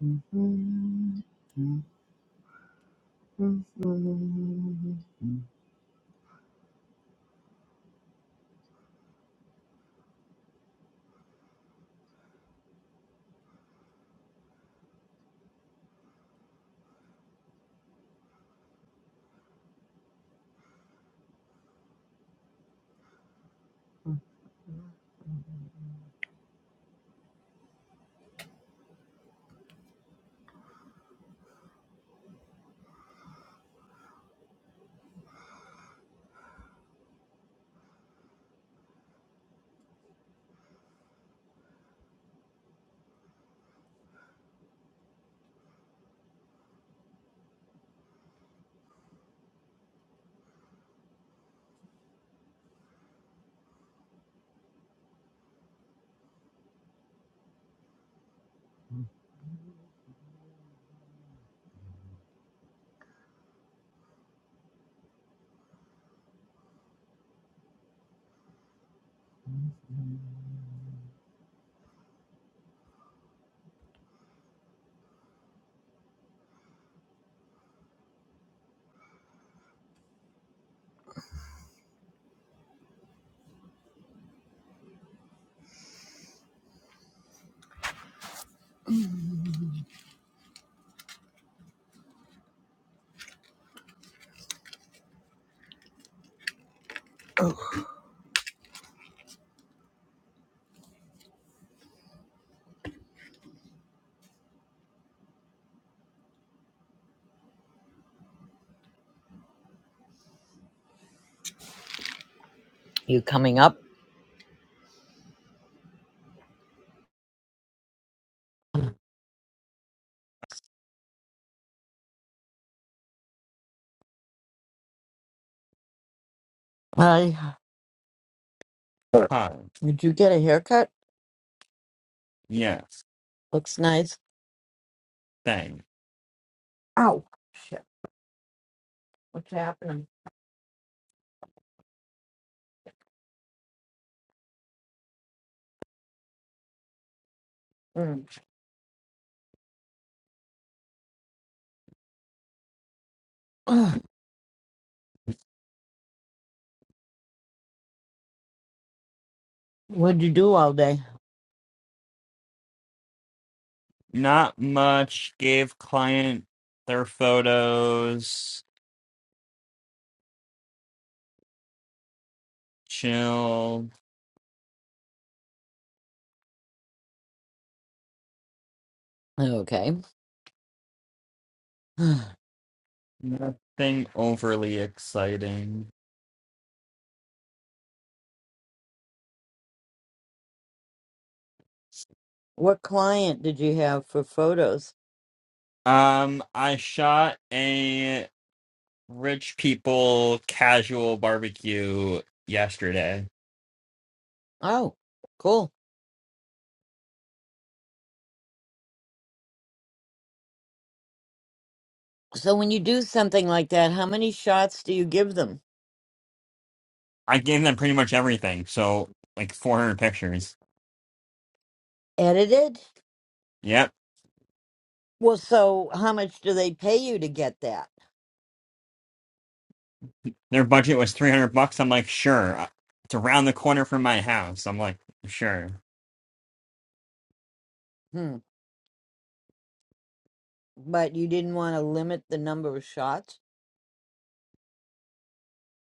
Oh, You coming up? Hi. Hi. Did you get a haircut? Yes. Looks nice. Thanks. Ow. Shit. What's happening? Mm. Ugh, What'd you do all day? Not much. Gave client their photos. Chill. Okay. Ugh, Nothing overly exciting. What client did you have for photos? Um, I shot a rich people casual barbecue yesterday. Oh, cool. So when you do something like that, how many shots do you give them? I gave them pretty much everything. So like 400 pictures. Edited? Yep. Well, so how much do they pay you to get that? Their budget was 300 bucks. I'm like, sure. Uh, It's around the corner from my house. I'm like, sure. Hmm. but you didn't want to limit the number of shots.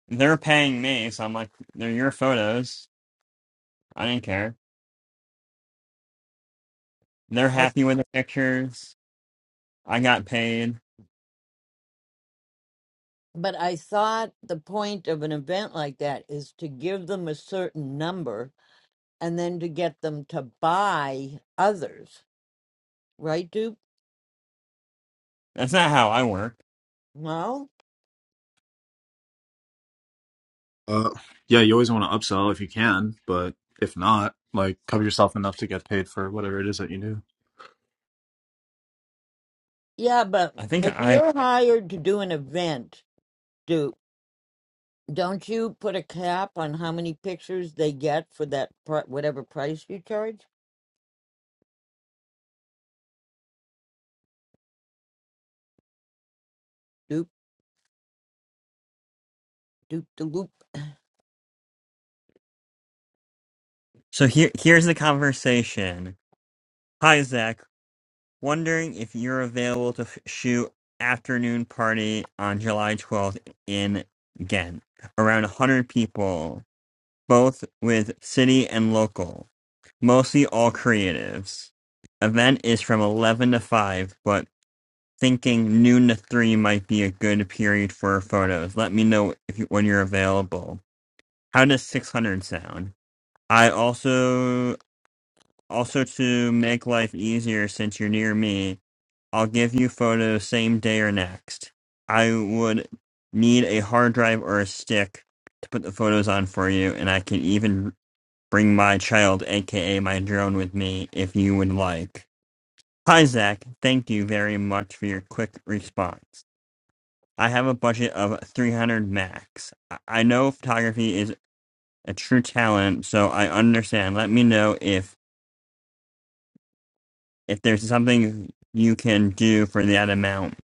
They're paying me, so I'm like, they're your photos. I didn't care. They're I, happy with the pictures. I got paid. but I thought the point of an event like that is to give them a certain number and then to get them to buy others, right, Duke? That's not how I work. No? Uh, yeah, you always want to upsell if you can, but if not, like cover yourself enough to get paid for whatever it is that you do. Yeah, but I think if I. you're hired to do an event, Duke, don't you put a cap on how many pictures they get for that pri- whatever price you charge? Dupe, dupe, de loop. So here, here's the conversation. Hi, Zach. Wondering if you're available to f- shoot afternoon party on July 12th in Ghent. Around 100 people, both with city and local. Mostly all creatives. Event is from 11 to 5, but thinking noon to three might be a good period for photos. Let me know if you, when you're available. How does 600 sound? I also also to make life easier since you're near me, I'll give you photos same day or next. I would need a hard drive or a stick to put the photos on for you, and I can even bring my child, aka my drone, with me if you would like. Hi Zach, thank you very much for your quick response. I have a budget of 300 max. I I know photography is a true talent, so I understand. Let me know if if there's something you can do for that amount.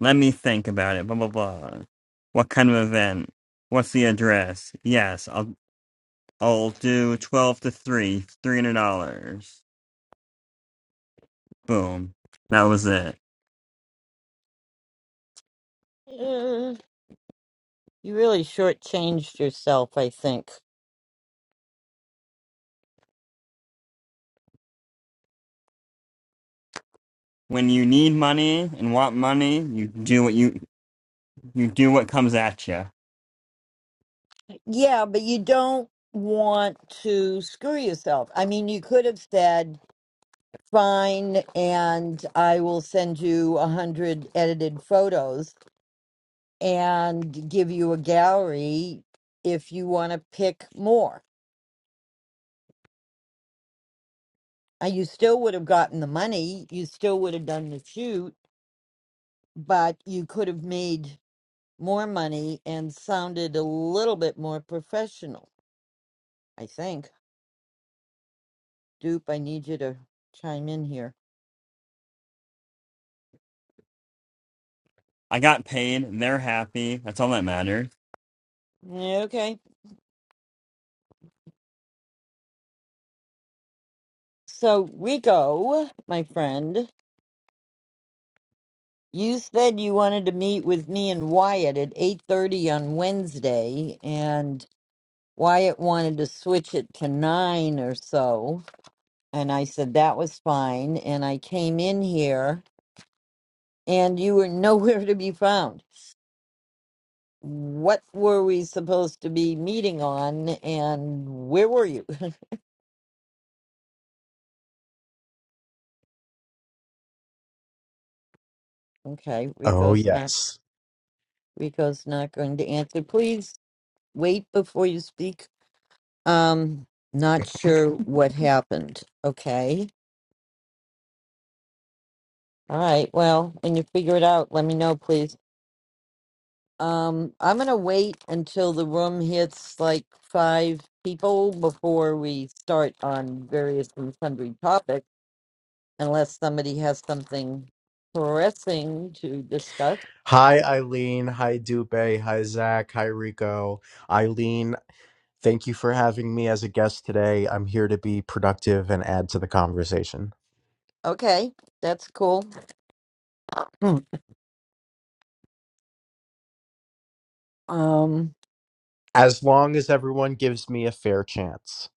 Let me think about it. Blah blah blah. What kind of event? What's the address? Yes, I'll I'll do 12 to 3, $300. Boom. That was it. Uh, you really shortchanged yourself, I think. When you need money and want money, you do what you you do what comes at you. Yeah, but you don't want to screw yourself. I mean, you could have said, fine, and I will send you a hundred edited photos and give you a gallery if you want to pick more. Uh, You still would have gotten the money, you still would have done the shoot, but you could have made more money and sounded a little bit more professional, I think. Dupe, I need you to chime in here. I got paid. They're happy. That's all that matters. Yeah, Okay. So, Rico, my friend, you said you wanted to meet with me and Wyatt at 8:30 on Wednesday and Wyatt wanted to switch it to 9 or so, and I said that was fine and I came in here and you were nowhere to be found. What were we supposed to be meeting on and where were you? Okay, Oh, Rico's not yes. Rico's not going to answer. Please wait before you speak. Um, not sure what happened. Okay. All right. Well, when you figure it out, let me know, please. Um, I'm gonna wait until the room hits like five people before we start on various and sundry topics, unless somebody has something pressing to discuss. Hi, Eileen. Hi, Dupe. Hi, Zach. Hi, Rico. Eileen, thank you for having me as a guest today. I'm here to be productive and add to the conversation. Okay, that's cool. Hmm. Um, As long as everyone gives me a fair chance.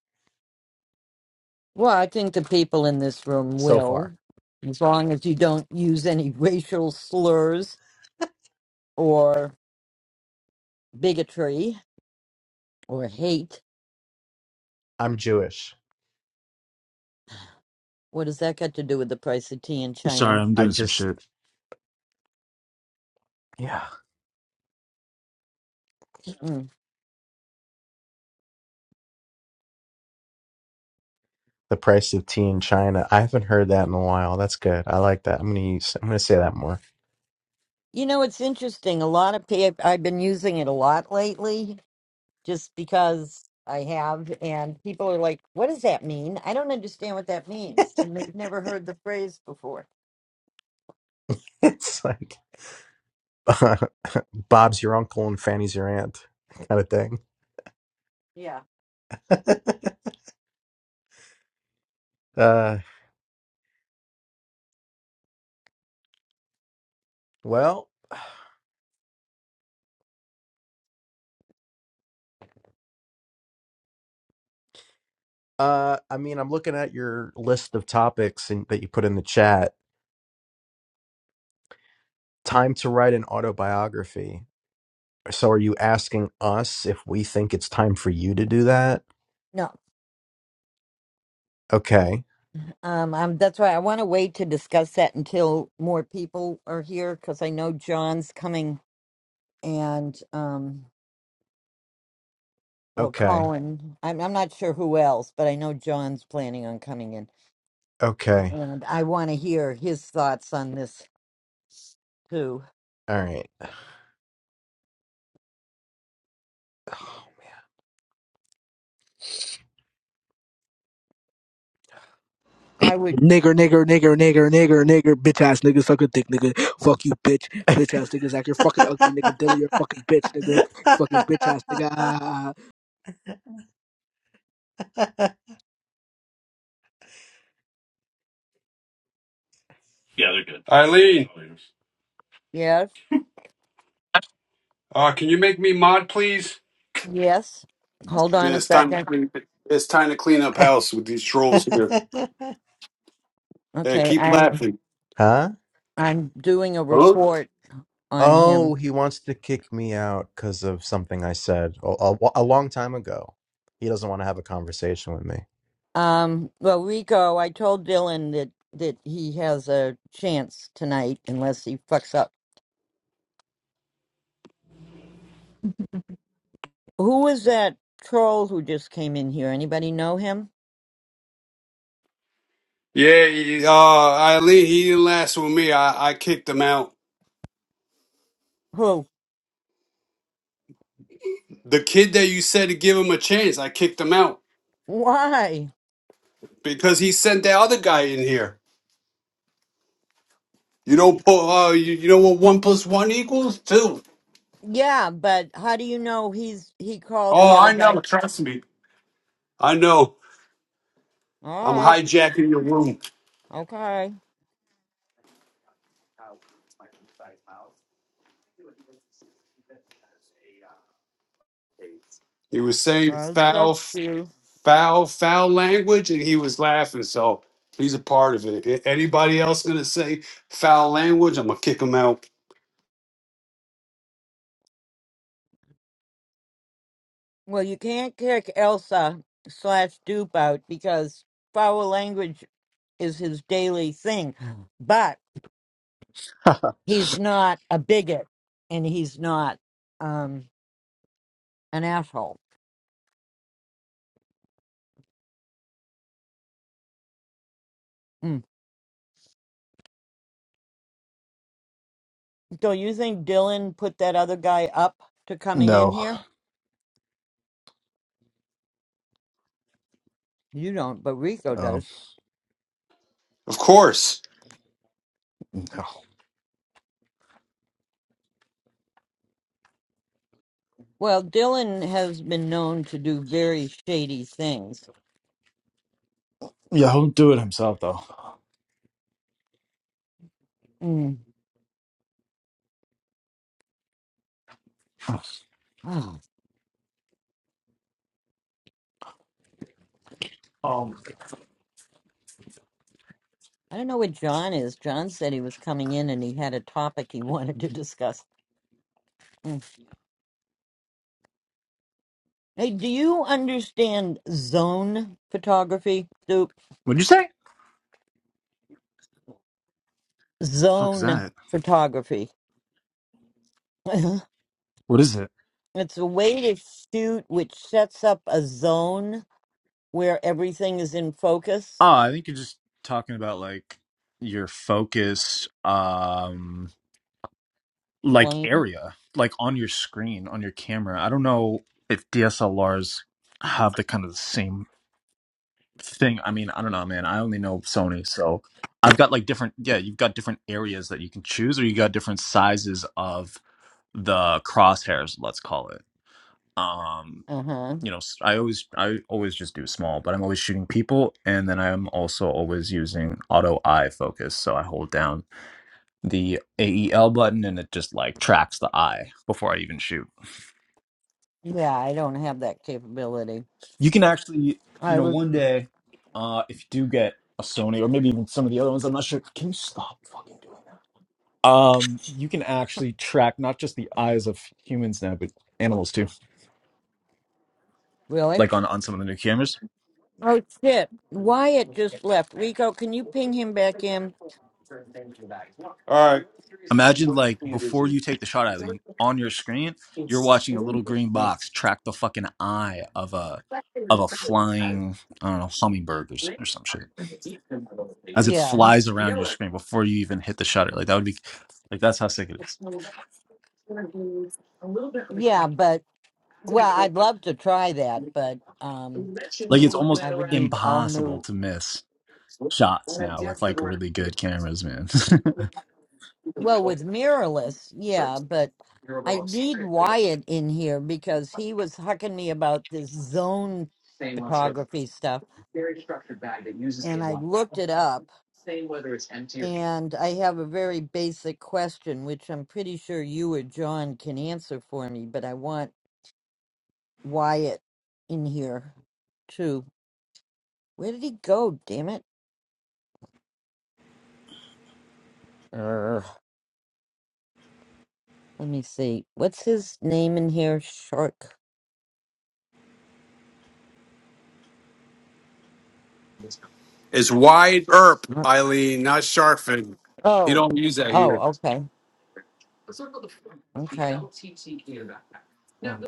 well, I think the people in this room So will, far, as long as you don't use any racial slurs or bigotry or hate. I'm Jewish. What does that got to do with the price of tea in Sorry, China? I'm I doing some just, shit. yeah. Hmm. The price of tea in China. I haven't heard that in a while. That's good. I like that. I'm gonna use, I'm gonna say that more. You know, it's interesting. A lot of people, I've been using it a lot lately just because I have, and people are like, what does that mean? I don't understand what that means. And they've never heard the phrase before. It's like Bob's your uncle and Fanny's your aunt kind of thing. Yeah. Uh, well, Uh, I mean, I'm looking at your list of topics in, that you put in the chat. Time to write an autobiography. So, are you asking us if we think it's time for you to do that? No, Okay. um, i that's why I want to wait to discuss that until more people are here because I know John's coming and um, Well, Okay. Colin, I'm I'm not sure who else, but I know John's planning on coming in, Okay. and I want to hear his thoughts on this too. All right. Oh, I would, Nigger, nigger, nigger, nigger, nigger, nigger, bitch ass nigga, suck a dick, nigga. Fuck you, bitch. Bitch ass niggas act your fucking ugly, nigga. man. Dilly, your fucking bitch, nigga. Fucking bitch ass nigga. Ah, ah, ah. Eileen, yes, uh, can you make me mod, please? yes. Hold on Man, a it's time to second. clean. It's time to clean up house with these trolls here. Hey, Okay, keep I'm laughing, Huh? I'm doing a huh? report on Oh, him. he wants to kick me out because of something I said a, a, a long time ago. He doesn't want to have a conversation with me. Um, well, Rico, I told Dylan that that he has a chance tonight unless he fucks up. Who was that troll who just came in here? Anybody know him? Yeah, he- uh, Eileen, he didn't last with me. I, I kicked him out. Who? The kid that you said to give him a chance, I kicked him out Why? because he sent that other guy in here. You don't put. Uh, you, you know what? One plus one equals two. Yeah, but how do you know he's he called the Oh, other I know. guy? Trust me. I know. All I'm right, hijacking your room. okay, He was saying I trust foul. you. foul, foul language, and he was laughing. So he's a part of it. A- Anybody else gonna say foul language? I'm gonna kick him out. Well, you can't kick Elsa slash dupe out because foul language is his daily thing. But he's not a bigot, and he's not um an asshole. Mm. So you think Dylan put that other guy up to coming in No, here? You don't, but Rico um, does. Of course. no. Well, Dylan has been known to do very shady things Yeah, he'll do it himself though. Mm. Oh, Um, I don't know what John is. John said he was coming in and he had a topic he wanted to discuss. Mm. Hey, do you understand zone photography? Soup? what'd you say? What the fuck is Zone that? photography. What is it? it's a way to shoot which sets up a zone where everything is in focus. Oh, I think you're just talking about like your focus, um, like Plane. area, like on your screen, on your camera. I don't know if DSLRs have the kind of the same thing. I mean, I don't know, man. I only know Sony, so I've got like different, yeah, you've got different areas that you can choose, or you got different sizes of the crosshairs, let's call it. Um, Uh huh. you know I always i always just do small but i'm always shooting people and then i'm also always using auto eye focus so i hold down the ael button and it just like tracks the eye before i even shoot Yeah, I don't have that capability. you can actually you I know was one day uh if you do get a sony or maybe even some of the other ones i'm not sure can you stop fucking doing that um you can actually track not just the eyes of humans now but animals too really. like on on some of the new cameras Oh shit! Wyatt just left. Rico, can you ping him back in? All right. Imagine like before you take the shot, Eileen, on your screen, you're watching a little green box track the fucking eye of a of a flying, I don't know, hummingbird or, s- or some shit as it Yeah. flies around your screen before you even hit the shutter. Like that would be like that's how sick it is. Yeah, but well, I'd love to try that, but um Like it's almost I would need all impossible new to miss shots now with like really good cameras, man. well with mirrorless, yeah, but I need Wyatt in here because he was hucking me about this zone photography stuff and I looked it up and I have a very basic question which I'm pretty sure you or John can answer for me, but I want Wyatt in here too. Where did he go, damn it? Let me see. What's his name in here? Shark. It's wide erp, Uh, Eileen, not sharfin. He Oh, don't use that oh, here. okay, okay. Oh.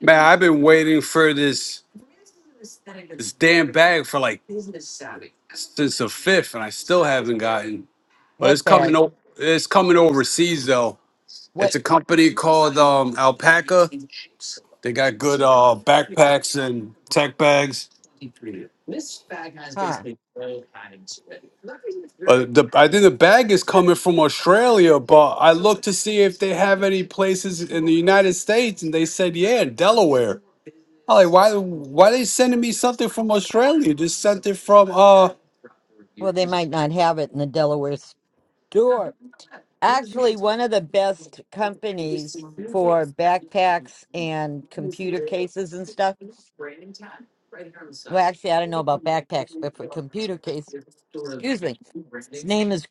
Man, I've been waiting for this this damn bag for like since the fifth, and I still haven't gotten. But it's What coming. bag? o- It's coming overseas though. What? It's a company called um, Alpaca. They got good uh, backpacks and tech bags. Uh, Huh? the, I think the bag is coming from Australia, but I looked to see if they have any places in the United States, and they said, yeah, in Delaware. i like, why, why they sending me something from Australia? Just sent it from uh, Well, they might not have it in the Delaware store. Actually, one of the best companies for backpacks and computer cases and stuff. Well, actually, I don't know about backpacks, but for computer case, excuse me. His name is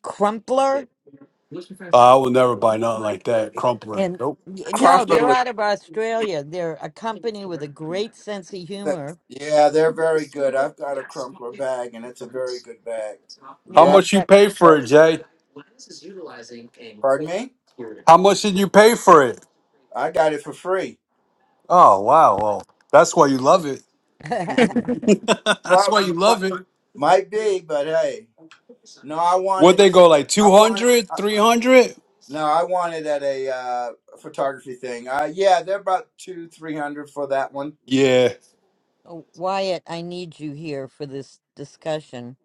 Uh, Crumpler, I will never buy nothing like that. Crumpler. and Nope. y- no, Crumpler they're was out of Australia. They're a company with a great sense of that. humor. Yeah, they're very good. I've got a Crumpler bag, and it's a very good bag. How Yeah, Well, I've much you got. pay uh, for it, Jay? pardon me. How much did you pay for it? I got it for free. Oh wow. Well, that's why you love it. that's why Prob- you might, love it. might be, but hey, no, I Would wanted. they go like I two wanted. hundred, I, 300? no, I wanted at a uh, photography thing. Uh, yeah, they're about two, three hundred for that one. Yeah. Oh, Wyatt, I need you here for this discussion.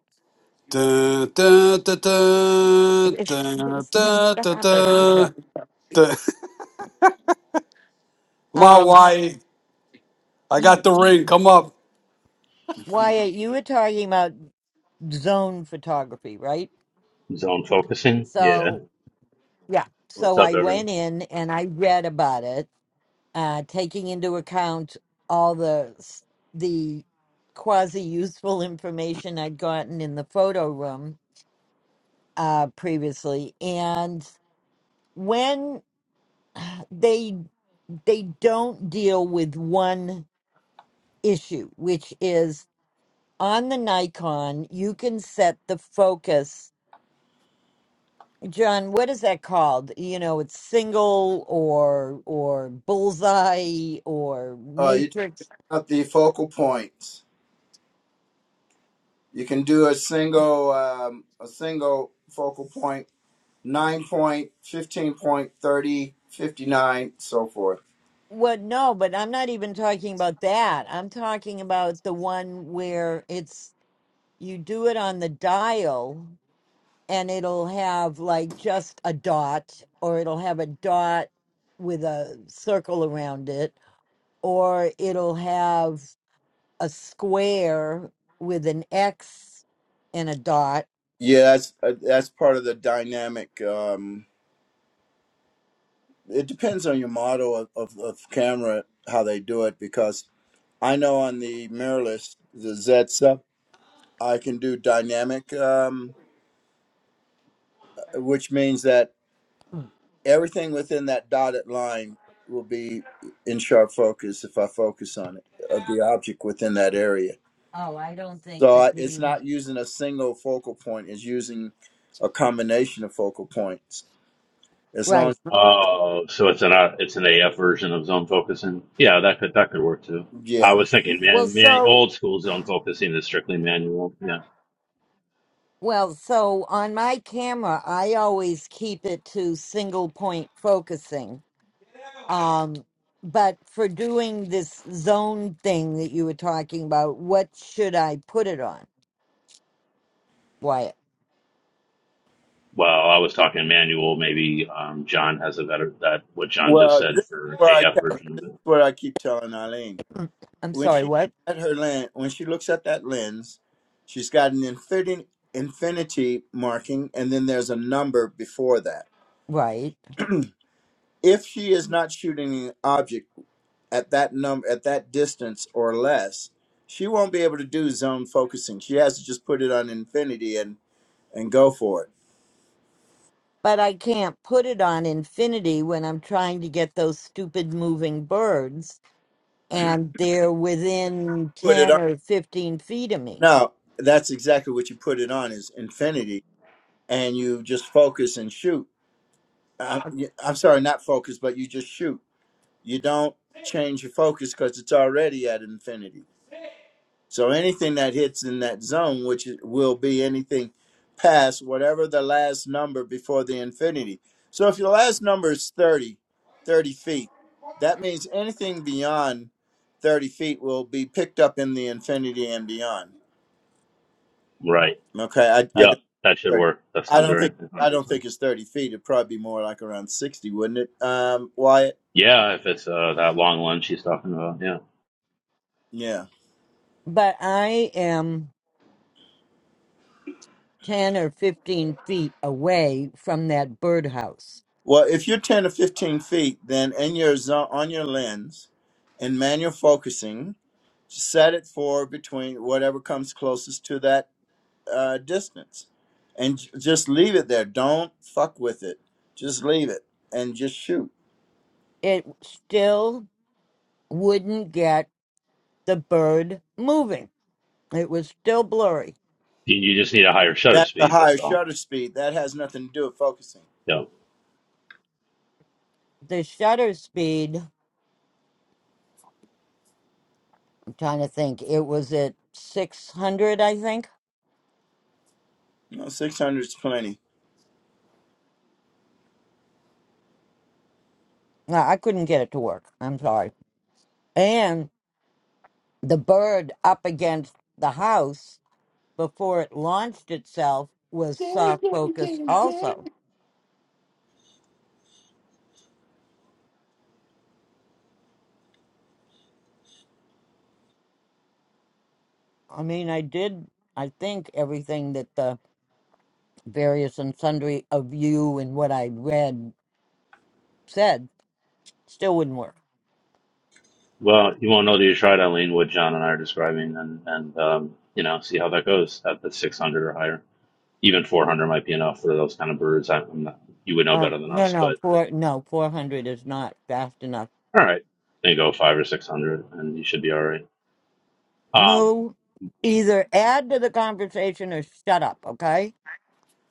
Dun, dun, dun, dun, dun, dun, dun, Stop it, dun, Rico. dun. My Um, wife. I got you, the ring. Come up. Wyatt, you were talking about zone photography, right? Zone focusing. Yeah. So, Yeah. What's so up, I everyone? went in and I read about it, uh, taking into account all the s- the quasi useful information I'd gotten in the photo room uh, previously. And when they they don't deal with one issue, which is on the Nikon, you can set the focus. John, what is that called? You know, it's single or or bullseye or Uh, you talk matrix. about the focal points. You can do a single, um, a single focal point 9 point, 15 point, 30, 59, so forth. What? No, but I'm not even talking about that. I'm talking about the one where it's you do it on the dial and it'll have like just a dot or it'll have a dot with a circle around it or it'll have a square with an X and a dot. Yeah, that's uh, that's part of the dynamic. Um, it depends on your model of, of, of camera how they do it because I know on the mirrorless the Zetsa I can do dynamic, um, which means that everything within that dotted line will be in sharp focus if I focus on it of the object within that area. Oh, I don't think So the I- it's green. not using a single focal point; it's using a combination of focal points. As long Right. as Oh, so it's an uh, it's an AF version of zone focusing. Yeah, that could that could work too. I yeah. was thinking, Well, man, man, so old school zone focusing is strictly manual. Yeah. well, so on my camera, I always keep it to single point focusing. Um, but for doing this zone thing that you were talking about, what should I put it on? Wyatt. Well, I was talking manual. Maybe um, John has a better that what John just Well, this said is for where I AF kept, version of it. what I keep telling Eileen I'm when sorry, she what? at her lens when she looks at that lens, she's got an infinity infinity marking, and then there's a number before that. Right. If she is not shooting an object at that number at that distance or less, she won't be able to do zone focusing. She has to just put it on infinity and and go for it but I can't put it on infinity when I'm trying to get those stupid moving birds and they're within Put it 10 or 15 feet of me. No, that's exactly what you put it on is infinity, and you just focus and shoot. I'm, I'm sorry, not focus, but you just shoot. You don't change your focus because it's already at infinity. So anything that hits in that zone, which it will be anything past whatever the last number before the infinity. So if your last number is 30, 30 feet, that means anything beyond 30 feet will be picked up in the infinity and beyond. Right. Okay, I, I don't. Yeah, that should 30. work. That I sounds all don't think right. one Hundred I don't percent. think it's 30 feet. It'd probably be more like around 60, wouldn't it? Um, Wyatt. Yeah, if it's uh, that long lunge he's talking about. Yeah. Yeah. But I am 10 or 15 feet away from that birdhouse. Well, if you're 10 or 15 feet, then in your zone, on your lens, in manual focusing, set it for between whatever comes closest to that uh, distance, and j- just leave it there. Don't fuck with it. Just leave it and just shoot. It still wouldn't get the bird moving. It was still blurry. You, you just need a higher shutter That's a speed. higher That's all. shutter speed. That has nothing to do with focusing. Yeah. The shutter speed, I'm trying to think, it was at 600, I think. You know, 600 is plenty. No, I couldn't get it to work. I'm sorry. And. the bird up against the house before it launched itself was soft focus also i mean i did i think everything that the various and sundry of you and what i read said still wouldn't work Well, you won't know till you try it, Eileen, what John and I are describing, and and um, you know, see how that goes at the 600 or higher. Even 400 might be enough for those kind of birds. I, I'm not, you would know uh, better than no us, no but four no 400 is not fast enough all right, then go five or 600, and you should be all right. Um, moo either add to the conversation or shut up okay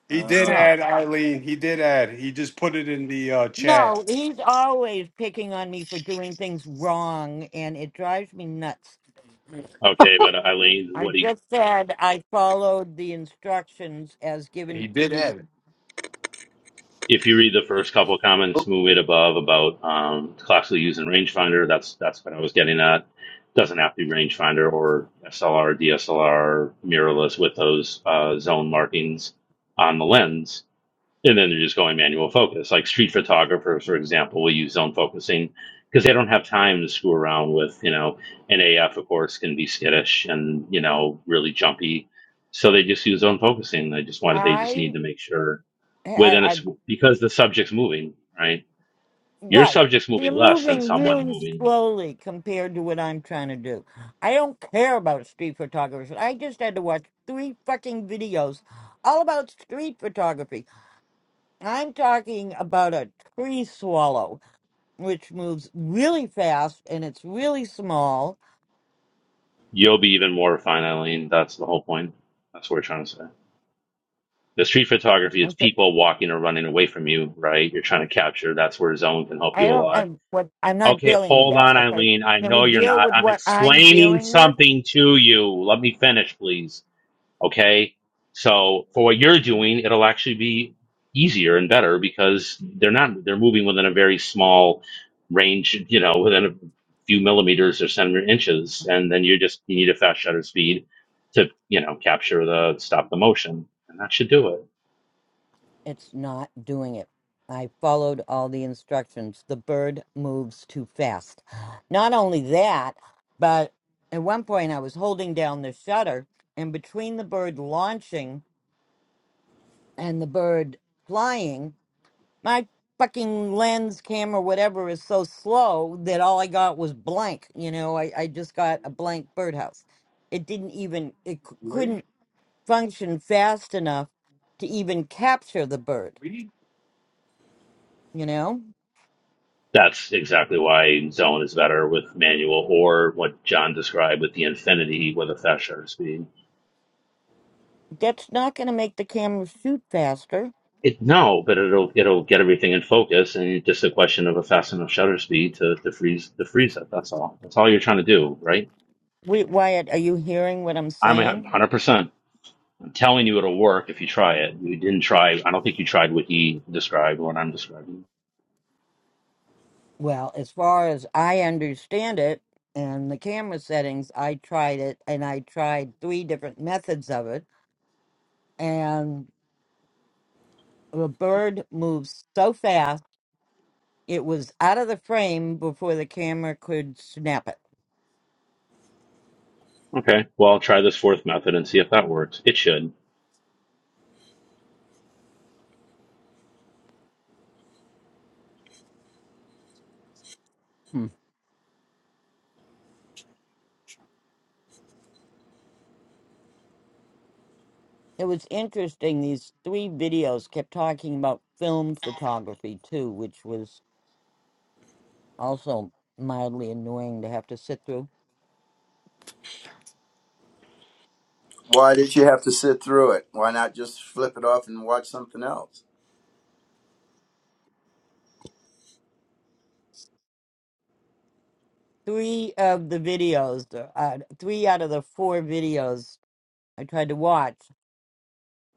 He Uh, did Stop. add Eileen. He did add. He just put it in the uh, chat. no he's always picking on me for doing things wrong and it drives me nuts okay, but Eileen, I what do you, just said I followed the instructions as given He to did you. add it. if you read the first couple of comments, move it above about um, classically using rangefinder, that's that's what I was getting at. Doesn't have to be rangefinder or SLR, DSLR, mirrorless with those uh, zone markings on the lens, and then they're just going manual focus. Like street photographers, for example, will use zone focusing because they don't have time to screw around with you know an AF. Of course, can be skittish and you know really jumpy, so they just use zone focusing. They just wanted they just I, need to make sure I, within a I s- because the subject's moving, right? Your right. subject's You're moving less than moving someone really moving. slowly compared to what I'm trying to do. I don't care about street photographers. I just had to watch three fucking videos all about street photography. I'm talking about a tree swallow, which moves really fast and it's really small. You'll be even more refined, Eileen. That's the whole point. That's what we're trying to say. The street photography, it's people walking or running away from you, right? You're trying to capture. That's where zone can help I you a don't. lot. I'm what. I'm not Okay, dealing with hold that. on, Okay. Eileen. I Can we know you're deal not. with I'm what I'm explaining dealing with? something to you. Let me finish, please. Okay. So for what you're doing, it'll actually be easier and better because they're not, they're moving within a very small range, you know, within a few millimeters or centimeter inches. And then you just, you need a fast shutter speed to, you know, capture the, stop the motion. And that should do it. It's not doing it. I followed all the instructions. The bird moves too fast. Not only that, but at one point I was holding down the shutter, and between the bird launching and the bird flying, my fucking lens, camera, whatever is so slow that all I got was blank. You know, I, I just got a blank birdhouse. It didn't even, it c- couldn't function fast enough to even capture the bird, you know? That's exactly why zone is better with manual or what John described with the infinity with a fast shutter speed. That's not going to make the camera shoot faster. It no, but it'll it'll get everything in focus, and it's just a question of a fast enough shutter speed to, to freeze to freeze it. That's all. That's all you're trying to do, right? Wait, Wyatt, are you hearing what I'm I'm a saying? hundred percent. I'm telling you, it'll work if you try it. You didn't try. I don't think you tried what he described or what I'm describing. Well, as far as I understand it, and the camera settings, I tried it and I tried three different methods of it. And the bird moves so fast, it was out of the frame before the camera could snap it. Okay, well, I'll try this fourth method and see if that works. It should. It was interesting. These three videos kept talking about film photography too, which was also mildly annoying to have to sit through. Why did you have to sit through it? Why not just flip it off and watch something else? three of the videos, uh, three out of the four videos I tried to watch,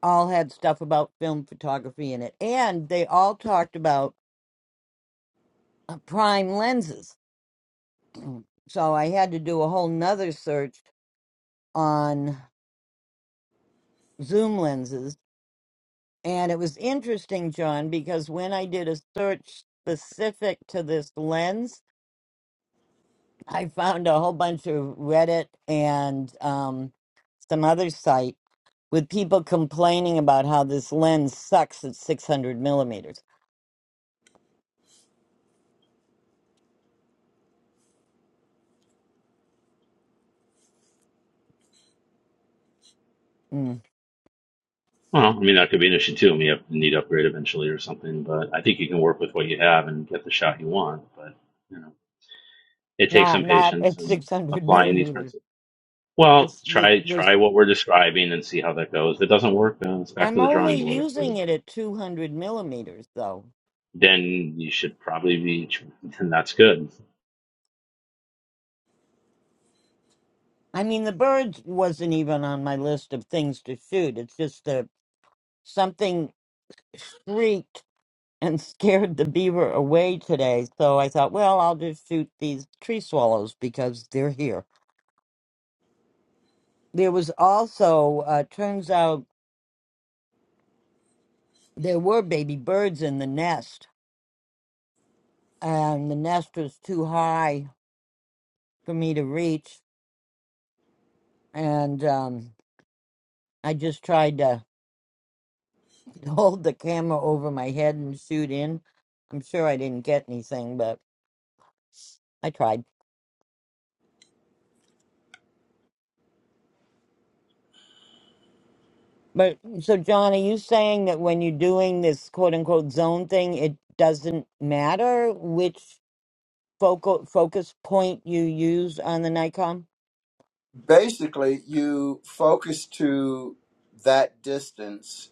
all had stuff about film photography in it. And they all talked about uh, prime lenses. so I had to do a whole nother search on zoom lenses. And it was interesting, John, because when I did a search specific to this lens, I found a whole bunch of Reddit and um, some other site with people complaining about how this lens sucks at 600 millimeters. Mm, Well, I mean that could be an issue too. I mean, you have to need to upgrade eventually or something, but I think you can work with what you have and get the shot you want. But you know, it takes not some not patience at and 600 applying these millimeters. principles. Well, This this try this. try what we're describing and see how that goes. If it doesn't work, then it's back I'm to the only drawing board, I using suppose. it at 200 millimeters though. Then you should probably be, then that's good. I mean, the birds wasn't even on my list of things to shoot. It's just that something shrieked and scared the beaver away today. So I thought, well, I'll just shoot these tree swallows because they're here. There was also uh, turns out There were baby birds in the nest, and the nest was too high for me to reach. And um, I just tried to hold the camera over my head and shoot in. I'm sure I didn't get anything, but I tried. But so, John, are you saying that when you're doing this quote unquote zone thing, it doesn't matter which focal focus point you use on the Nikon? Basically, you focus to that distance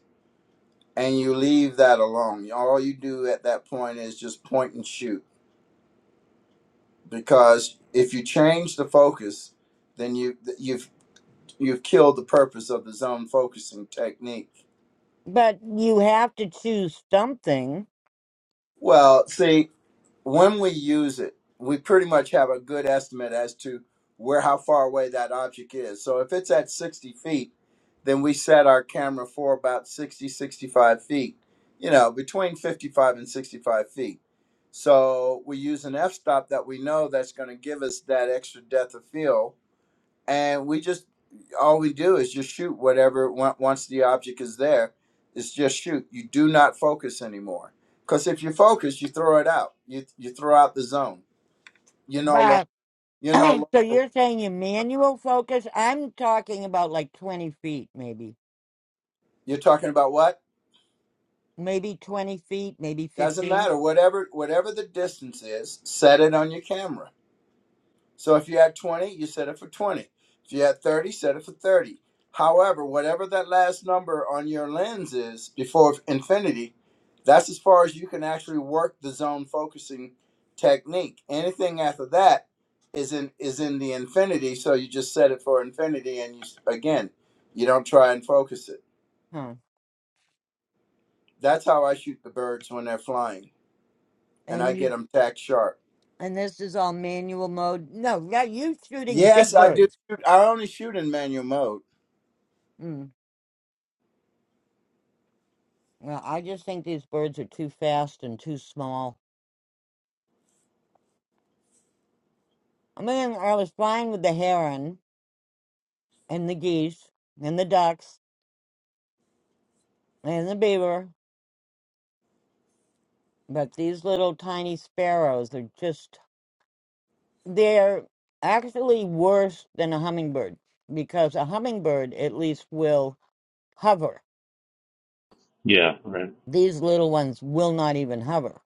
and you leave that alone. All you do at that point is just point and shoot because if you change the focus, then you you've you've killed the purpose of the zone focusing technique. But you have to choose something. Well, see, when we use it, we pretty much have a good estimate as to where how far away that object is. So if it's at 60 feet, then we set our camera for about 60, 65 feet, you know, between 55 and 65 feet. So we use an f-stop that we know that's going to give us that extra depth of field and we just all we do is just shoot whatever on- once the object is there it's just shoot you do not focus anymore because if you focus you throw it out you you throw out the zone you no But. longer you're no so longer you're saying your manual focus? I'm talking about like 20 feet, maybe, you're talking about what maybe 20 feet, maybe doesn't 15. matter whatever whatever the distance is set it on your camera So if you had 20, you set it for 20. If you had 30, set it for 30. However, whatever that last number on your lens is before infinity, that's as far as you can actually work the zone focusing technique. Anything after that is in is in the infinity, so you just set it for infinity and you s- again, you don't try and focus it. Huh. That's how I shoot the birds when they're flying and I And get you them tack sharp. and this is all manual mode. No, yeah, you shooting Yes, big I do. birds. shoot. I only shoot in manual mode. Mm. Well, I just think these birds are too fast and too small. I mean, I was fine with the heron and the geese and the ducks and the beaver, but these little tiny sparrows are just They're actually worse than a hummingbird because a hummingbird at least will hover. Yeah, right. These little ones will not even hover.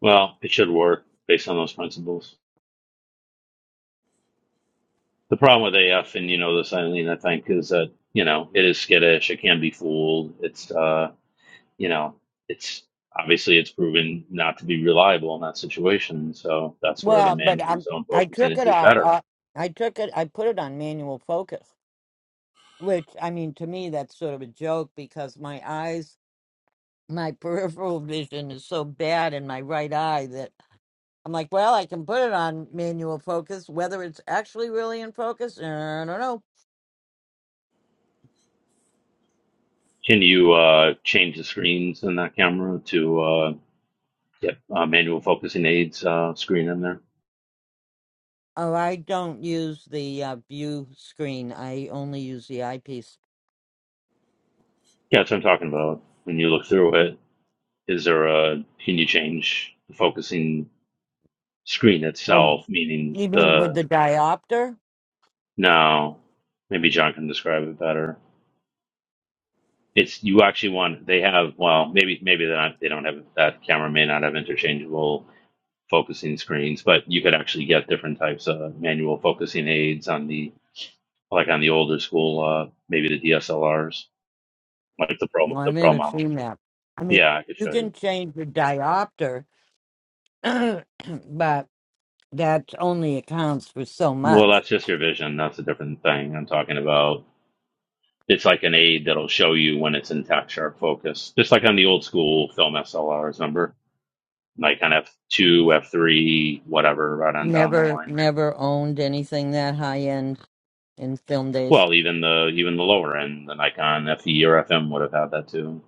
Well, it should work based on those principles. The problem with AF and you know the Eileen, I think, is that you know it is skittish. It can be fooled. It's uh, you know, it's obviously it's proven not to be reliable in that situation. So that's where the Well, but I, manual's own I focusing took it it is off. better. Uh, I took it. I put it on manual focus, which I mean to me that's sort of a joke because my eyes, my peripheral vision is so bad in my right eye that I'm like, well, I can put it on manual focus. Whether it's actually really in focus, I don't know Can you uh, change the screens in that camera to? uh, Yep. Uh, manual focusing aids uh, screen in there. Oh, I don't use the uh, view screen. I only use the eyepiece. Yeah, that's what I'm talking about. When you look through it, is there a can you change the focusing screen Oh, itself? Meaning you mean with the the diopter? no, maybe John can describe it better. It's you actually want they have well maybe maybe they're not they don't have that camera may not have interchangeable focusing screens, but you could actually get different types of manual focusing aids on the like on the older school uh, maybe the DSLRs like the pro Well, the I've pro never models. seen that. I mean, Yeah, I could you show you. can change the diopter, but that only accounts for so Well, much. that's just your vision. That's a different thing. I'm talking about it's like an aid that'll show you when it's in tack sharp focus, just like on the old school film SLRs, remember? Like on F2, F3, whatever, right on down the Never, line. never owned anything that high end in film days. Well, even the even the lower end, the Nikon FE or FM would have had that too.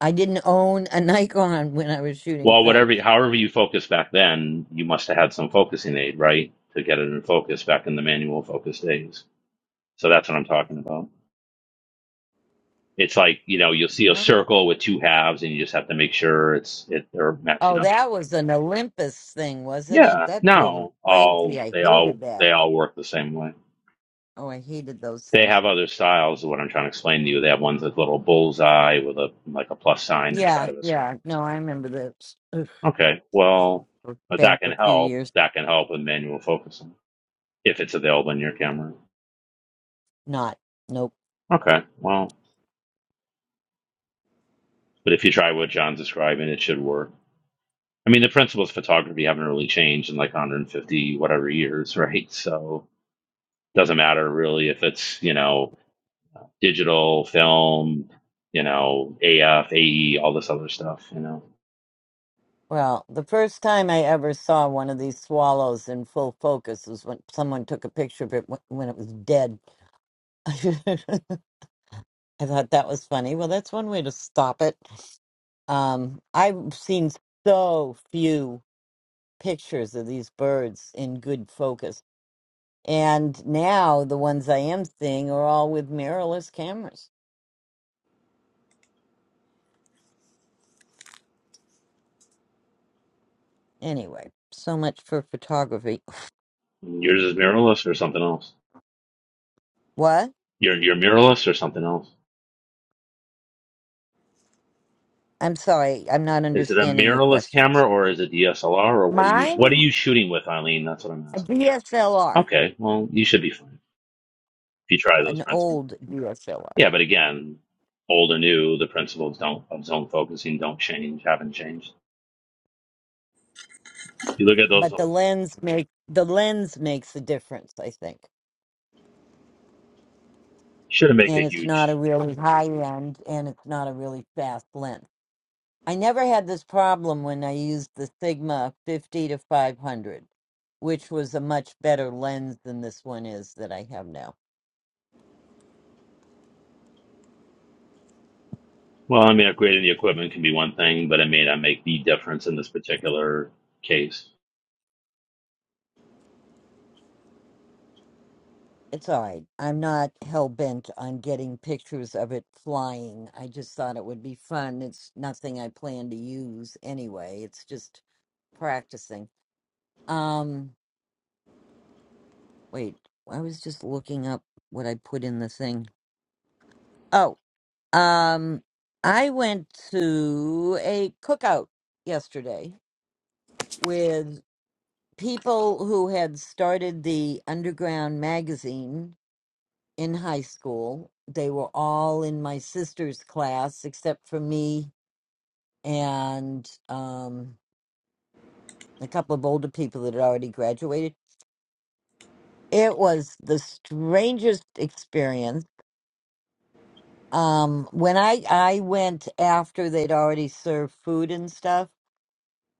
I didn't own a Nikon when I was shooting Well, film. whatever, however you focus back then, you must have had some focusing aid, right, to get it in focus back in the manual focus days. So that's what I'm talking about. It's like, you know, you'll see a No. circle with two halves and you just have to make sure it's it they're matching Oh, up. that was an Olympus thing, wasn't it? Yeah, That drove me no, crazy. all I they all hated that. they all work the same way. Oh, I hated those They things. have other styles is what I'm trying to explain to you. They have ones with little bullseye with a like a plus sign inside Yeah, of a yeah. circle. No, I remember those Okay, well were but back that can a few help. years. That can help with manual focusing if it's available in your camera. Not, nope. Okay, well, but if you try what John's describing, it should work. I mean, the principles of photography haven't really changed in like 150 whatever years, right? So doesn't matter really if it's you know digital film you know af ae all this other stuff you know Well, the first time I ever saw one of these swallows in full focus was when someone took a picture of it wh- when it was dead. I thought that was funny. Well, that's one way to stop it. Um, I've seen so few pictures of these birds in good focus. And now the ones I am seeing are all with mirrorless cameras. Anyway, so much for photography. yours is mirrorless or something else What? you're, you're mirrorless or something else I'm sorry, I'm not is it a understanding your mirrorless question. camera or is it dslr or what are you what are Mine, you shooting with eileen that's what i'm a asking DSLR, okay well you should be fine if you try those an principles old DSLR, yeah but again old or new the principles don't of zone focusing don't change haven't changed you look at those but the lens make the lens makes a difference, I think. shouldn't make And a it's not huge a really high end, and it's not a really fast lens. I never had this problem when I used the Sigma 50 to 500, which was a much better lens than this one is that I have now. Well, I mean, upgrading the equipment can be one thing, but it may not make the difference in this particular case. It's all right. I'm not hell bent on getting pictures of it flying. I just thought it would be fun. It's nothing I plan to use anyway. It's just practicing. Um, wait, I was just looking up what I put in the thing. Oh, um, I went to a cookout yesterday with people who had started the underground magazine in high school. They were all in my sister's class, except for me and um, a couple of older people that had already graduated. It was the strangest experience. Um, when I I went after they'd already served food and stuff,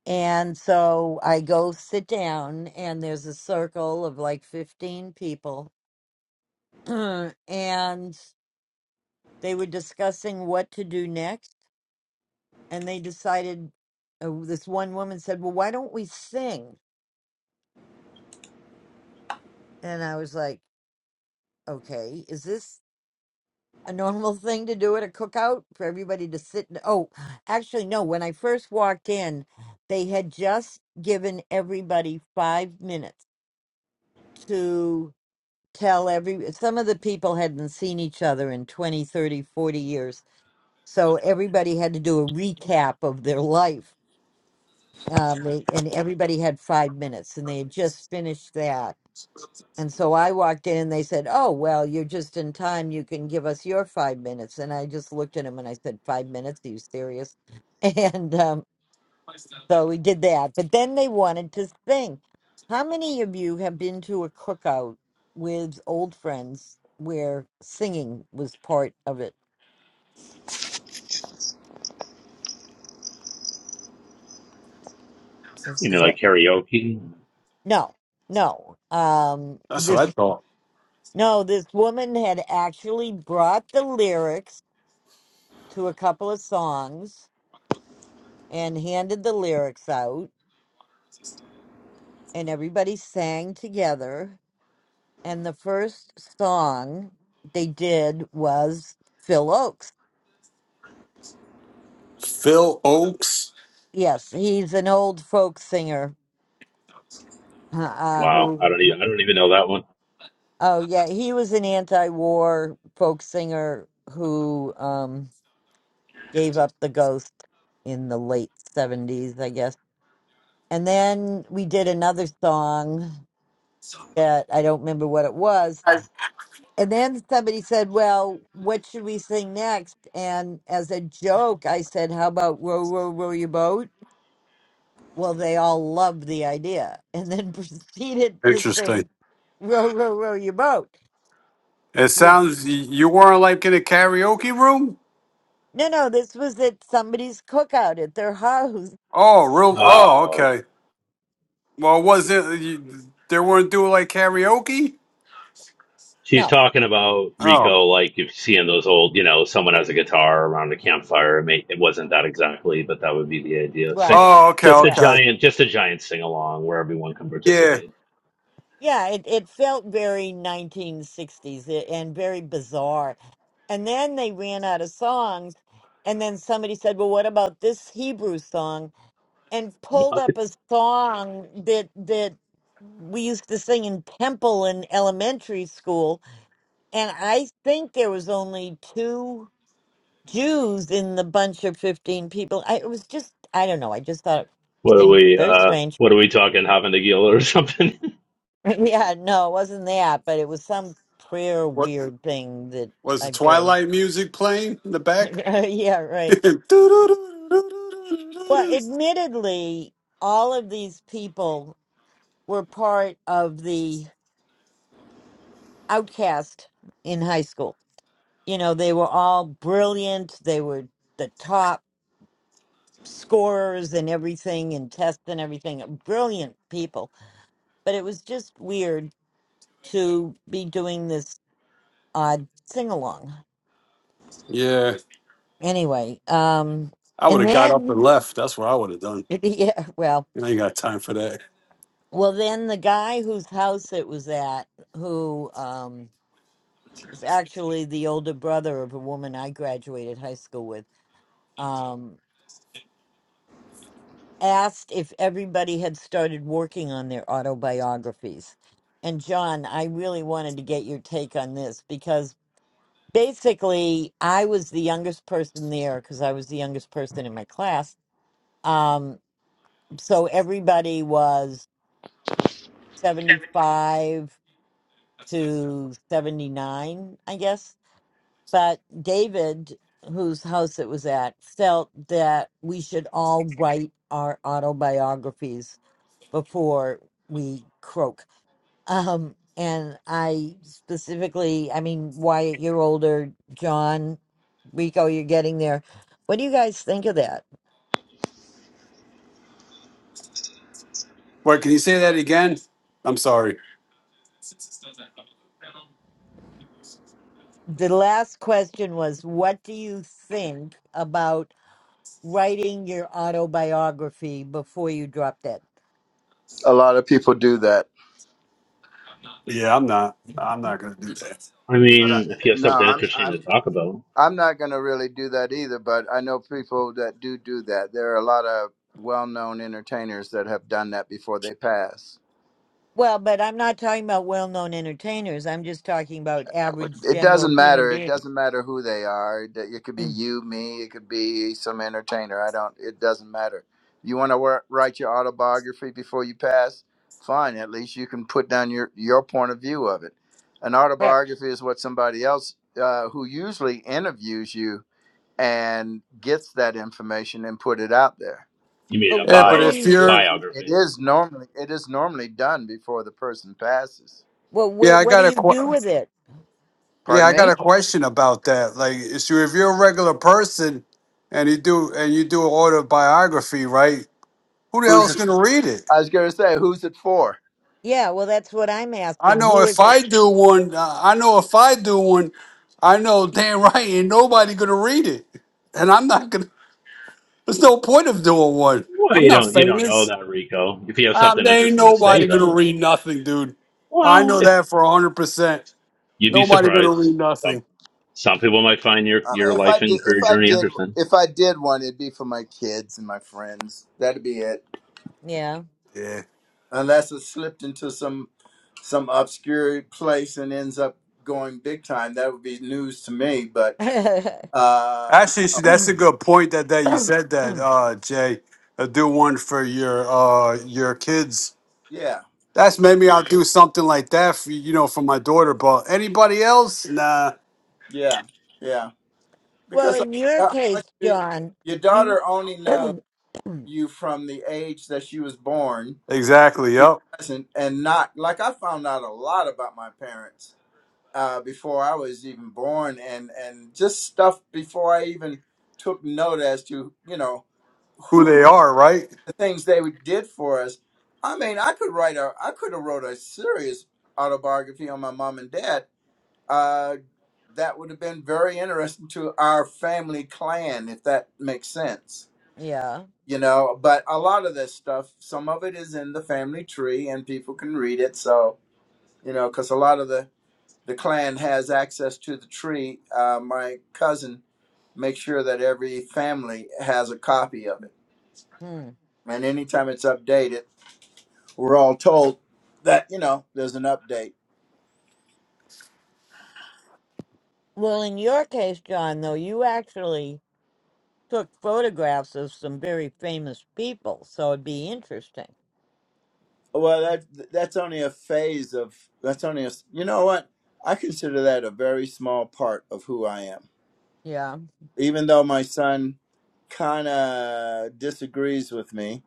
and so I go sit down, and there's a circle of like fifteen people, and they were discussing what to do next and they decided uh, this one woman said well why don't we sing and i was like okay is this a normal thing to do at a cookout for everybody to sit and, oh actually no when i first walked in they had just given everybody five minutes to tell every some of the people hadn't seen each other in 20, 30, 40 years so everybody had to do a recap of their life um, they, and everybody had five minutes and they had just finished that And so I walked in, they said, Oh, well, you're just in time. You can give us your five minutes. And I just looked at him and I said, "Five minutes? Are you serious? And um, so we did that. But then they wanted to sing. How many of you have been to a cookout with old friends where singing was part of it? Is, You is know, like that karaoke. no, no. Um, That's this what I thought. no, this woman had actually brought the lyrics to a couple of songs and handed the lyrics out and everybody sang together and the first song they did was Phil Oakes. Phil Oaks. Yes, he's an old folk singer uh, uh, Wow, who I don't even I don't even know that one. oh yeah, he was an anti-war folk singer who um gave up the ghost in the late 70s, I guess. And then we did another song that I don't remember what it was And then somebody said, Well, what should we sing next? And as a joke, I said, How about Row, Row, Row Your Boat? Well, they all loved the idea and then proceeded to Interesting. sing Row, Row, Row Your Boat, It which, sounds y- you weren't like in a karaoke room. no, no, this was at somebody's cookout at their house. Oh, real. Oh, Uh, okay. Well, was it? You, they weren't doing like karaoke. she's No, talking about Oh. Rico, like if seeing those old, you know, someone has a guitar around a campfire. It, may, it wasn't that exactly, but that would be the idea. Sing, right. Oh, okay, just a Yeah. okay. giant, just a giant sing along where everyone can Yeah. participate. Yeah, it, it felt very 1960s and very bizarre. And then they ran out of songs. And then somebody said, Well, what about this Hebrew song? and pulled What? up a song that that we used to sing in temple in elementary school and i think there was only two jews in the bunch of 15 people I, it was just i don't know i just thought it What are seemed we? very Uh, strange what are we talking? Having a Gila or something? yeah no it wasn't that but it was some prayer What weird thing that was i the barely Twilight music playing in the back? yeah right well admittedly all of these people were part of the outcast in high school. You know, they were all brilliant. They were the top scorers and everything and tests and everything. Brilliant people. But it was just weird to be doing this odd sing along. yeah. Anyway, um I would and have got up and then left. That's what I would have done. yeah, well You ain't got time for that. well then the guy whose house it was at, who um is actually the older brother of a woman I graduated high school with. Um, asked if everybody had started working on their autobiographies. And John, I really wanted to get your take on this because basically I was the youngest person there because I was the youngest person in my class. Um, so everybody was 75 to 79, I guess. But David, whose house it was at, felt that we should all write our autobiographies before we croak. Um, and I specifically, I mean, Wyatt, you're older, John, Rico, you're getting there. What do you guys think of that? Wait, can you say that again? I'm sorry. The last question was, what do you think about writing your autobiography before you drop dead? A lot of people do that. Yeah, I'm not. I'm not gonna do that. I but I, mean, if you have no, something I'm interesting to I'm talk about. I'm not going to really do that either. But I know people that do do that. There are a lot of well-known entertainers that have done that before they pass. Well, but I'm not talking about well known entertainers. I'm just talking about average It general doesn't human matter. It beings. doesn't matter who they are. That It could be you, me. It could be some entertainer. I don't. It doesn't matter. You want to write your autobiography before you pass? Fine. At least you can put down your your point of view of it. An But autobiography is what somebody else uh, who usually interviews you and gets that information and put it out there. You mean but a Yeah, what but do So bi if it you you're, is it biography? is normally it is normally done before the person passes. well yeah, what I what do got a, you do que- with it? yeah, Pardon I got me? a question about that. Like, if you if you're a regular person and you do and you do an autobiography, right? Who the Who's hell's it? gonna read it? I was going to say who's it for? Yeah, well that's what I'm I asking. know Who if is it? I do one, uh, I know if I do one, I know damn right ain't nobody gonna read it, and I'm not gonna. There's no point of doing one. Well, I'm you not don't you don't know famous. that, Rico. If you have Um, something there ain't interesting to say, nobody gonna though, read nothing, dude. I well, know if that for hundred percent. you'd be Nobody gonna surprised, read some nothing. some people might find your I your mean, if I life did and if career I journey did interesting. if I did one, it'd be for my kids and my friends. That'd be it. Yeah. Yeah, Unless it slipped into some some obscure place and ends up going big time, that would be news to me. But uh, actually, sh- no, that's a good point. That that you said that, uh, Jay. i do one for your uh your kids. yeah, That's maybe I'll do something like that for you know for my daughter. But anybody else? Nah. yeah, yeah. well, Because uh, in your how case, much do you, John, your you daughter only knows you from the age that she was born Exactly. to Yep. present, and not like I found out a lot about my parents uh, before I was even born, and and just stuff before I even took note as to you know Who who they are, right? the things they did for us. I mean, I could write a I could have wrote a serious autobiography on my mom and dad uh, that would have been very interesting to our family clan, if that makes sense. yeah. You know, but a lot of this stuff, some of it is in the family tree, and people can read it. So you know, because a lot of the the clan has access to the tree. Uh, my cousin makes sure that every family has a copy of it, Hmm. and anytime it's updated, we're all told that you know there's an update Well, in your case, John, though, you actually took photographs of some very famous people, so it'd be interesting. Well, that that's only a phase of that's only a you know what I consider that a very small part of who I am. Yeah. Even though my son kind of disagrees with me,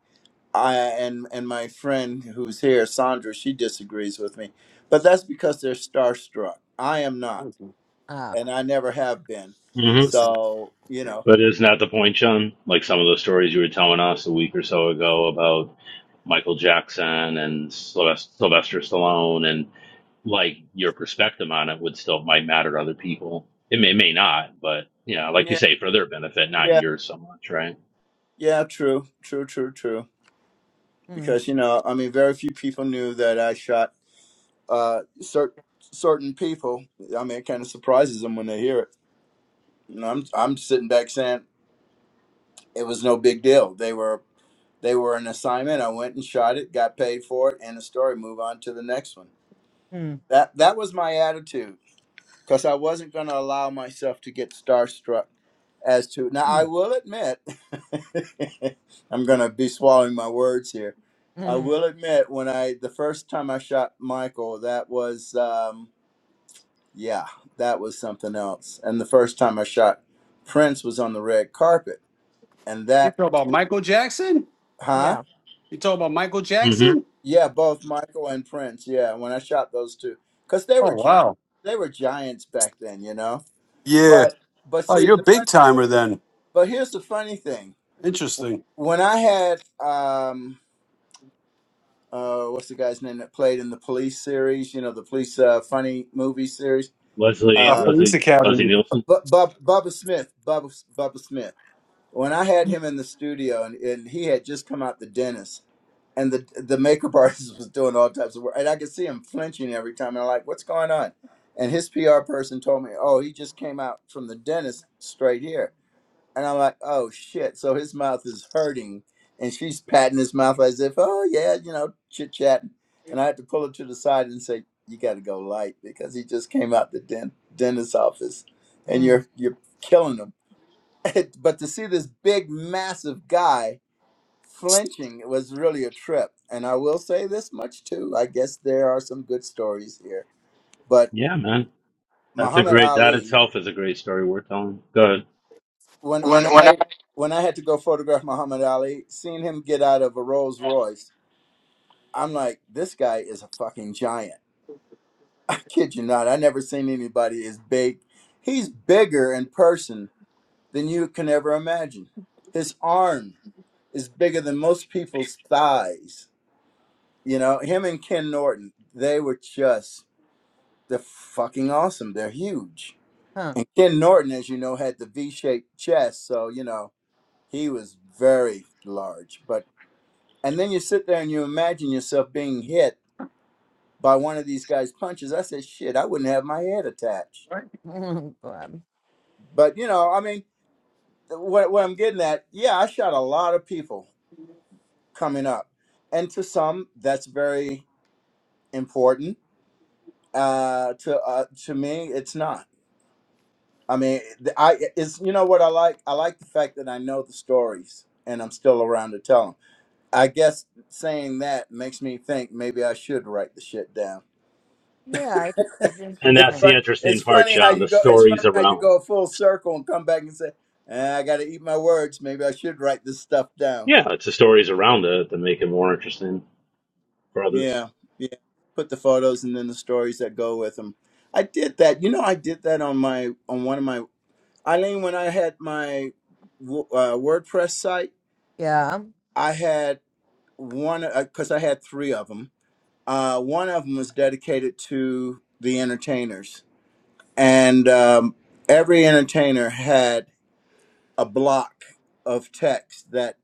I and and my friend who's here, Sandra, she disagrees with me, but that's because they're starstruck. I am not, Let's Ah. and I never have been. hmm see. So you know, But isn't that the point, John? Like some of the stories you were telling us a week or so ago about Michael Jackson and Sylvester, Sylvester Stallone, and like your perspective on it would still might matter to other people. It may may not, but you know, like you yeah, say, for their benefit, not yeah, yours so much, right? yeah, true, true, true, true. Mm, Because you know, I mean, very few people knew that I shot. uh, cer- certain people. I mean, it kind of surprises them when they hear it. And I'm I'm sitting back saying it was no big deal. They were they were an assignment. I went and shot it, got paid for it, and the story. Move on to the next one. mm, That that was my attitude because I wasn't going to allow myself to get starstruck. As to now, I mm, will admit, I'm going to be swallowing my words here. I mm, will admit when I the first time I shot Michael, that was. Um, Yeah, that was something else. And the first time I shot Prince was on the red carpet. And You that, talk about Michael Jackson? huh? yeah. You talk about Michael Jackson? Yeah, both Michael and Prince. Yeah, when I shot those two, because they were Oh giants. wow. They were giants back then, you know. Yeah. But but Oh, see you're a the big funny. timer then. But here's the funny thing. Interesting. When I had um uh what's the guy's name that played in the police series? You know the police uh, funny movie series. Leslie Uh, Uh, police Leslie Leslie academy. Nielsen. Bu- Bub- Bubba Smith. Bubba Bubba Smith. when I had him in the studio and, and he had just come out the dentist and the the makeup artist was doing all types of work and I could see him flinching every time and I'm like, what's going on? And his PR person told me, Oh, he just came out from the dentist straight here. And I'm like, Oh shit. So his mouth is hurting and she's patting his mouth as if, Oh yeah, you know, chit chatting. And I had to pull her to the side and say, You gotta go light because he just came out the dent- dentist's office and Mm, you're you're killing him but to see this big, massive guy flinching was really a trip. And I will say this much too. I guess there are some good stories here. But Yeah, man. That's a Muhammad great that Ali, itself is a great story worth telling. Good. when When when when I I when I had to go photograph Muhammad Ali, seeing him get out of a Rolls Royce, I'm like, this guy is a fucking giant. I kid you not. I never seen anybody as big. He's bigger in person than you can ever imagine. His arm is bigger than most people's thighs You know, him and Ken Norton, they were just they're fucking awesome. They're huge. And Ken Norton, as you know, had the V-shaped chest, so you know, he was very large. But and then you sit there and you imagine yourself being hit by one of these guys' punches. I said, shit, I wouldn't have my head attached. huh. But you know, I mean, what what I'm getting at, yeah, I shot a lot of people coming up. And to some, that's very important. Uh, to uh, to me, it's not I mean, the- I it's you know what I like. I like the fact that I know the stories and I'm still around to tell them. I guess saying that makes me think maybe I should write the shit down. Yeah, I- think it's And it's that's the interesting. fun. interesting It's part, funny how John, you the go. It's stories funny how you around go full circle and come back and say, "Eh, "I got to eat my words. Maybe I should write this stuff down." yeah, it's the stories around it that make it more interesting for others. Yeah, yeah. Put the photos and then the stories that go with them. I did that. You know, I did that on my on one of my Eileen when I had my w- uh, WordPress site. Yeah, I had one because I had three of them. Uh, one of them was dedicated to the entertainers, and um, every entertainer had a block of text that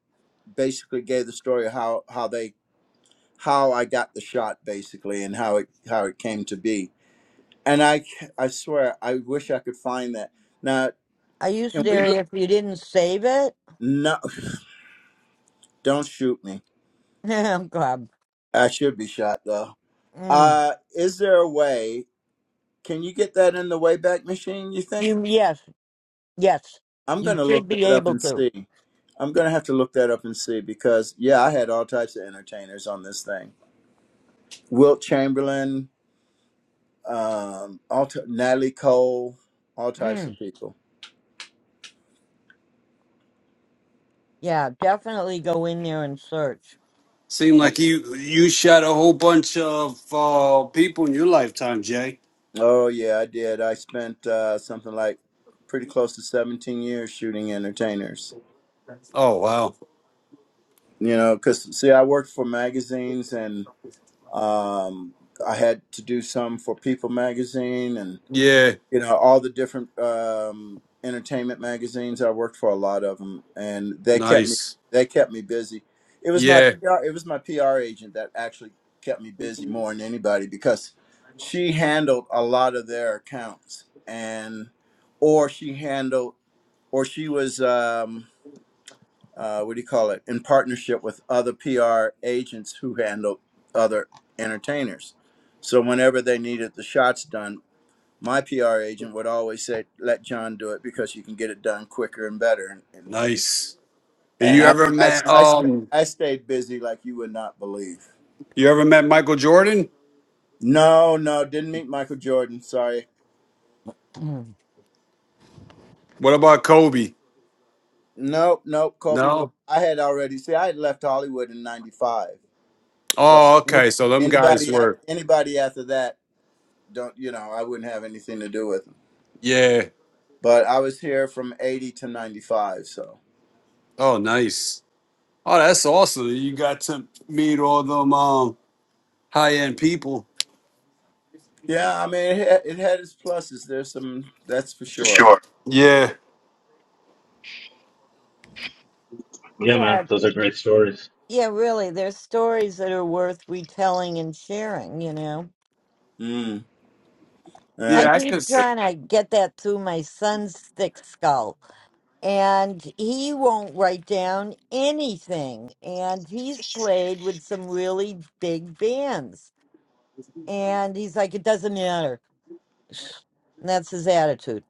basically gave the story of how how they how I got the shot basically and how it how it came to be. And I I swear I wish I could find that. Now are you can to. we look? If you didn't save it, No, don't shoot me. I'm glad. I should be shot though. Mm. Uh, is there a way can you get that in the Wayback Machine, you think? You yes, yes, I'm you gonna look should be that up able and to. see. I'm gonna have to look that up and see because yeah, I had all types of entertainers on this thing. Wilt Chamberlain, um, all t- Natalie Cole, all types of Mm. people. Yeah, definitely go in there and search. Seem Oh like you you shot a whole bunch of uh, people in your lifetime, Jay. oh, yeah, I did. I spent uh, something like pretty close to 17 years shooting entertainers. Oh wow, You know, because see, I worked for magazines and um, I had to do some for People magazine and. yeah, you know all the different um, entertainment magazines. I worked for a lot of them, and they kept me nice, they kept me busy. It was my yeah, PR, it was my PR agent that actually kept me busy more than anybody because she handled a lot of their accounts and or she handled or she was um, uh, what do you call it in partnership with other PR agents who handled other entertainers. So whenever they needed the shots done, my PR agent would always say, "Let John do it because you can get it done quicker and better." And and, nice. and You I, ever I met I sta- um? I stayed busy like you would not believe. You ever met Michael Jordan? No, no, didn't meet Michael Jordan. Sorry. Mm. What about Kobe? Nope, nope. Kobe. Was, No. I had already see. I had left Hollywood in '95. So Oh, any, okay. So them guys anybody at were anybody after that, don't you know? I wouldn't have anything to do with them. yeah. But I was here from '80 to '95. So Oh, nice. Oh, that's awesome. You got to meet all them um high end people. yeah, I mean, it, had- it had its pluses. There's some that's for sure. sure. Yeah, Yeah, man, Yeah, those are great stories. yeah, really. There's stories that are worth retelling and sharing. You know, Mm. I I yeah. I keep could. trying to get that through my son's thick skull. and he won't write down anything. And he's played with some really big bands. And he's like, it doesn't matter. And that's his attitude.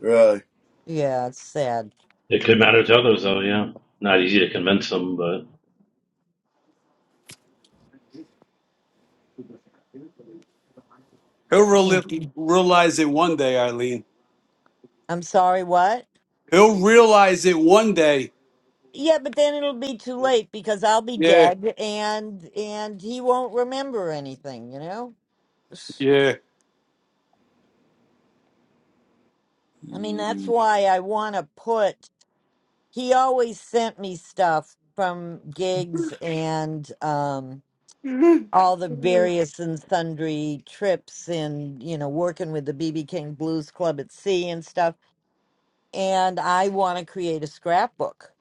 Really? Yeah, it's sad. It could matter to others, though. Yeah, not easy to convince them, but He'll Mm. reali- realize it one day, Eileen. I'm sorry, what? He'll realize it one day. Yeah, but then it'll be too late because I'll be Yeah, dead and and he won't remember anything, you know? yeah. I mean, that's Mm. why I want to put he always sent me stuff from gigs and um all the various and sundry trips and you know working with the bb king blues club at sea and stuff and i want to create a scrapbook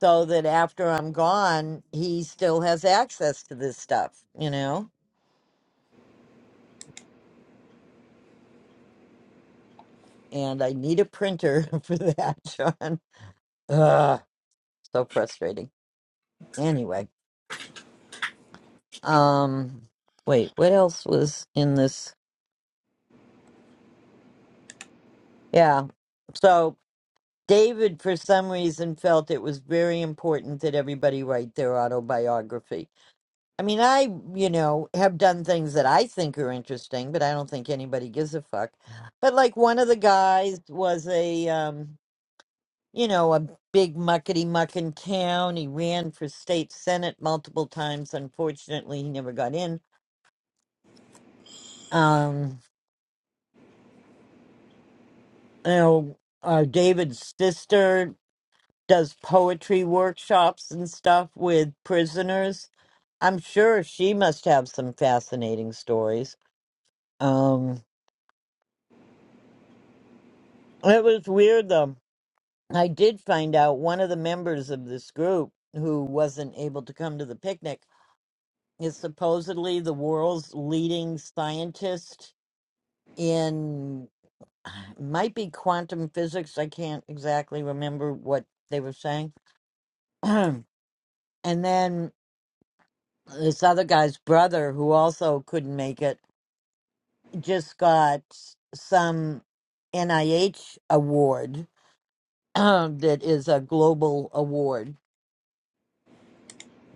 so that after i'm gone he still has access to this stuff you know and i need a printer for that john Ugh, so frustrating anyway um wait what else was in this yeah so David, for some reason, felt it was very important that everybody write their autobiography. I mean, I, you know, have done things that I think are interesting, but I don't think anybody gives a fuck. But like one of the guys was a, um, you know, a big muckety muck in town. He ran for state senate multiple times. Unfortunately, he never got in. Um, you know, uh, David's sister does poetry workshops and stuff with prisoners I'm sure she must have some fascinating stories. Um, it was weird though. I did find out one of the members of this group who wasn't able to come to the picnic is supposedly the world's leading scientist in might be quantum physics. I can't exactly remember what they were saying. and then this other guy's brother who also couldn't make it just got some NIH award that is a global award.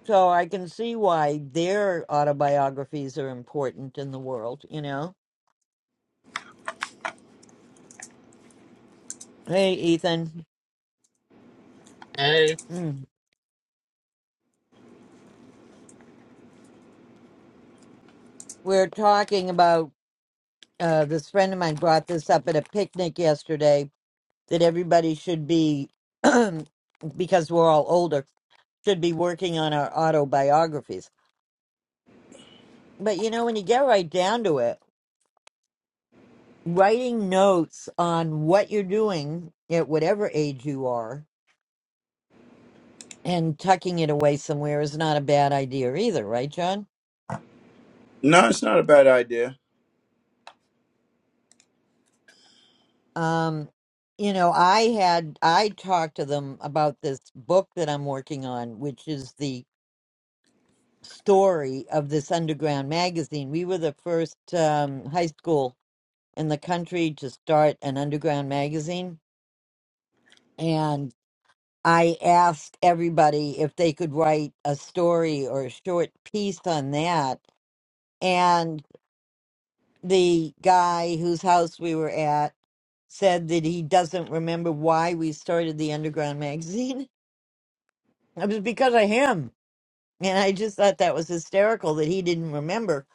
So I can see why their autobiographies are important in the world, you know? Hey, Ethan. I Mm. We're talking about uh, this friend of mine brought this up at a picnic yesterday that everybody should be, because we're all older, should be working on our autobiographies. But you know, when you get right down to it, writing notes on what you're doing at whatever age you are and tucking it away somewhere is not a bad idea either, right, John? No, it's not a bad idea. Um, you know, I had I talked to them about this book that I'm working on, which is the story of this underground magazine. We were the first um, high school in the country to start an underground magazine, and. I asked everybody if they could write a story or a short piece on that. And the guy whose house we were at said that he doesn't remember why we started the Underground magazine. It was because of him. And I just thought that was hysterical that he didn't remember.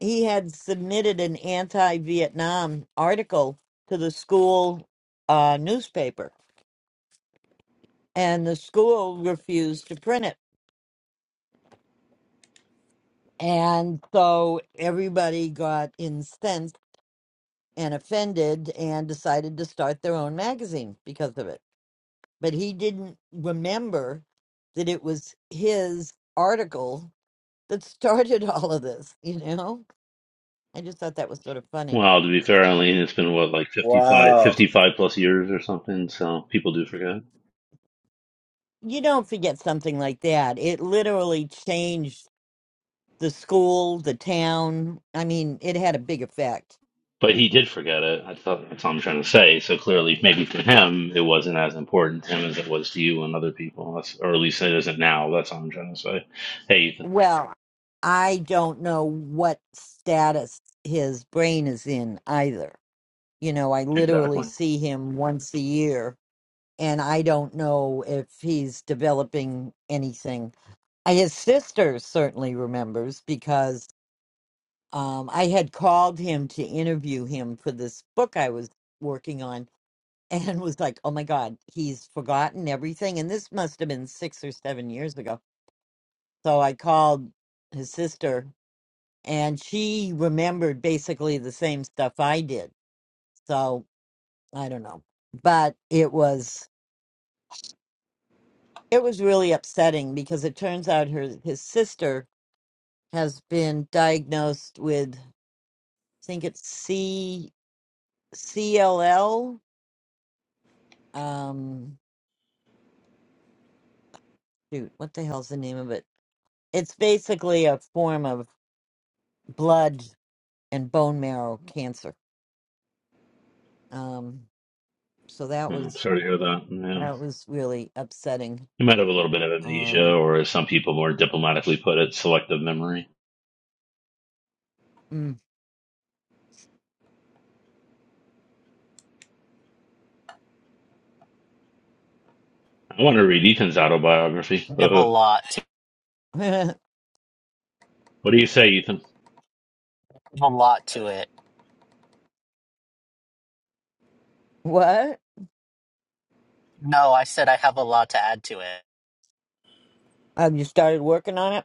He had submitted an anti Vietnam article to the school uh, newspaper, and the school refused to print it And so everybody got incensed and offended and decided to start their own magazine because of it. But he didn't remember that it was his article that started all of this, you know? I just thought that was sort of funny. well, to be fair, Eileen, it's been what like fifty-five, Wow. 55 plus years or something. So people do forget. You don't forget something like that. It literally changed the school, the town. I mean, it had a big effect. But he did forget it. I thought that's all I'm trying to say. So clearly, maybe to him, it wasn't as important to him as it was to you and other people, that's, or at least it isn't now. That's all I'm trying to say. Hey, Ethan. Well, I don't know what status his brain is in either. You know, I literally Exactly. see him once a year, and I don't know if he's developing anything. Uh, His sister certainly remembers because um, I had called him to interview him for this book I was working on and was like, oh my God, he's forgotten everything. And this must have been six or seven years ago. So I called his sister and she remembered basically the same stuff I did. So I don't know, but it was it was really upsetting because it turns out her his sister has been diagnosed with I think it's C CLL. Um, shoot, what the hell's the name of it? It's basically a form of blood and bone marrow cancer. Um, so that Mm, was sorry to hear that. Yeah. that was really upsetting. You might have a little bit of amnesia, Um, or as some people more diplomatically put it, selective memory. mm. I want to read Ethan's autobiography. have a what lot. I do you say, Ethan? have a lot to it. What? No, I said I have a lot to add to it. Have you started working on it?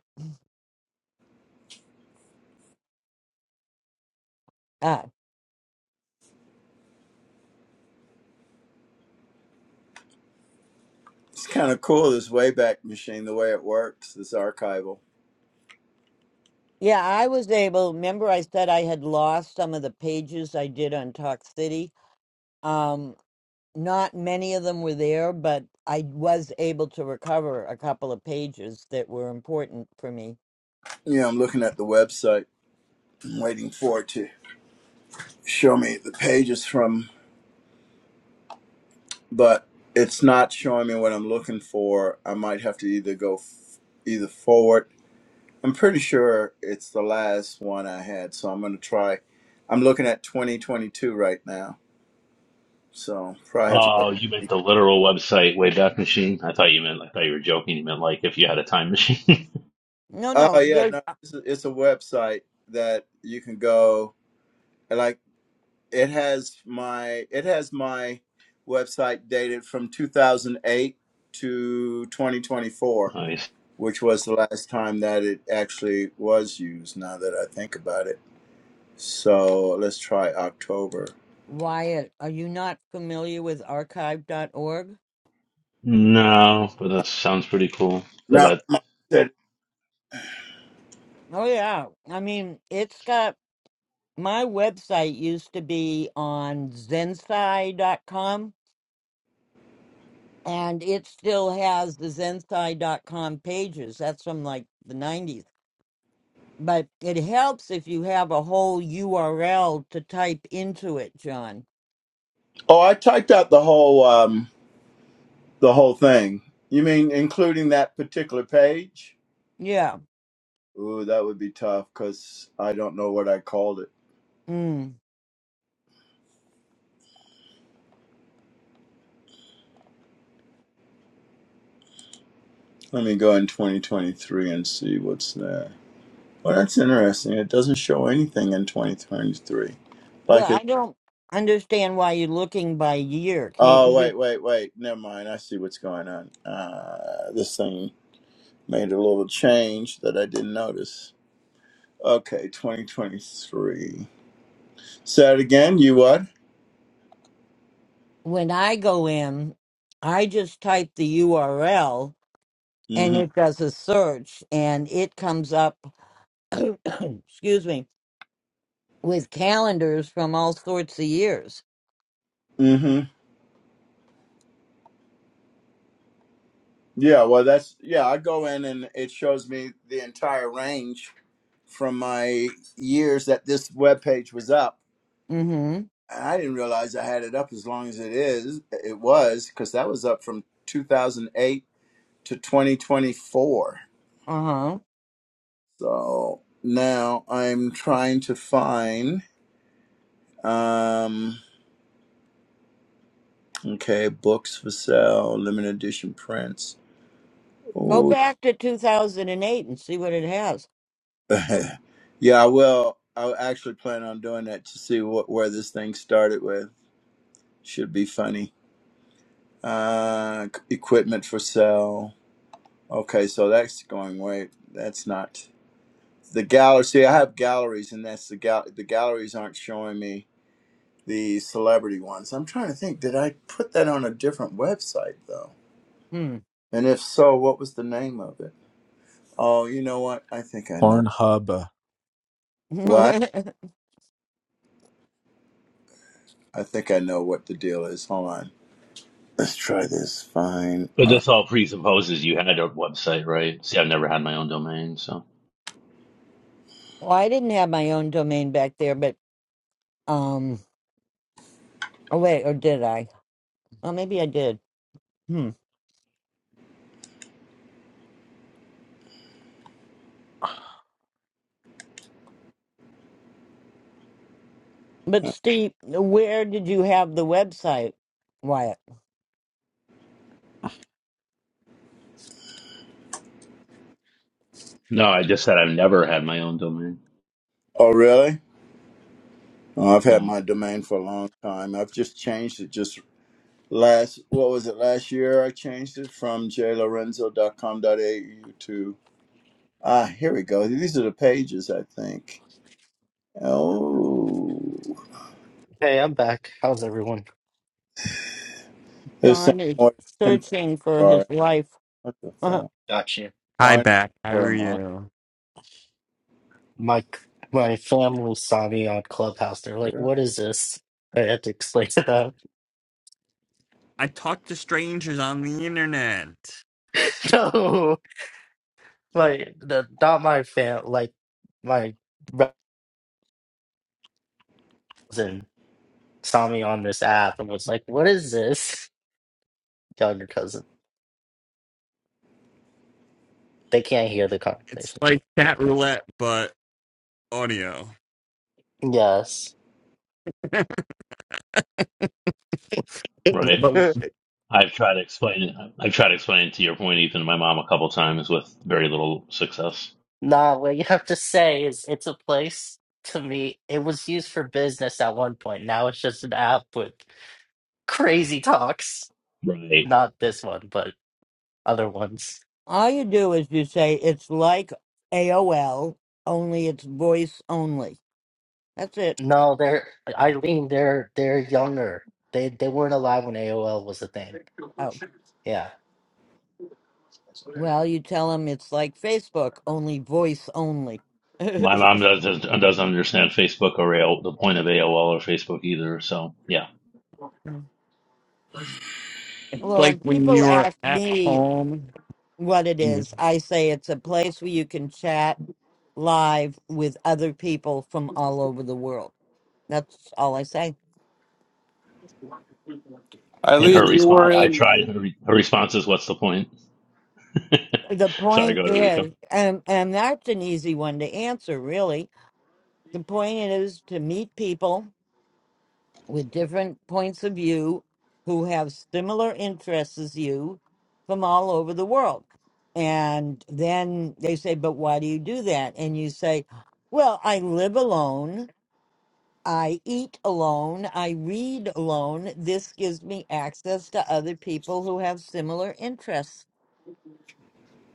Ah, It's kind of cool, this Wayback Machine, the way it works, this archival. yeah, I was able. Remember, I said I had lost some of the pages I did on Talk City. Um, not many of them were there, but I was able to recover a couple of pages that were important for me. Yeah, I'm looking at the website, I'm waiting for it to show me the pages from, but it's not showing me what I'm looking for. I might have to either go f- either forward. I'm pretty sure it's the last one I had, so I'm going to try. I'm looking at 2022 right now, so probably have to go. Oh, you meant the literal website Wayback Machine? I thought you meant, I thought you were joking. You meant like if you had a time machine. No, Oh no, yeah, there's no, it's a, it's a website that you can go like it has my it has my website dated from 2008 to 2024, nice. which was the last time that it actually was used now that I think about it. So, let's try October. Wyatt. Are you not familiar with Archive dot org? No, but that sounds pretty cool. But Now, that my, Oh, yeah. I mean, it's got my website used to be on zensai dot com. and it still has the zensai dot com pages. That's from like the 90s. But it helps if you have a whole URL to type into it, John. oh, I typed out the whole um the whole thing. You mean including that particular page? Yeah. Ooh, that would be tough cuz I don't know what I called it. Mm. Let me go in 2023 and see what's there. Well, that's interesting. It doesn't show anything in 2023. Well, Like it. I don't understand why you're looking by year. Can't you Oh, just? wait, wait, wait. Never mind. I see what's going on. Uh, this thing made a little change that I didn't notice. Okay, 2023. Say it again. You what? When I go in, I just type the URL and Mm-hmm. it does a search and it comes up, excuse me, with calendars from all sorts of years. Mm-hmm. Yeah. Well, that's yeah. I go in and it shows me the entire range from my years that this web page was up Mm hmm. I didn't realize I had it up as long as it is. It was because that was up from 2008 to 2024. Uh huh. So now I'm trying to find. Um, okay, books for sale, limited edition prints. Go Oh, back to 2008 and eight and see what it has. yeah. I will. I actually plan on doing that to see what where this thing started with. Should be funny. Uh, equipment for sale. Okay, so that's going way. That's not. the gallery. See, I have galleries, and that's the gal. The galleries aren't showing me the celebrity ones. I'm trying to think. Did I put that on a different website though? Hmm. And if so, what was the name of it? Oh, you know what? I think I know. Pornhub. well, What? I think I know what the deal is. Hold on. Let's try this. Fine but art. this all presupposes you had a website, right? See, I've never had my own domain, so I didn't have my own domain back there, but um, oh wait, or did I? Well, maybe I did. Hmm. But Steve, where did you have the website, Wyatt? no, I just said I've never had my own domain. Oh, really? Oh, I've had No, my domain for a long time. I've just changed it just last, what was it, last year? I changed it from jlorenzo.com.au to Ah, here we go. These are the pages, I think. Oh, Hey, I'm back. How's everyone? they're saying John is more than 10,000 searching for his life. What the uh fuck? Gotcha. Hi, Find back. How her are monster. you? My my family saw me on Clubhouse. They're like, "What is this?" I had to explain to them. I talk to strangers on the internet. No, like the not my fam. Like my cousin saw me on this app and was like, "What is this?" Younger cousin. They can't hear the It's conversation. like chat roulette, but audio. Yes. right? But I've tried to explain it. I've tried to explain it to your point, Ethan, to my mom a couple times with very little success. Nah, what you have to say is it's a place to meet. It was used for business at one point. Now it's just an app with crazy talks. Right. Not this one, but other ones. All you do is you say it's like AOL, only it's voice only. That's it. No, they're Eileen, they're they're younger. They they weren't alive when AOL was a thing. Oh, Yeah. well, you tell him it's like Facebook, only voice only. My mom doesn't doesn't understand Facebook or AOL, the point of AOL or Facebook either. So yeah. it's Well, like when when people you were ask at me home what it and is, I say it's a place where you can chat live with other people from all over the world. That's all I say. In her Eileen, you. response, I tried. Her, re- her response is, "What's the point?" The Sorry, point go to Rico. is, and and that's an easy one to answer, really. The point is to meet people with different points of view who have similar interests as you from all over the world. And then they say, "But why do you do that?" And you say, "Well, I live alone." I eat alone. I read alone. This gives me access to other people who have similar interests.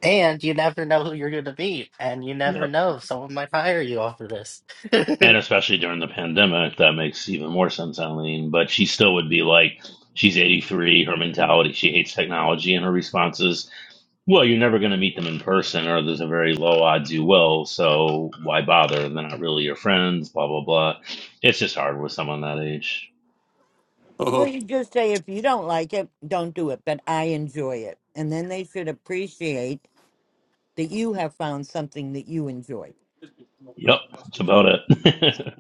And you never know who you're gonna meet, and you Yeah. never know. Someone might hire you off of this. And especially during the pandemic, that makes even more sense, Eileen. But she still would be like, she's 83, her mentality, she hates technology, and her responses, well, you're never going to meet them in person, or there's a very low odds you will, so why bother? They're not really your friends, blah, blah, blah. It's just hard with someone that age. Well, Oh. you just say, if you don't like it, don't do it, but I enjoy it. And then they should appreciate that you have found something that you enjoy. Yep, that's about it.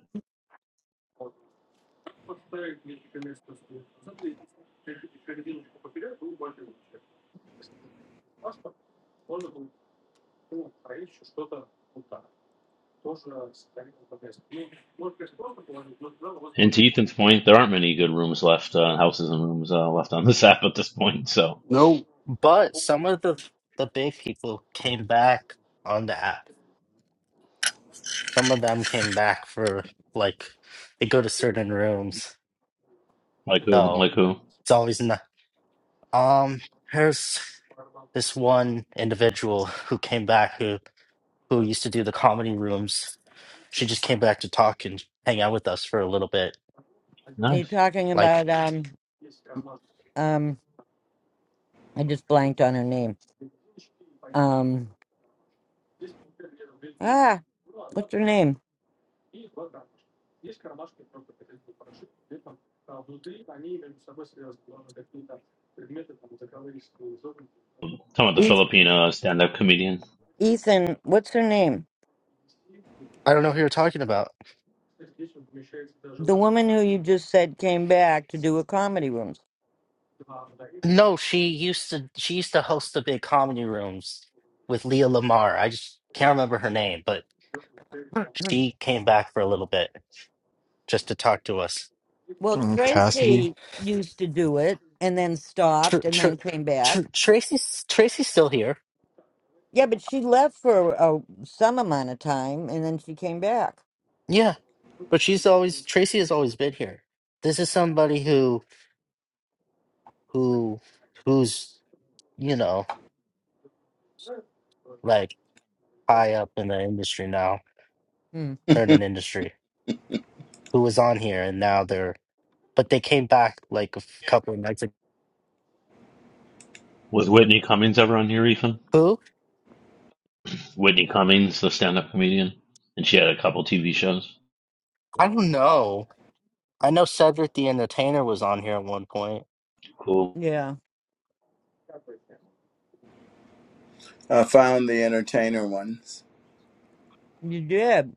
and to Ethan's point, there aren't many good rooms left, uh, houses and rooms uh, left on this app at this point, so Nope. But some of the the big people came back on the app. Some of them came back for like they go to certain rooms, like who? so Like who? it's always not. Um, there's this one individual who came back who who used to do the comedy rooms. She just came back to talk and hang out with us for a little bit. you Are Nice. talking Like about, um, um, I just blanked on her name. Um, ah, what's her name? Talking about the Eth- Filipino stand up comedian. Ethan, what's her name? I don't know who you're talking about. The woman who you just said came back to do a comedy rooms. No, she used to she used to host the big comedy rooms with Leah Lamar. I just can't remember her name, but she came back for a little bit just to talk to us. Well, Tracy used to do it and then Tr- stopped and then Tr- came back. Tr- Tracy's Tracy's still here. Yeah, but she left for uh, some amount of time and then she came back. Yeah, but she's always Tracy has always been here. This is somebody who who who's you know like high up in the industry now. Hmm. They're in an industry who was on here and now they're but they came back like a f- couple of nights ago. Was Whitney Cummings ever on here, Ethan? Who Whitney Cummings, the stand-up comedian, and she had a couple TV shows. I don't know. I know Cedric the Entertainer was on here at one point. Cool. Yeah, I found the entertainer ones. you did.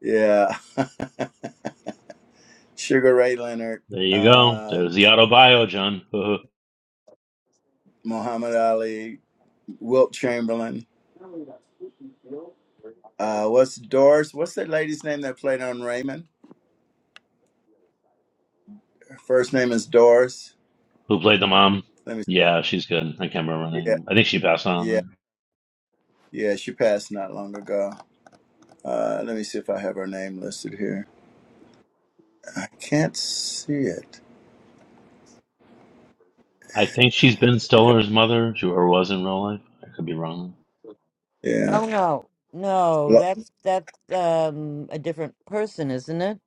Yeah. Sugar Ray Leonard, There you go. There's um, the auto bio, John, who Muhammad Ali, Wilt Chamberlain. Uh, what's Doris? What's that lady's name that played on Raymond? Her first name is Doris. who played the mom. Let me Yeah, she's good. I can't remember her see. Yeah, name. I think she passed yeah, on. yeah. She passed not long ago. Uh, let me see if I have her name listed here. I can't see it. I think she's Ben Stiller's mother, who- or was in real life. I could be wrong. Yeah. Oh no, no, Lo- that's that's um a different person, isn't it?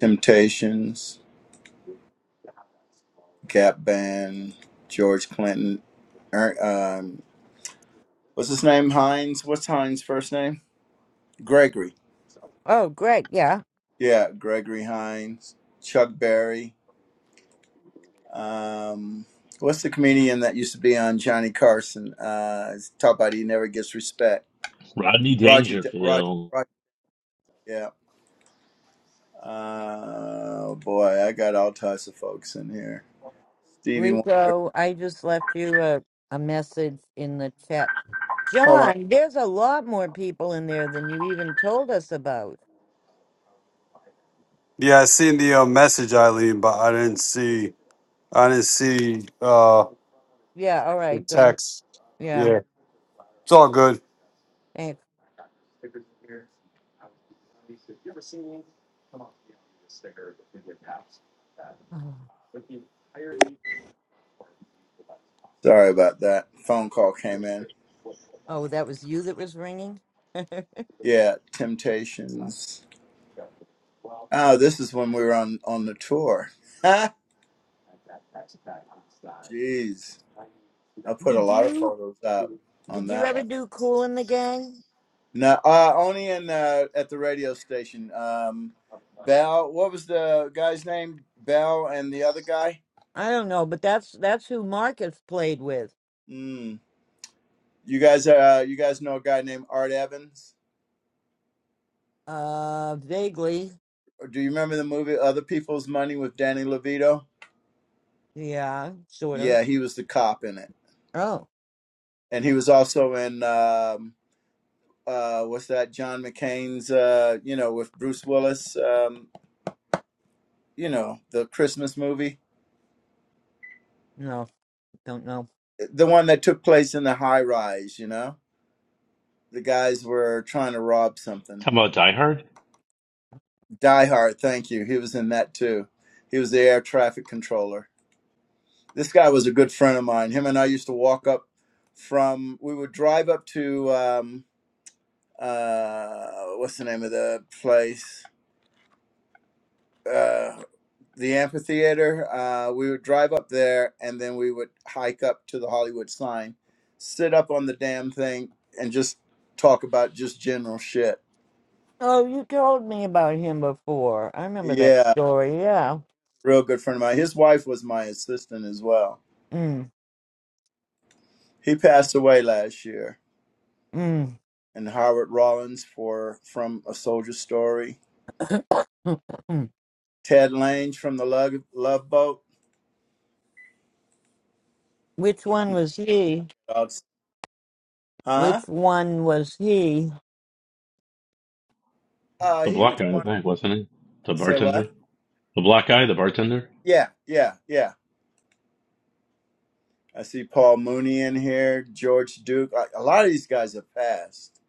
Temptations, Gap Band, George Clinton. Er- Um, what's his name? Hines. What's Hines' first name? Gregory. Oh, great. Yeah, Yeah, Gregory Hines. Chuck Berry. Um, what's the comedian that used to be on Johnny Carson? Uh, talk about he never gets respect. Rodney Roger. D- Roger. Dangerfield. Roger yeah. Uh, oh boy, I got all types of folks in here. Stevie Wonder. Rico, I just left you a a message in the chat. Hold on. John, there's a lot more people in there than you even told us about. Yeah, I seen the uh, message, Eileen, but I didn't see. I didn't see uh, Yeah. All the right. Don't. text. Yeah. Yeah, it's all good. Thanks. Sorry about that. Phone call came in. Oh, that was you that was ringing? Did Yeah, Temptations. Oh, this is when we were on on the tour. Jeez, I put a lot of you photos up on did you that ever one. do Cool in the Gang? No, uh, only in uh, at the radio station. Um, Bell. What was the guy's name? Bell and the other guy. I don't know, but that's that's who Marcus played with. Mm. You guys, uh, you guys know a guy named Art Evans. Uh, vaguely, Or Do you remember the movie Other People's Money with Danny Levito? yeah, sort of. Yeah, he was the cop in it, Oh, and he was also in. Um, uh, was that John McCain's, uh, you know, with Bruce Willis, um, you know, the Christmas movie, no, don't know. the one that took place in the high rise, you know, the guys were trying to rob something. Talking about Die Hard? Die Hard, thank you. He was in that too. He was the air traffic controller. This guy was a good friend of mine. Him and I used to walk up from, we would drive up to, um, uh, what's the name of the place? Uh. the amphitheater. Uh, we would drive up there and then we would hike up to the Hollywood sign, sit up on the damn thing, and just talk about just general shit. Oh, you told me about him before. I remember that Yeah, story. Yeah. real good friend of mine. His wife was my assistant as well. Mm, He passed away last year. mm, And Howard Rollins for from A Soldier Story. Ted Lange from the Love, Love Boat. Which one was he? Uh, Huh? Which one was he? Uh, The he black was guy, I one. think, wasn't he? The Say what? bartender? The black guy, the bartender? Yeah, yeah, yeah. I see Paul Mooney in here, George Duke. A a lot of these guys have passed.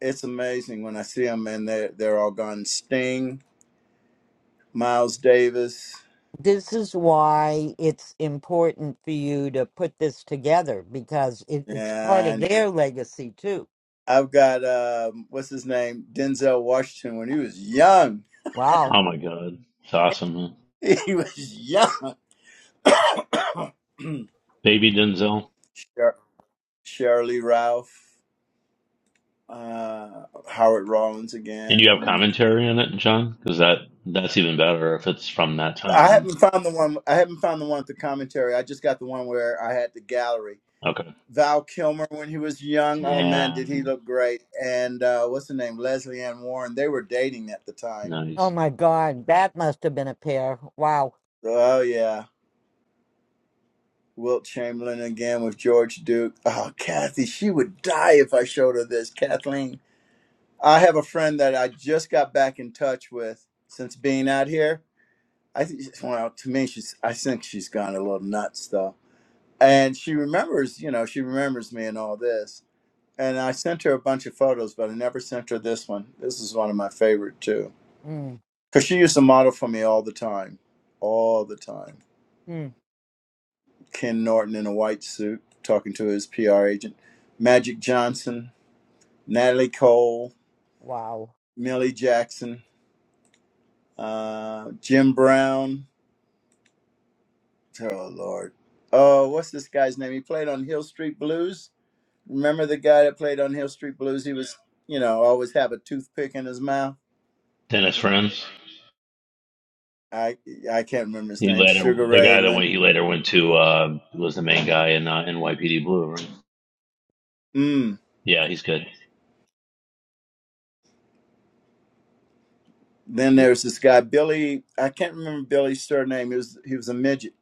It's amazing when I see them and they're, they're all gone. Sting, Miles Davis, this is why it's important for you to put this together because it, it's part of and their legacy too. I've got, um, what's his name? Denzel Washington when he was young. Wow. Oh my god. It's awesome. man. He was young. Baby Denzel. Sher- Shirley Ralph, uh, Howard Rollins And you have again. commentary on it, John? Because that that's even better if it's from that I time. haven't found the one. I haven't found the one with the commentary. I just got the one where I had the gallery Okay. Val Kilmer when he was young. Oh man, did he Damn. look great? And uh, what's her name? Leslie Ann Warren. They were dating at the time. Oh Nice. my God. That must have been a pair. Wow. Oh yeah. Wilt Chamberlain again with George Duke. Oh, Kathy, she would die if I showed her this. Kathleen, I have a friend that I just got back in touch with since being out here. I think, well, to me, she's. I think she's gone a little nuts though, and she remembers. You know, she remembers me and all this and I sent her a bunch of photos, but I never sent her this one. This is one of my favorite too, Mm, because she used to model for me all the time, all the time. mm, Ken Norton in a white suit talking to his PR agent, Magic Johnson, Natalie Cole, wow. Millie Jackson, uh, Jim Brown. Oh Lord, oh what's this guy's name? He played on Hill Street Blues. Remember the guy that played on Hill Street Blues? He was, you know, always have a toothpick in his mouth. Dennis Franz. I I can't remember his He name. later, Sugar the Ray guy that Leonard. went, he later went to, uh, was the main guy in uh, NYPD Blue, right? Mm. Yeah, he's good. Then Y- there's this guy Billy. I can't remember Billy's surname. He was he was a midget,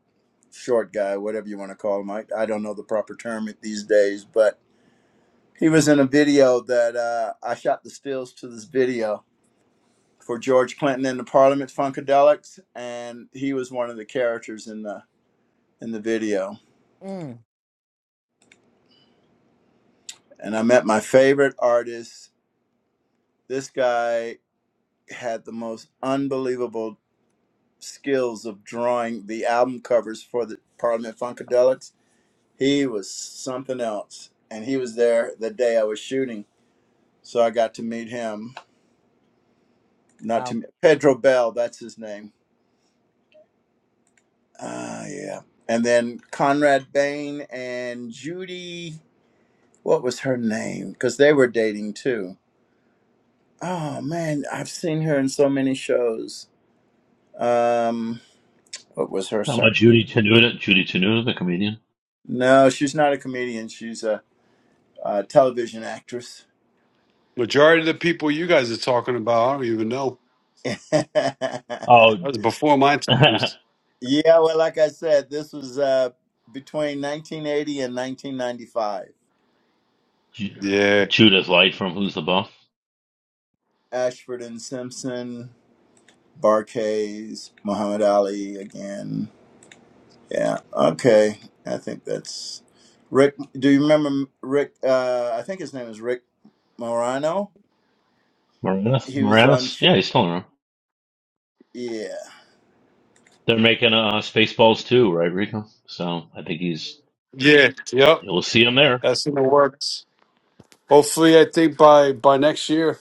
short guy, whatever you want to call him. I, I don't know the proper term these days, but he was in a video that uh, I shot the stills to this video for George Clinton and the Parliament Funkadelics, and he was one of the characters in the in the video. Mm, And I met my favorite artist. This guy had the most unbelievable skills of drawing the album covers for the Parliament Funkadelics He was something else, and he was there the day I was shooting, so I got to meet him. Not wow. to Pedro Bell, that's his name. Ah, uh, yeah. And then Conrad Bain and Judy. What was her name? Because they were dating too. Oh man, I've seen her in so many shows. Um, what was her How surname? about Judy Tenuta? Judy Tenuta, the comedian? No, she's not a comedian. She's a, a television actress. Majority of the people you guys are talking about, I don't even know. Oh, That was before my times. Yeah, well, like I said, this was uh, between 1980 and 1995. Ju- Yeah, Judith Light from Who's the Buff? Ashford and Simpson, Barkays, Muhammad Ali again. Yeah, okay. I think that's Rick. Do you remember Rick? Uh, I think his name is Rick Morano. Moranis? He was on Moranis? Chip. Yeah, he's still around. Yeah. They're making uh, Spaceballs too, right, Rico? So I think he's, yeah, yep. you'll see him there. That's in the works. Hopefully, I think by by next year,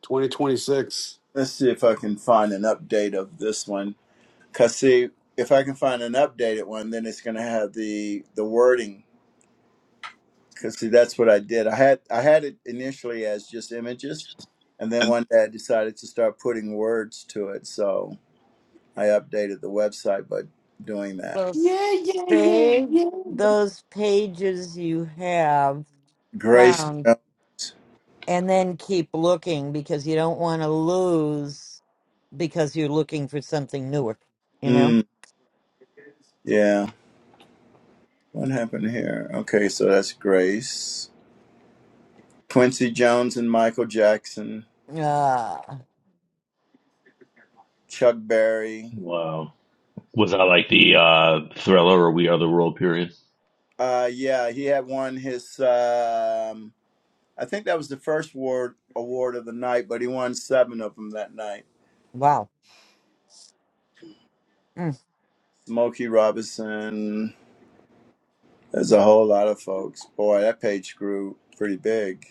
twenty twenty six. Let's see if I can find an update of this one. Cause see, if I can find an updated one, then it's gonna have the the wording Cause see, that's what I did. I had I had it initially as just images, and then one day I decided to start putting words to it. So I updated the website by doing that. Well, s- save those pages you have Grace, found Jo- and then keep looking because you don't want to lose because you're looking for something newer you know mm, yeah. What happened here? Okay, so that's Grace, Quincy Jones, and Michael Jackson, uh Chuck Berry. Wow. Was that like the uh, thriller or We Are the World period? Uh, yeah, he had won his. Um, I think that was the first award award of the night, but he won seven of them that night. wow mm. Smokey Robinson. There's a whole lot of folks. Boy, that page grew pretty big.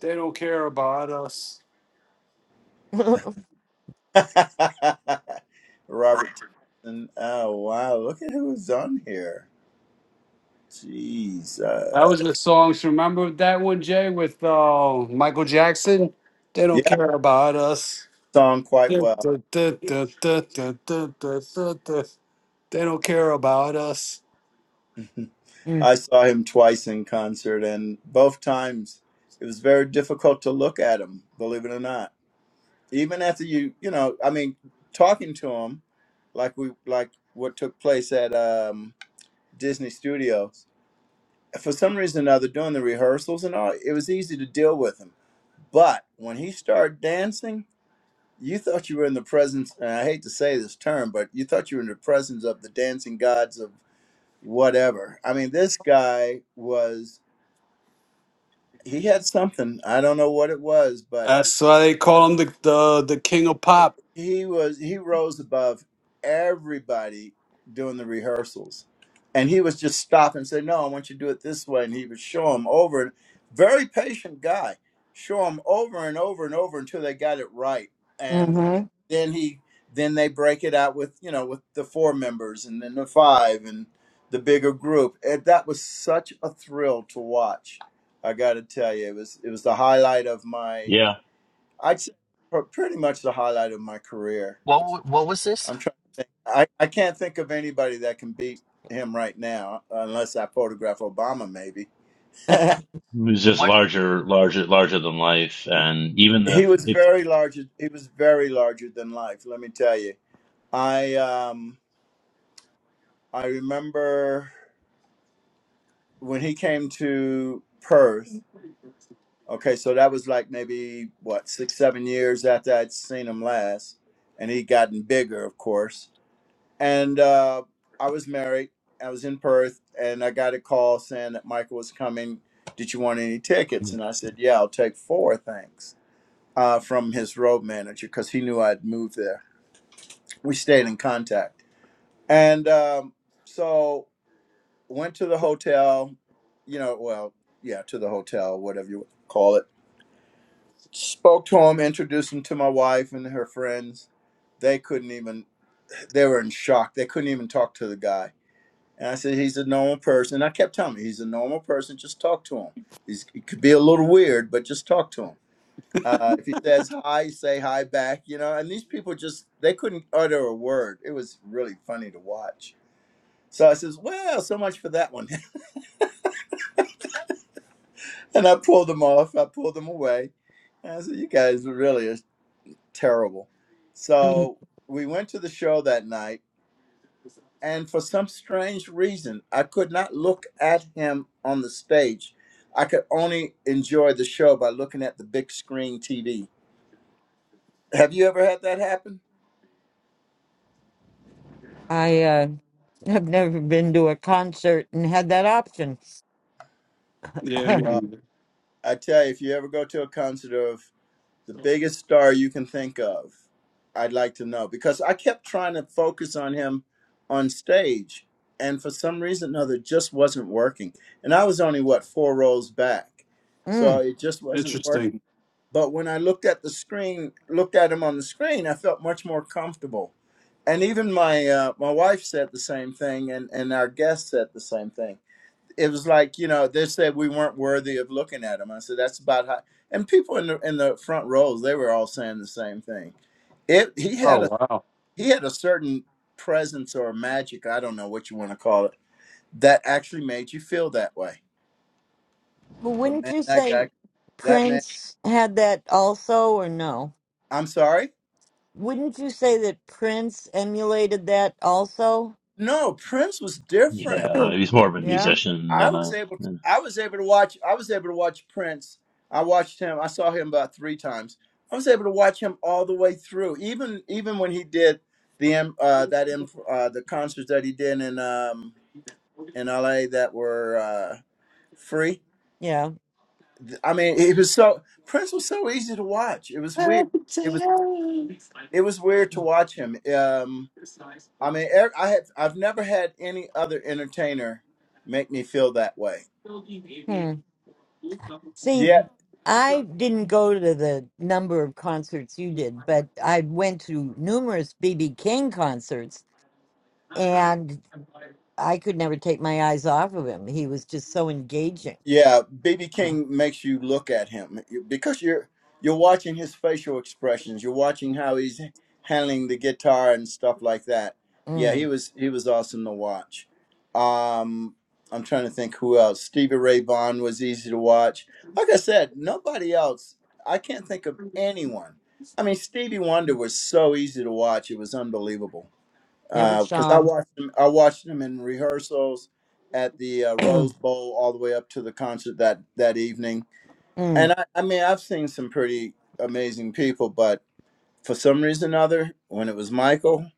They don't care about us. Robert Thompson. Oh wow, look at who's on here. Jeez. Uh, That was the songs. Remember that one, Jay, with uh, Michael Jackson? They yeah, don't care about us. I saw him quite Duh, well. duh, duh, duh, duh, duh, duh, duh, duh, duh. They don't care about us. I mm-hmm. saw him twice in concert, and both times it was very difficult to look at him. Believe it or not, even after you, you know, I mean, talking to him like we like what took place at um, Disney Studios for some reason or other doing the rehearsals and all, it was easy to deal with him. But when he started dancing, you thought you were in the presence, and I hate to say this term, but you thought you were in the presence of the dancing gods of whatever. I mean, this guy was, he had something. I don't know what it was, but That's why they call him the the, the king of pop. he was he rose above everybody doing the rehearsals and he was just stop and say no i want you to do it this way and he would show him over and very patient guy show him over and over and over until they got it right and then he then they break it out with you know with the four members and then the five and the bigger group and that was such a thrill to watch i gotta tell you it was it was the highlight of my Yeah, I'd say pr- pretty much the highlight of my career. What w- what was this? I'm trying. I, I can't think of anybody that can beat him right now, unless I photograph Obama. Maybe it was just What larger, larger, larger than life, and even he if was if very large. He was very larger than life. Let me tell you. I um I remember when he came to Perth. Okay, so that was like maybe what six seven years after I'd seen him last, and he'd gotten bigger, of course and uh, I was married. I was in Perth, and I got a call saying that Michael was coming. Did you want any tickets? And I said, Yeah, I'll take four, thanks. Uh, from his road manager because he knew I'd moved there. We stayed in contact, and um, so went to the hotel. You know, well, yeah, to the hotel, whatever you call it. Spoke to him, introduced him to my wife and her friends. They couldn't even. They were in shock. They couldn't even talk to the guy And I said, he's a normal person. And I kept telling him, he's a normal person. Just talk to him. He's, he could be a little weird, but just talk to him. Uh, if he says hi, say hi back, you know. And these people just, they couldn't utter a word. It was really funny to watch. So I says, well, so much for that one. and I pulled them off. I pulled them away. And I said, you guys really are terrible. So we went to the show that night and for some strange reason, I could not look at him on the stage. I could only enjoy the show by looking at the big screen TV. Have you ever had that happen? i uh have never been to a concert and had that option Yeah, I Well, mm. mean, I tell you, if you ever go to a concert of the biggest star you can think of. I'd like to know because I kept trying to focus on him on stage, and for some reason or other, it just wasn't working. And I was only what four rows back, so but it just wasn't interesting. working. But when I looked at the screen, looked at him on the screen, I felt much more comfortable. And even my uh, my wife said the same thing, and and our guest said the same thing it was like you know they said we weren't worthy of looking at him. I said that's about how. And people in the in the front rows they were all saying the same thing. It he had a he had a certain presence or magic I don't know what you want to call it that actually made you feel that way. But wouldn't man, you that say guy, that man. prince had that also or no I'm sorry. wouldn't you say that prince emulated that also No, Prince was different. yeah, he's more of a yeah musician I than was a. able yeah. to I was able to watch I was able to watch Prince. I watched him. I saw him about 3 times. I was able to watch him all the way through. Even even when he did the um, uh that inf uh the concerts that he did in um in LA that were uh free. yeah I mean, it was so Prince was so easy to watch. It was weird. It was it was weird to watch him. Um I mean, er- I have I've never had any other entertainer make me feel that way. Hmm. See, Yeah, I didn't go to the number of concerts you did, but I went to numerous BB King concerts and I could never take my eyes off of him. He was just so engaging. Yeah, BB King makes you look at him because you're you're watching his facial expressions. You're watching how he's handling the guitar and stuff like that. Yeah, he Mm, was he was awesome to watch. Um, I'm trying to think who else. Stevie Ray Vaughan was easy to watch. Like I said, nobody else. I can't think of anyone. I mean, Stevie Wonder was so easy to watch; it was unbelievable never because saw I him. watched him, I watched him in rehearsals at the uh, Rose Bowl all the way up to the concert that that evening. And mm, I, I mean, I've seen some pretty amazing people, but for some reason or other, when it was Michael,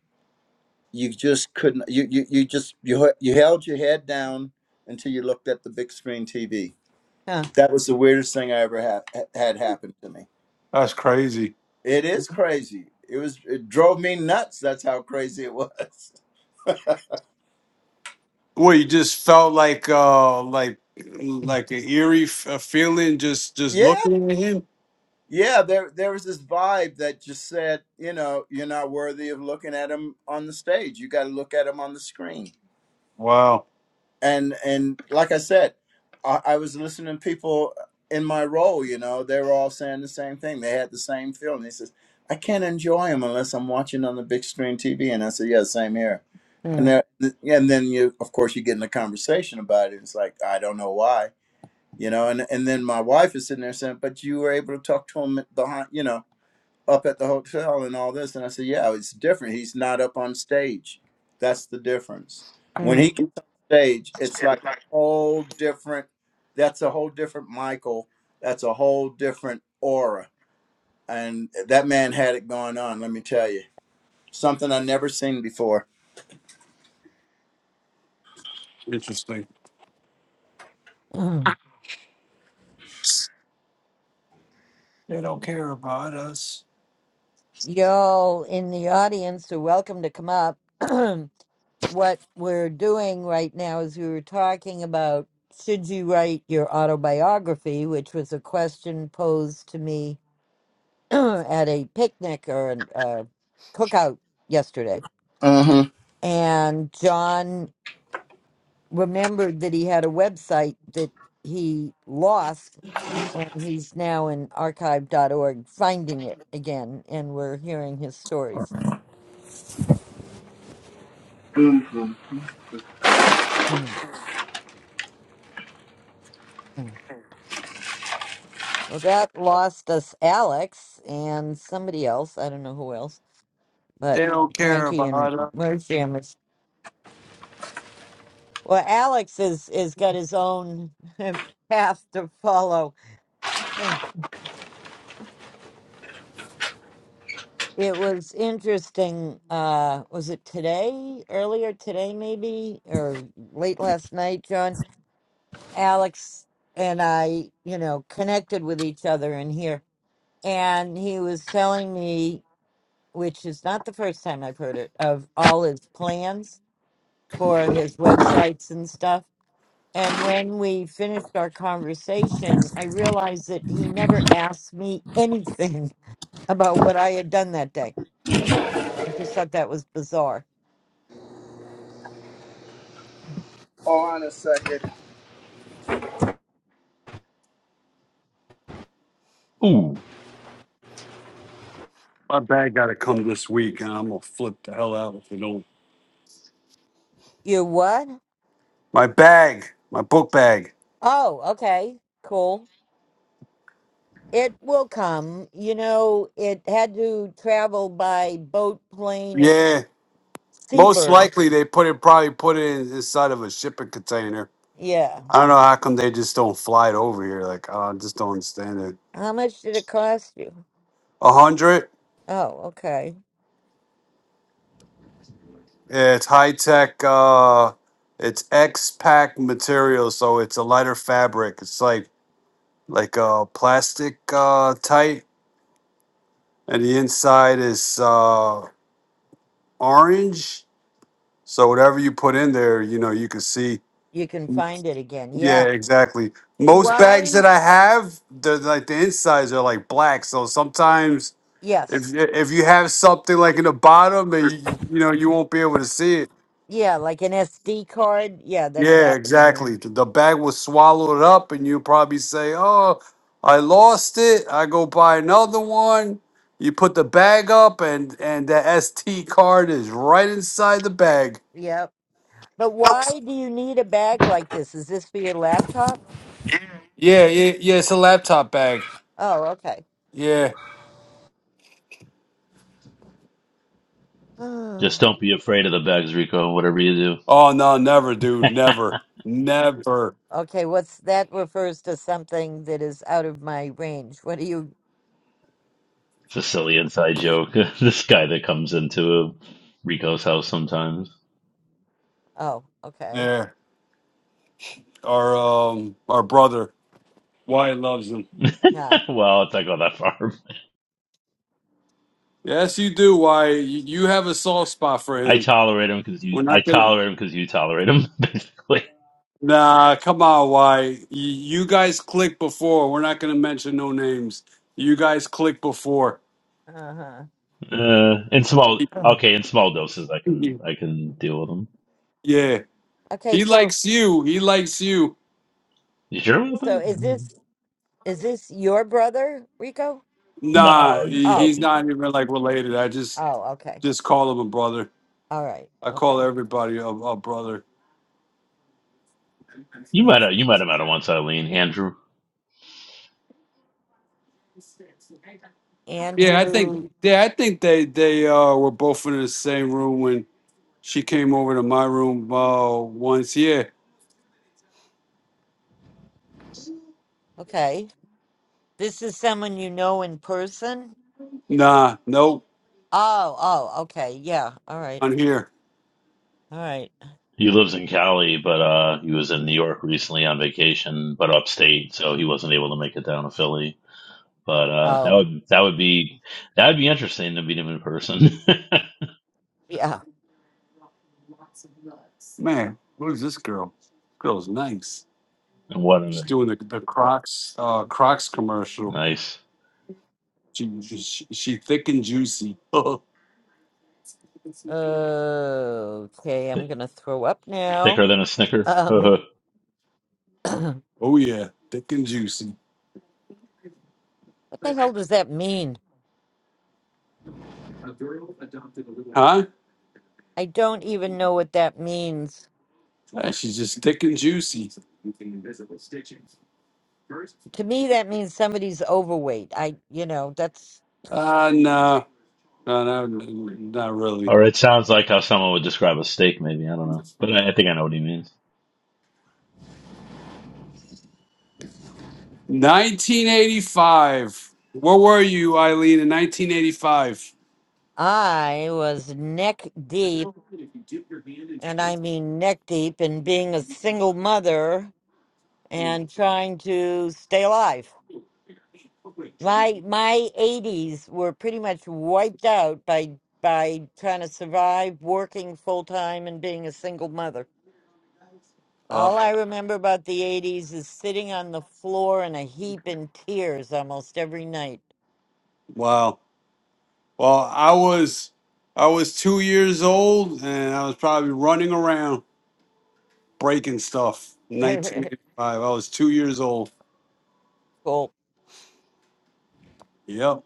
you just couldn't. You you, you just you h- you held your head down until you looked at the big screen TV. huh, That was the weirdest thing I ever had had happen to me. That's crazy. It is crazy. It was it drove me nuts. That's how crazy it was. Well, you just felt like uh like mm, like an eerie f- a feeling just just Yeah, looking at him. yeah there there was this vibe that just said you know you're not worthy of looking at him on the stage you got to look at him on the screen Wow, and and like i said I, I was listening to people in my role you know they were all saying the same thing they had the same feeling they says i can't enjoy him unless i'm watching on the big screen tv and i said yeah same here and mm, there, and then you of course you get in a conversation about it it's like i don't know why you know and and then my wife is sitting there saying but you were able to talk to him behind you know up at the hotel and all this. And I said, yeah, it's different. He's not up on stage. That's the difference. When mm. he gets on stage, it's like a whole different, that's a whole different Michael. That's a whole different aura. And that man had it going on, let me tell you. Something I never seen before. interesting. mm. They don't care about us. Y'all in the audience are welcome to come up. what we're doing right now is we were talking about should you write your autobiography, which was a question posed to me at a picnic or an- a uh, cookout yesterday. Mm-hmm. And John remembered that he had a website that he lost, and he's now in archive.org finding it again, and we're hearing his stories. Mm-hmm. Well, that lost us Alex and somebody else. I don't know who else but They don't care Frankie and about us. Mersham is well. Alex is is got his own path to follow. Mm. It was interesting. Uh, was it today? Earlier today, maybe, or late last night, John. Alex and I, you know, connected with each other in here, and he was telling me, which is not the first time I've heard it, of all his plans for his websites and stuff And when we finished our conversation, I realized that he never asked me anything about what I had done that day. I just thought that was bizarre. Hold on a second. Ooh, My bag got to come this week, and I'm gonna flip the hell out if they don't. You what? My bag, my book bag. Oh, okay. Cool. It will come. You know, it had to travel by boat, plane, Yeah, and most seabird. likely they put it probably put it in- inside of a shipping container. Yeah. I don't know how come they just don't fly it over here. Like I just don't understand it. How much did it cost you? A hundred. Oh, okay. Yeah, it's high tech. Uh, it's X pack material, so it's a lighter fabric. It's like like a plastic uh, tight, and the inside is uh, orange So whatever you put in there, you know, you can see. You can find it again. Yeah, Yeah. exactly. Most bags Why? that I have, they're like the insides are like black. So sometimes Yes. if if you have something like in the bottom, and you, you know you won't be able to see it. Yeah, like an SD card. Yeah, that's Yeah, happened to me. exactly. The the bag will swallow it up, and you probably say, "Oh, I lost it. I go buy another one." You put the bag up, and and the ST card is right inside the bag. Yep. But why do you need a bag like this? Is this for your laptop? Yeah, yeah, yeah. It's a laptop bag. Oh, okay. just don't be afraid of the bags, Rico. Whatever you do, Oh no, never, dude, it's never, never. okay, what's that refers to something that is out of my range. What do you a silly inside joke. this guy that comes into Rico's house sometimes. Oh, okay. Yeah, our um, our brother Wyatt loves him. Yeah. well, it's not go that far. Yes, you do, Wyatt. You, you have a soft spot for I him. tolerate him because you. We're I not gonna. tolerate him because you tolerate him. Basically. Nah, come on, Wyatt. You, you guys clicked before. We're not gonna mention no names. You guys clicked before. Uh-huh. Uh, in small, He- Mhm. okay, in small doses, I can he- I can deal with them. yeah, Okay, he so likes you. He likes you. You sure about so is that? this is this your brother, Rico? Nah, No, he's he, Oh. he's joking. not even like related. I just Oh, okay. just call him a brother. All right. I Okay. call everybody a, a brother. You Mm. might have you might have met him once, Eileen. Andrew. Yeah, I think Andrew. yeah, I think they they uh were both in the same room when she came over to my room uh once. Yeah. Okay. This is someone you know in person? Nah, nope, Oh, oh, okay. Yeah. All right. on here. All right. He lives in Cali, but uh, he was in New York recently on vacation, but upstate, so he wasn't able to make it down to Philly. But uh, that Oh, would that would be that would be interesting to meet him in person. yeah. Man, what is this girl? Girl's nice. what a She's doing the, the Crocs uh Crocs commercial. nice She she, she thick and juicy. oh Okay, I'm Thick, gonna throw up now. thicker than a Snicker. Um, or what yeah, thick and juicy. the hell does that mean? Huh? I don't even know what that means. Yeah, she's just thick and juicy. To me, that means somebody's overweight. I, you know, that's Uh no, no, no, not really. it sounds like how someone would describe a steak, maybe I don't know, but I, I think I know what he means. 1985. Where were you, Eileen, in 1985? I was neck deep, and I mean neck deep in being a single mother and trying to stay alive. My my 80s were pretty much wiped out by by trying to survive working full time and being a single mother. All Oh, I remember about the 80s is sitting on the floor in a heap in tears almost every night. wow. Well, I was I was two years old, and I was probably running around breaking stuff. 1985. I was two years old. Cool. Yep.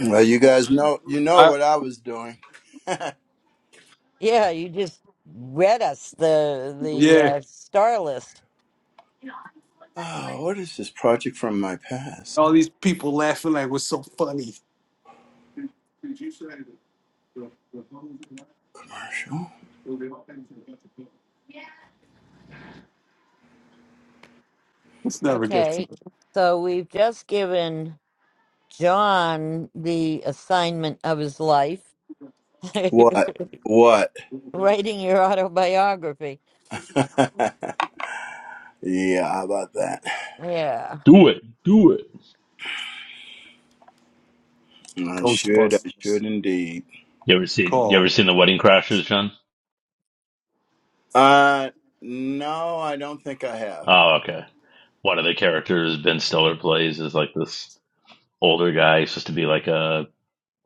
Well, you guys know, you know I what I was doing. yeah, you just read us the the yeah. uh, star list. Oh, what is this project from my past? All these people laughing like what's so funny. Commercial. It's never good. Okay. So we've just given John the assignment of his life, What? What? writing your autobiography. Yeah, how about that? Yeah. Do it, do it. I should, I should Ghostbusters. indeed. You ever seen you ever Call. seen the Wedding Crashers, John? Uh, no, I don't think I have. Oh, okay. One of the characters Ben Stiller plays is like this older guy. He's supposed to be like a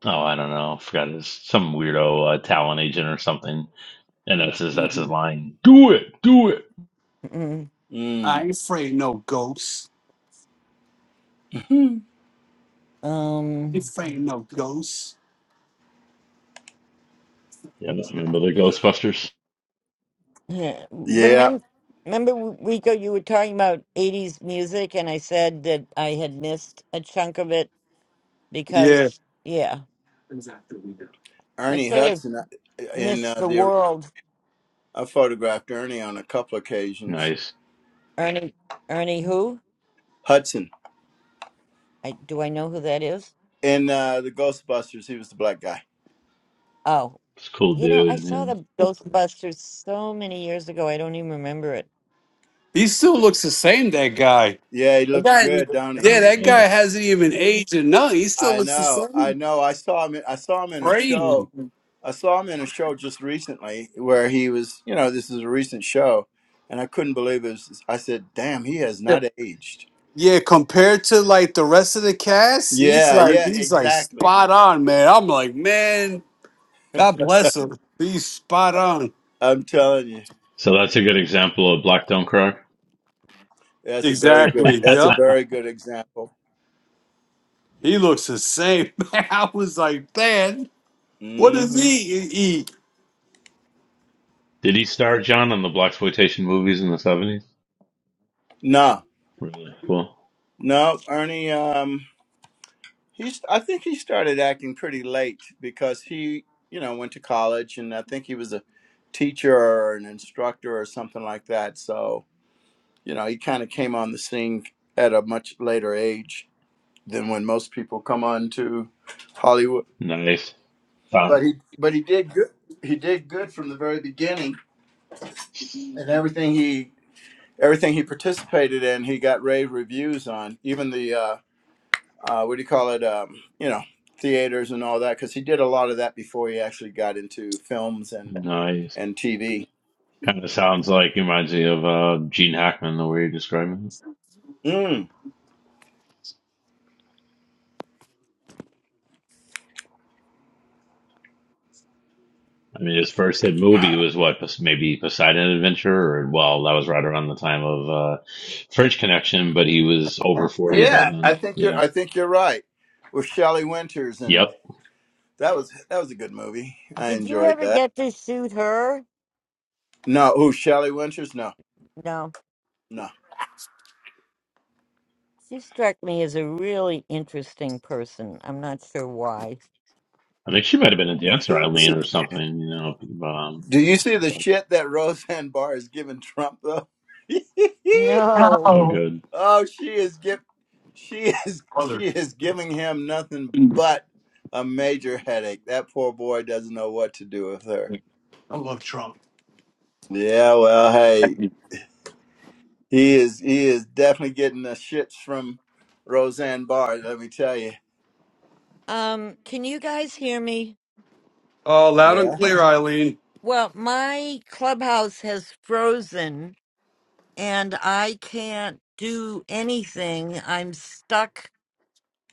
oh, I don't know, forgot his some weirdo uh, talent agent or something. And that's his that's his hmm line. Do it, do it. Mm. I Mm. ain't afraid no ghosts. I ain't Um. afraid no ghosts. Yeah, remember the Ghostbusters? Yeah. yeah, Remember, remember, Rico, you were talking about '80s music, and I said that I had missed a chunk of it Yeah. because, yeah, I Ernie sort of Hudson, uh, and missed uh, the the world. I photographed Ernie on a couple occasions. Nice. Ernie, Ernie, who? Hudson I do I know who that is? in uh, the Ghostbusters, he was the black guy. Oh, It's a cool you know, I dude. saw Yeah, the Ghostbusters so many years ago. I don't even remember it. He still Yeah, looks the same, that guy. yeah, he That looks good, guy, don't he? yeah, that guy really. hasn't even aged or nothing. He still I looks the know, I same. know. I saw him. I saw him in a Crazy. show. I saw him in a show just recently where he was. You know, this is a recent show, and I couldn't believe it. Was, I said, "Damn, he has not aged." Yeah, compared to like the rest of the cast, he's Yeah, like yeah, he's like exactly. spot on, man. I'm like, man, God bless him. He's spot on. I'm telling you, So that's a good example of Black Don't Cry. that's a very good. Exactly. That's a Yeah. very good example. He looks the same. Man, I was like, man, what does hmm he eat? Did he star John in the black movies in the seventies? No, Really cool. no, Ernie. Um, He's. I think he started acting pretty late because he, you know, went to college, and I think he was a teacher or an instructor or something like that. So you know, he kind of came on the scene at a much later age than when most people come on to Hollywood. Nice. Found But he, but he did good. He did good from the very beginning, and everything he everything he participated in, he got rave reviews on. Even the uh, uh, what do you call it? Um, you know, theaters and all that, because he did a lot of that before he actually got into films and Nice. and TV. Kind of sounds like it reminds me of uh, Gene Hackman the way you're describing it. Mm. I mean, his first hit movie was what Pos- maybe Poseidon Adventure, or well, that was right around the time of uh, French Connection, but he was over forty by Yeah, I then. think you're. Yeah. I think you're right with Shelley Winters, Yep. and that was that was a good movie. I Did you enjoyed ever that. get to shoot her? No, who Shelley Winters? No, No. no. She struck me as a really interesting person. I'm not sure why. I think she might have been a dancer, You Eileen, or see- something. You know. Um, Do you see the but- shit that Roseanne Barr is giving Trump though? No. oh, good. Oh, she is give, she is she is giving him nothing but a major headache. That poor boy doesn't know what to do with her. Yeah, well, hey, he is he is definitely getting the shits from Roseanne Barr. Let me tell you. Um, can you guys hear me? Oh, loud and Yeah. clear, Eileen. Well, my clubhouse has frozen and I can't do anything. I'm stuck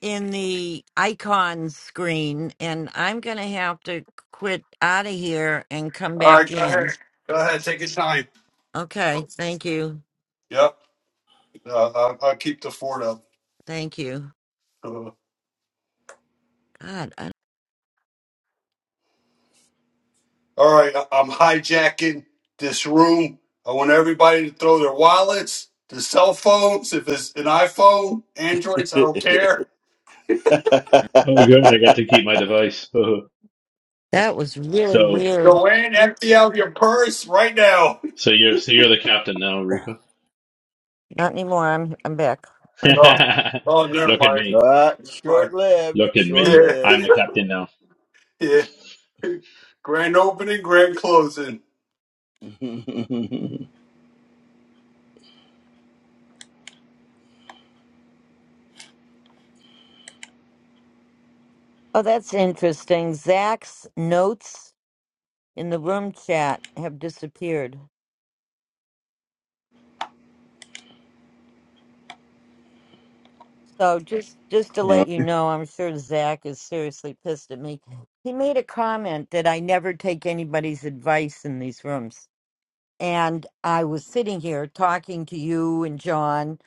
in the icon screen and I'm going to have to quit out of here and come All back right, go in. ahead. Go ahead. Take your time. Okay. Thank you. Yep. Uh, I'll, I'll keep the fort Thank you. up. God, I, All right, I- I'm hijacking this room. I want everybody to throw their wallets, their cell phones. If it's an iPhone, Androids, I don't care. Oh, good. I got to keep my device. that was really so, weird. Go in, empty out your purse right now. so you're so you're the captain now, Rico. Not anymore. I'm I'm back. Look Oh, oh, never at mind. me. well, Never short mind. lived, Look at short me. Yeah, I'm lived. the captain now. yeah. Grand opening, grand closing. Oh, that's interesting. Zach's notes in the room chat have disappeared. So just just to let you know, I'm sure Zach is seriously pissed at me. He made a comment that I never take anybody's advice in these rooms. And I was sitting here talking to you and John,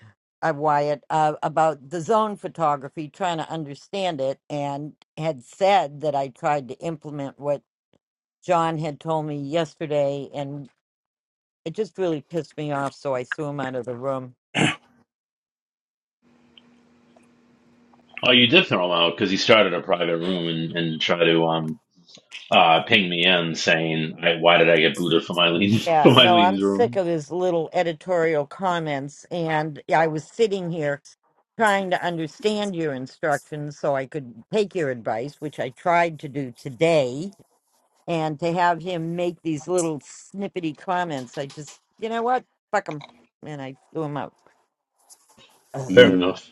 uh, Wyatt, uh, about the zone photography, trying to understand it, and had said that I tried to implement what John had told me yesterday, and It just really pissed me off, so I threw him out of the room. Oh, you did throw him out because he started a private room and, and tried to um uh ping me in saying, I, "Why did I get booted from Eileen's Yeah, from no, I'm Eileen's sick room?" of his little editorial comments. And I was sitting here trying to understand your instructions so I could take your advice, which I tried to do today. And to have him make these little snippety comments, I just, you know what? Fuck him. And I threw him out. Ugh. Fair Mm. enough.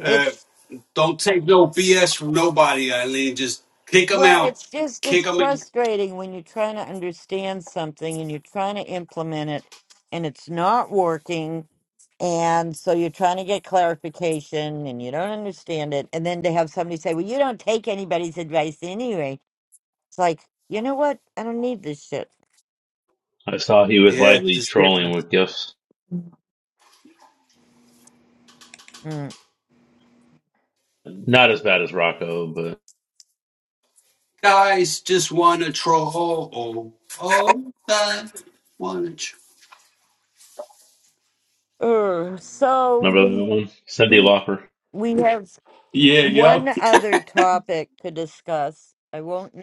Uh, It's don't take no BS from nobody, Eileen. Just kick them Well, out. it's just Kick it's them in. frustrating when you're trying to understand something and you're trying to implement it and it's not working and so you're trying to get clarification and you don't understand it and then to have somebody say, "Well, you don't take anybody's advice anyway." It's like, "You know what? I don't need this shit." I saw he was Yeah. lightly trolling with gifts. Mm. Not as bad as Rocco, but guys just wanna troll. Oh, I wanna. Tr- Uh, so remember that we one, Cindy we Lauper. we have Yeah, yeah. one other topic to discuss. I won't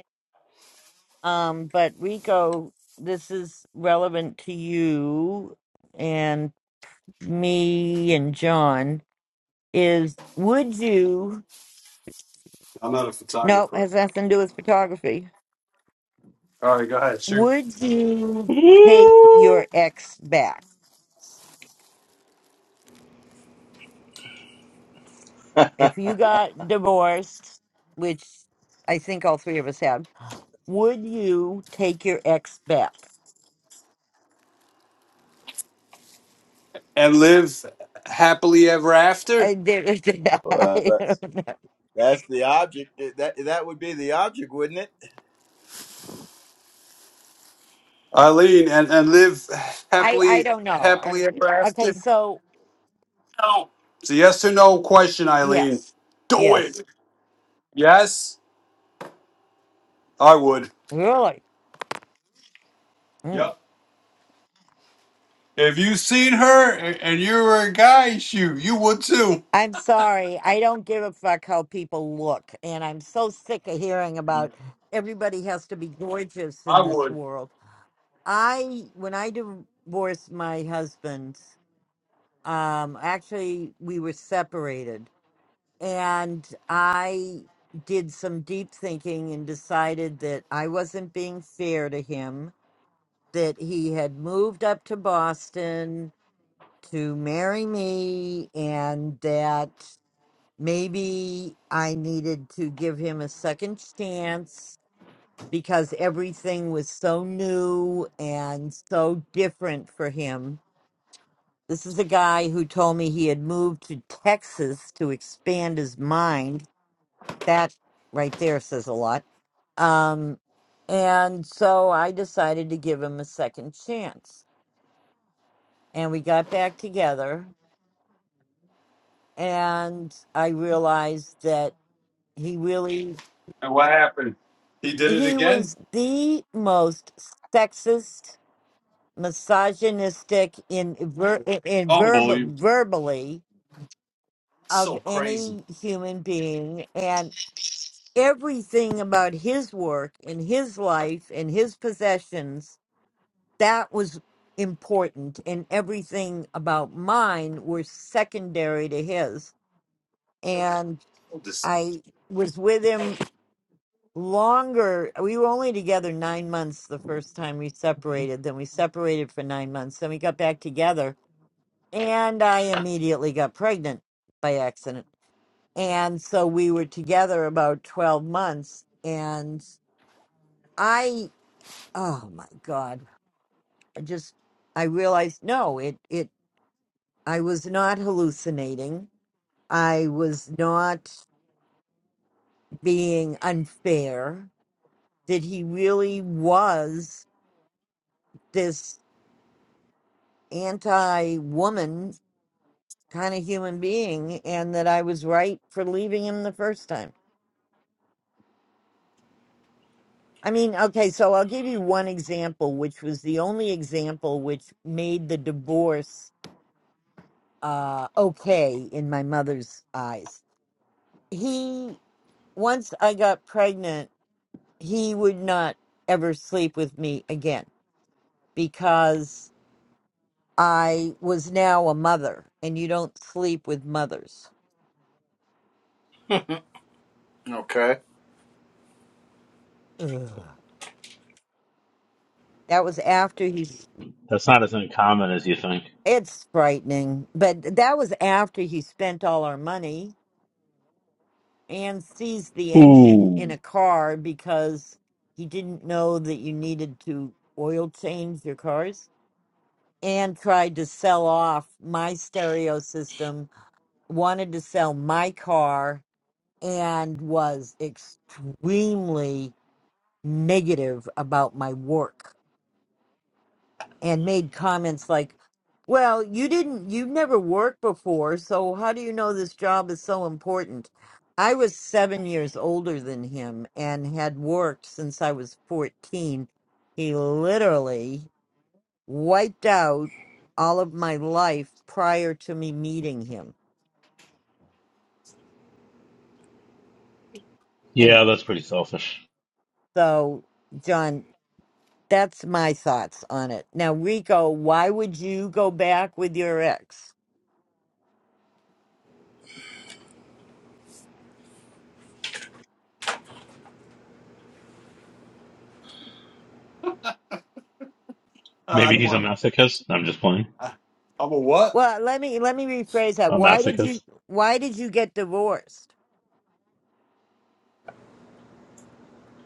Um, but Rico, this is relevant to you and me and John. Is would you? I'm not a No, photographer. has nothing to do with photography. All right, go ahead, shoot. Would you take your Ooh, ex back well, if you got divorced? Which I think all three of us have. Would you take your ex back? And live happily ever after, I, there, I that's don't know. that's the object. That that would be the object, wouldn't it? Eileen. And and live I, I happily don't know. happily I- ever after. Okay, so It's a yes or no question, Eileen. yes, Do yes. it. Yes, I would. Really? Mm. Yep. If you seen her a- and you were a guy, shoot, you would too. I'm sorry. I don't give a fuck how people look. And I'm so sick of hearing about everybody has to be gorgeous I- in this world. I, when I divorced my husband, um, actually, we were separated. And I did some deep thinking and decided that I wasn't being fair to him, that he had moved up to Boston to marry me, and that. maybe I needed to give him a second chance because everything was so new and so different for him. This is a guy who told me he had moved to Texas to expand his mind. That right there says a lot. Um, and so I decided to give him a second chance. And we got back together, and I realized that he really And what happened? He did it he again. was the most sexist, misogynistic in ver- in in Unbelievable. verb- verbally of So crazy. any human being, and everything about his work and his life and his possessions that was important, and everything about mine were secondary to his. And I was with him longer. We were only together nine months the first time we separated. Then we separated for nine months. Then we got back together. And I immediately got pregnant by accident. And so we were together about 12 months. And I, oh my God, I just, I realized no, it, it, I was not hallucinating. I was not being unfair. That he really was this anti woman kind of human being and that I was right for leaving him the first time. I mean, okay, so I'll give you one example, which was the only example which made the divorce uh, okay in my mother's eyes. He, once I got pregnant, he would not ever sleep with me again because I was now a mother and you don't sleep with mothers. Okay. Ugh. That was after he that's not as uncommon as you think. It's frightening, but that was after he spent all our money and seized the engine in Ooh, a car because he didn't know that you needed to oil change your cars and tried to sell off my stereo system, wanted to sell my car, and was extremely negative about my work. and made comments like, "Well, you didn't you never worked before, so how do you know this job is so important?" I was 7 years older than him and had worked since I was 14. He literally wiped out all of my life prior to me meeting him. yeah, Anyway, that's pretty selfish. so John, that's my thoughts on it. Now, Rico, why would you go back with your ex? Maybe he's a masochist. I'm just playing I, I'm a what? Well, let me let me rephrase that. a Why did masochist. you why did you get divorced?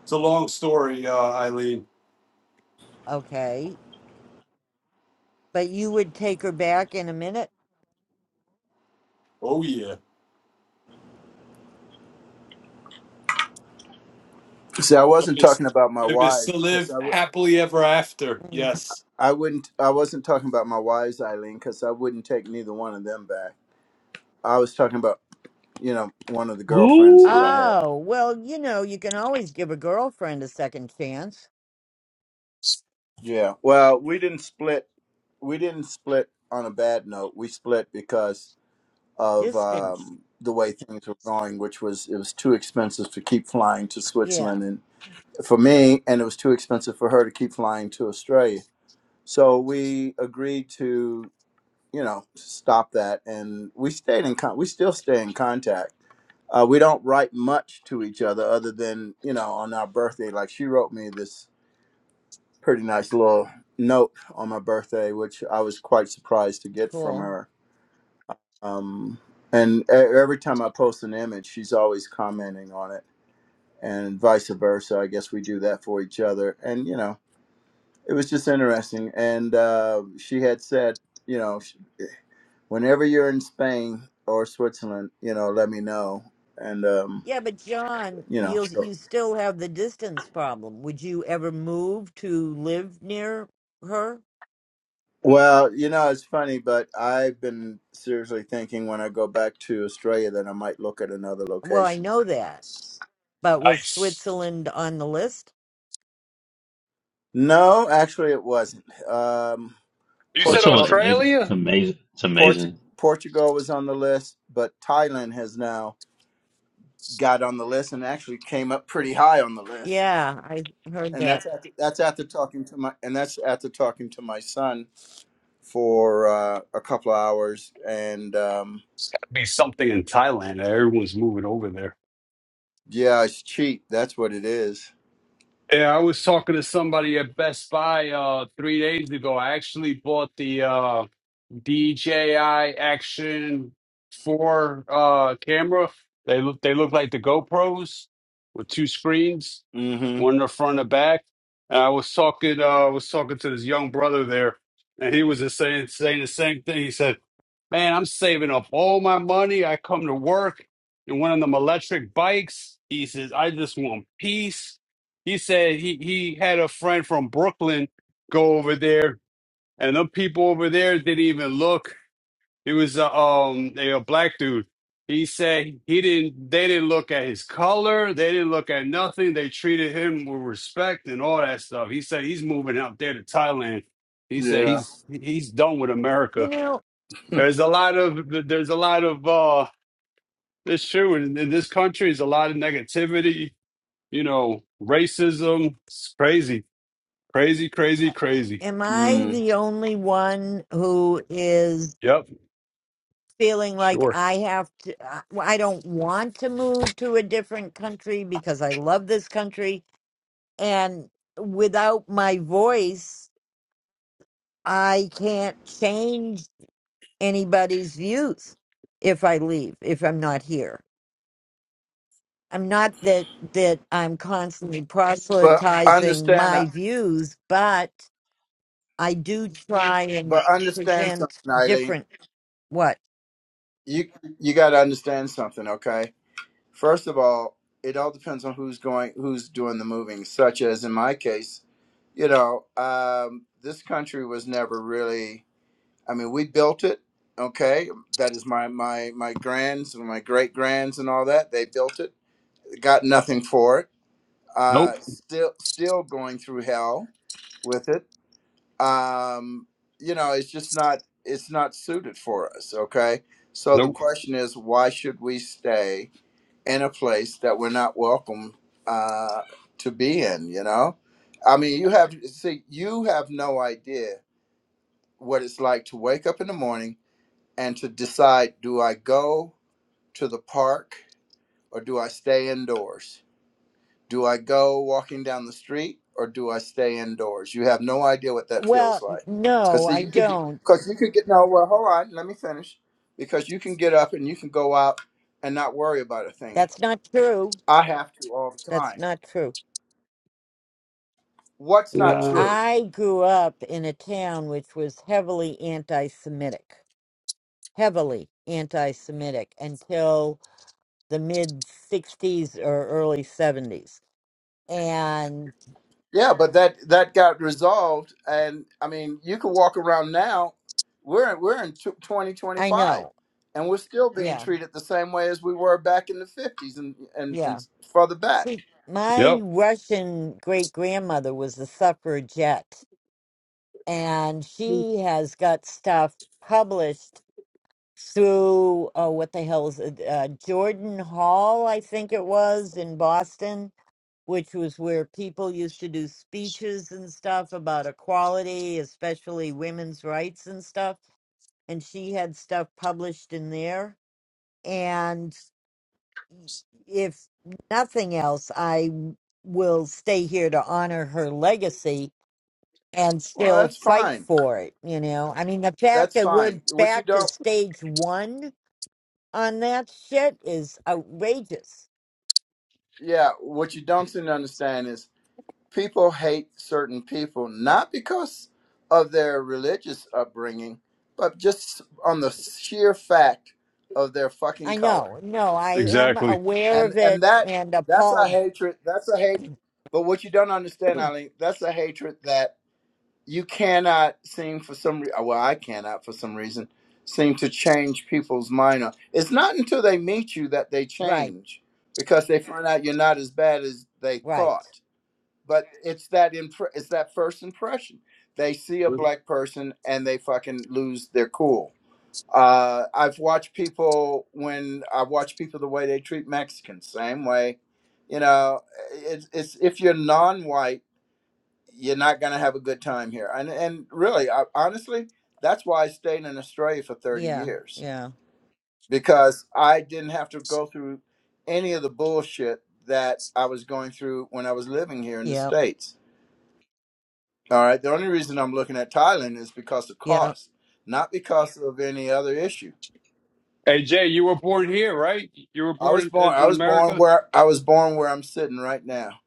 It's a long story, uh, Eileen. Okay. But you would take her back in a minute? Oh yeah. See, I If wasn't it's, talking about my if it's wives to because live I would. happily ever after, Mm. yes. I wouldn't. I wasn't talking about my wives, Eileen, because I wouldn't take neither one of them back. I was talking about, you know, one of the girlfriends that I Ooh, had. Oh, well, you know, you can always give a girlfriend a second chance. Yeah. Well, we didn't split. We didn't split on a bad note. We split because of Distance. um, the way things were going, which was it was too expensive to keep flying to Yeah, Switzerland and for me, and it was too expensive for her to keep flying to Australia. So we agreed to you know stop that and we stayed in con- we still stay in contact uh, we don't write much to each other other than you know on our birthday like she wrote me this pretty nice little note on my birthday which i was quite surprised to get from cool. her um, and e- every time i post an image she's always commenting on it and vice versa i guess we do that for each other and you know it was just interesting and uh, she had said you know whenever you're in Spain or Switzerland, you know, let me know. And um, Yeah, but John, you know, you'll you still have the distance problem. Would you ever move to live near her? well, you know, it's funny, but I've been seriously thinking when I go back to Australia that I might look at another Well, I location. know that. But was Nice. Switzerland on the list? No, actually, it wasn't. Um, You said Switzerland's Portugal, amazing. Australia? It's That'd amazing. It's Portu- amazing. Portugal was on the list, but Thailand has now got on the list and actually came up pretty high on the list. Yeah, I heard And that. that's after, that's after talking to my and that's after talking to my son for uh, a couple of hours, and um, be something in Thailand. Everyone's moving over there. yeah, it's cheap. That's what it is. Yeah, I was talking to somebody at Best Buy uh, three days ago. I actually bought the uh, DJI Action 4 uh, camera. They look they look like the GoPros with two screens, Mm-hmm. one in the front and back. And I was talking uh, I was talking to this young brother there, and he was just saying saying the same thing. He said, "Man, I'm saving up all my money. I come to work in one of them electric bikes." He says, "I just want peace." He said he he had a friend from Brooklyn go over there and them people over there didn't even look. It was a um they a black dude. He said he didn't they didn't look at his color, they didn't look at nothing. They treated him with respect and all that stuff. He said he's moving out there to Thailand. He said Yeah. he's he's done with You America. know, There's a lot of there's a lot of uh it's true in, in this country there's a lot of negativity, you know, racism. It's crazy. Crazy, crazy, crazy. Am I Mm. the only one who is Yep. feeling like Sure. I have to? I I don't want to move to a different country because I love this country. And without my voice, I can't change anybody's views if I leave, if I'm not here. I'm not that, that I'm constantly But proselytizing understand, my views, but I do try and but understand something, present Eileen. different what? You you got to understand something, okay? First of all, it all depends on who's going, who's doing the moving. Such as in my case, you know, um, this country was never really. I mean, we built it, okay? That is my my my grands, my great grands, and all that. They built it got nothing for it. Uh, Nope. still, still going through hell with it. Um, you know, it's just not it's not suited for us. Okay, so the Nope. question is, why should we stay in a place that we're not welcome uh, to be in? You know, I mean, you have see, you have no idea what it's like to wake up in the morning and to decide, do I go to the park or do I stay indoors? Do I go walking down the street or do I stay indoors? You have no idea what that feels Well, like. no, Because I you could, don't. because you could get no. Well, hold on, let me finish. Because you can get up and you can go out and not worry about a thing. That's not true. I have to all the That's time. not true. What's not Uh, true? I grew up in a town which was heavily anti Semitic, heavily anti Semitic until the mid 60s or early 70s. And Yeah, but that that got resolved, and I mean, you can walk around now. We're we're in twenty twenty I five, know. and we're still being Yeah, treated the same way as we were back in the fifties and and and yeah. further back. See, my Yep, Russian great grandmother was a suffragette, and she has got stuff published through oh what the hell is it uh, jordan hall i think it was in boston which was where people used to do speeches and stuff about equality especially women's rights and stuff and she had stuff published in there and if nothing else i will stay here to honor her legacy and Well, still that's fight fine for it you know i mean the fact that's that we're fine. What you back to don't, stage one on that shit is outrageous. yeah, what you don't seem to understand is people hate certain people not because of their religious upbringing, but just on the sheer fact of their fucking I color. know. No, I am exactly. aware And of and it that and that's a appalled. hatred. That's a hate. But what you don't understand, Eileen, that's a hatred that you cannot seem for some re- well i cannot for some reason seem to change people's mind on- it's not until they meet you that they Right, change because they find out you're not as bad as they right. thought but it's that impre- it's that first impression they see a black person and they fucking lose their cool uh, i've watched people when i watch people the way they treat mexicans same way you know it's, it's if you're non-white you're not going to have a good time here. And and really, I, honestly, that's why I stayed in Australia for 30 Yeah, years yeah, because I didn't have to go through any of the bullshit that I was going through when I was living here in the yeah, states. All right, the only reason I'm looking at Thailand is because of yeah. cost, not because of any other issue. Hey Jay, you were born here, right? You were I was born born. in, I in was born America, where I was born where I'm sitting right now.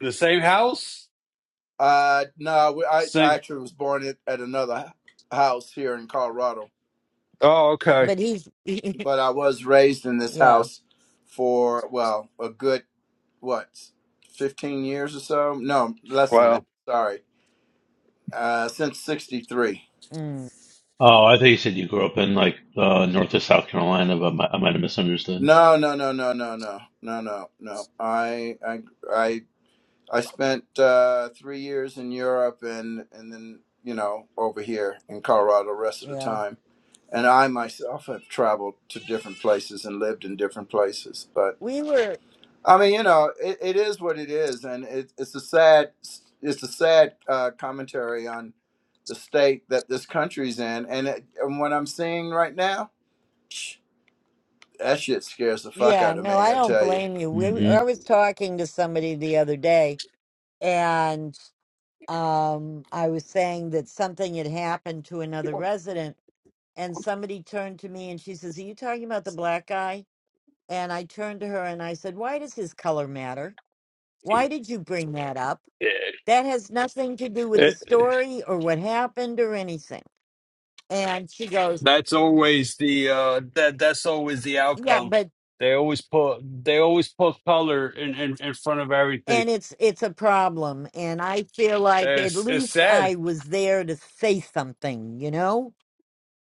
the same house, Uh, no, I, I same. actually was born at, at another house here in Colorado Oh, okay. But he's, but I was raised in this yeah, house for well a good what fifteen years or so. No, less than Wow. that. Sorry, uh, since '63. mm, Oh, I thought you said you grew up in like uh, North or South Carolina, but mi- I might have misunderstood. No, no, no, no, no, no, no, no, no. I I I I spent uh, three years in Europe and and then you know over here in Colorado the rest of the yeah. time. And I myself have traveled to different places and lived in different places, but. We were, I mean, you know, it, it is what it is, and it, it's a sad it's a sad uh, commentary on the state that this country's in, and, it, and what I'm seeing right now, psh, that shit scares the fuck yeah, out of no, me. I I don't tell you. blame you. We, hmm I was talking to somebody the other day and um, I was saying that something had happened to another resident and somebody turned to me and she says, Are you talking about the black guy? And I turned to her and I said, Why does his color matter? Why did you bring that up? Yeah. That has nothing to do with the It, story or what happened or anything. And she goes, that's always the uh that that's always the Yeah, outcome. but They always put they always put color in in, in front of everything. and it's it's a problem and I feel like at It's it's least sad. I was there to say something, you know?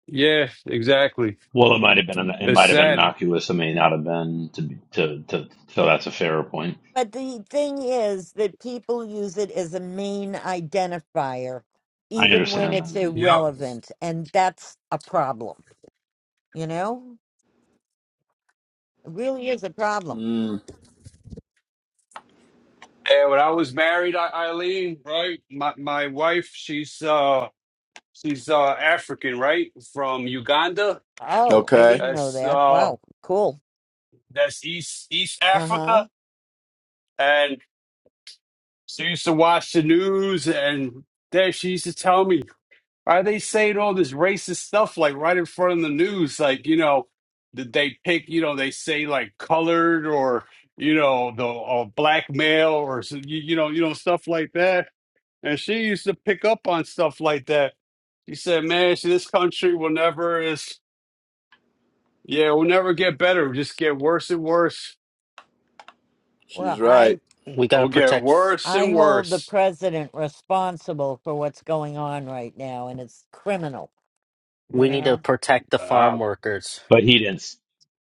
Yeah, exactly. Well, it might have been it It's might have been sad. innocuous. It may not have been to be- to to. So that's a fairer point. But the thing is that people use it as a main identifier I even when understand that, it's anyway. Yep. irrelevant and that's a problem, you know? It really is a problem. Mm, And when I was married, I, Eileen, right? My my wife, she's uh she's uh African, right? From Uganda Oh, I okay, didn't know That's that. uh, Wow, cool. that's East East Uh-huh. Africa, and she used to watch the news, and there she used to tell me, "Why are they saying all this racist stuff like right in front of the news? Like you know, did they pick? You know, they say like colored or you know the or black male or so- you, you know you know stuff like that." And she used to pick up on stuff like that. She said, "Man, she, this country will never is yeah, it will never get better. It'll just get worse and worse." Well, she's right. I we gotta It'll get protect. worse I and hold the worse. president responsible for what's going on right now, and it's criminal, you We need to know? protect the Uh, farm workers. but he didn't. s-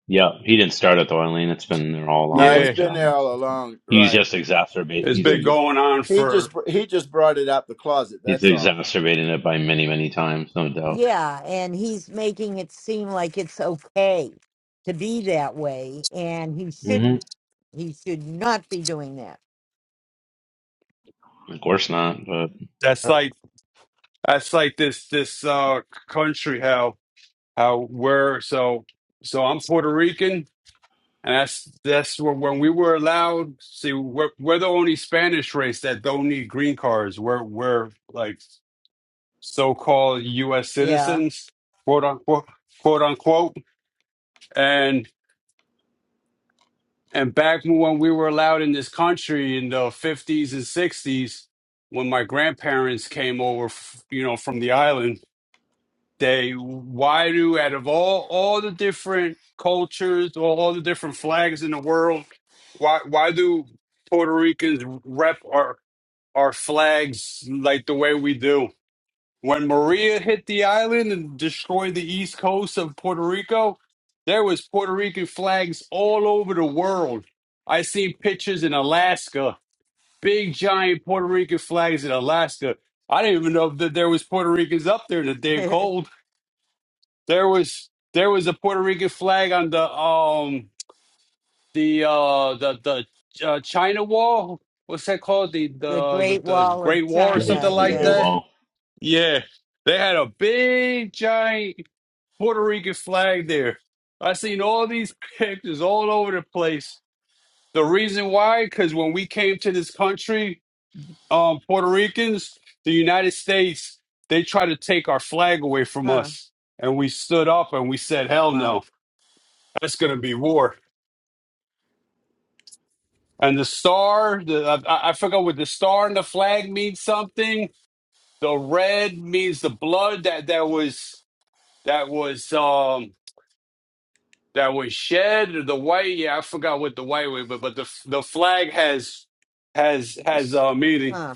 Yeah, he didn't start it though, Eileen. It's been there all No, along, it's like yeah, been there John. is. all along. He's Right. just exacerbate. it's He's He been just ex, going on he just for he just brought it out the closet. he's That's all. exacerbating it by many many times, no doubt. Yeah, and he's making it seem like it's okay to be that way, and he hmm shouldn't. He should not be doing that. Of course not, but that's Uh, like that's like this this uh country how how we're so so I'm Puerto Rican and that's that's where, when we were allowed. See, we're we're the only Spanish race that don't need green cards. We're we're like so-called U.S. Yeah. citizens, quote unquote, quote unquote, and. And back when we were allowed in this country in the 50s and 60s, when my grandparents came over, f- you know, from the island, they, why do, out of all, all the different cultures, all all the different flags in the world, why, why do Puerto Ricans rep our, our flags like the way we do? When Maria hit the island and destroyed the east coast of Puerto Rico, there was Puerto Rican flags all over the world. I seen pictures in Alaska, big giant Puerto Rican flags in Alaska. I didn't even know that there was Puerto Ricans up there in the damn cold. There was there was a Puerto Rican flag on the um the uh the the uh, China Wall. What's that called? The The the Great the Wall of Great War or something great China. the like Great Yeah. that Wall. yeah, they had a big giant Puerto Rican flag there. I seen all these pictures all over the place. The reason why, because when we came to this country, um, Puerto Ricans, the United States, they tried to take our flag away from Huh. us, and we stood up and we said, "Hell Wow. no, that's gonna be war." And the star, the I, I forgot what the star and the flag means something. The red means the blood that that was that was um that was shed the white yeah i forgot what the white was but but the the flag has has has uh meaning Huh.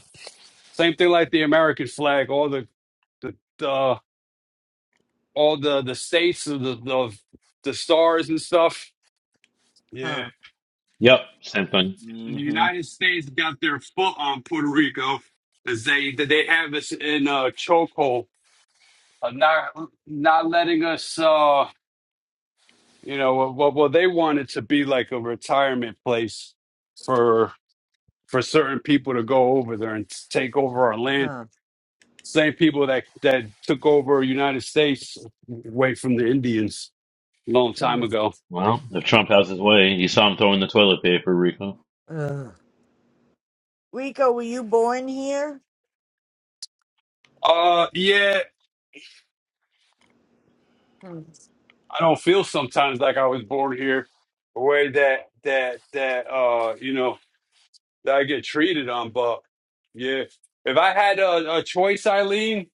same thing like the american flag all the the, the all the the states of the, the the stars and stuff yeah Huh. Yep, same thing. and the hmm united states got their foot on puerto rico as they that they have us in a chokehold of not not letting us uh you know what well, well they want it to be like a retirement place for. for certain people to go over there and take over our land. Huh. Same people that that took over United States away from the Indians a long time Mm. ago. Well, if Trump has his way, you saw him throwing the toilet paper, Rico. Ugh. Rico, were you born here? Uh, yeah, Hmm. I don't feel sometimes like I was born here, the way that that that uh you know that I get treated on. But yeah, if I had a, a choice, Eileen,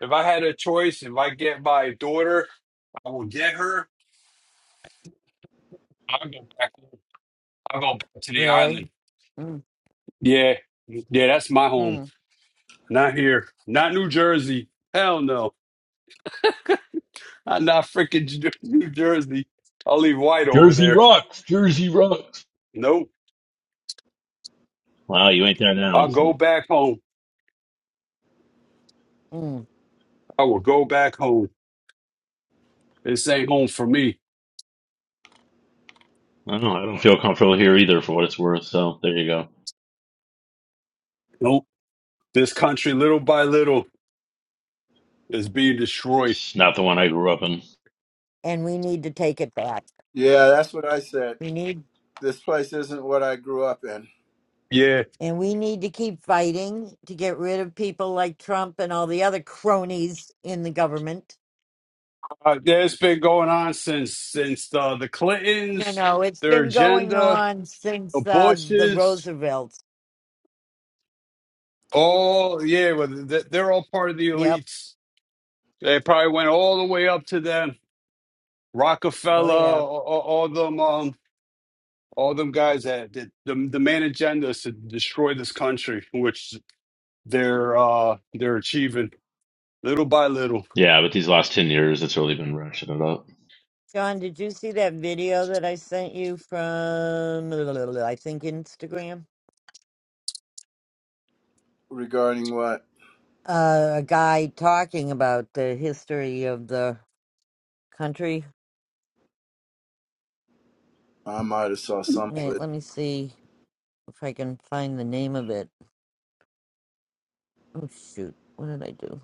if I had a choice, if I get my daughter, I will get her. I'll go back. I'll go back to the Really? island. Mm, Yeah, yeah, that's my home. mm, Not here. Not New Jersey. Hell no. I'm not freaking J- New Jersey. I'll leave white over Jersey there. rocks. Jersey rocks. Nope. Wow, you ain't there now. I'll go So back home. mm. I will go back home. This ain't home for me. I don't know. I don't feel comfortable here either, for what it's worth. So there you go. Nope. This country, little by little, is being destroyed. It's not the one I grew up in. And we need to take it back. Yeah, that's what I said. We need, This place isn't what I grew up in. Yeah. and we need to keep fighting to get rid of people like Trump and all the other cronies in the government. Uh, that's been going on since since uh, the No, Clintons, no, it's their been going agenda, on the since uh, the Bushes, Roosevelts. all, yeah, well, th- they're all part of the Yep. elites. They probably went all the way up to them Oh, Rockefeller, yeah. all, all all them, um, all them guys that, that the the main agenda is to destroy this country, which they're uh they're achieving little by little. Yeah, but these last ten years, it's really been ratcheted up. John, did you see that video that I sent you from, I think, Instagram? Regarding what Uh, a guy talking about the history of the country. I might have saw some of it. Wait, let me see. if I can find the name of it. Oh shoot, what did I do?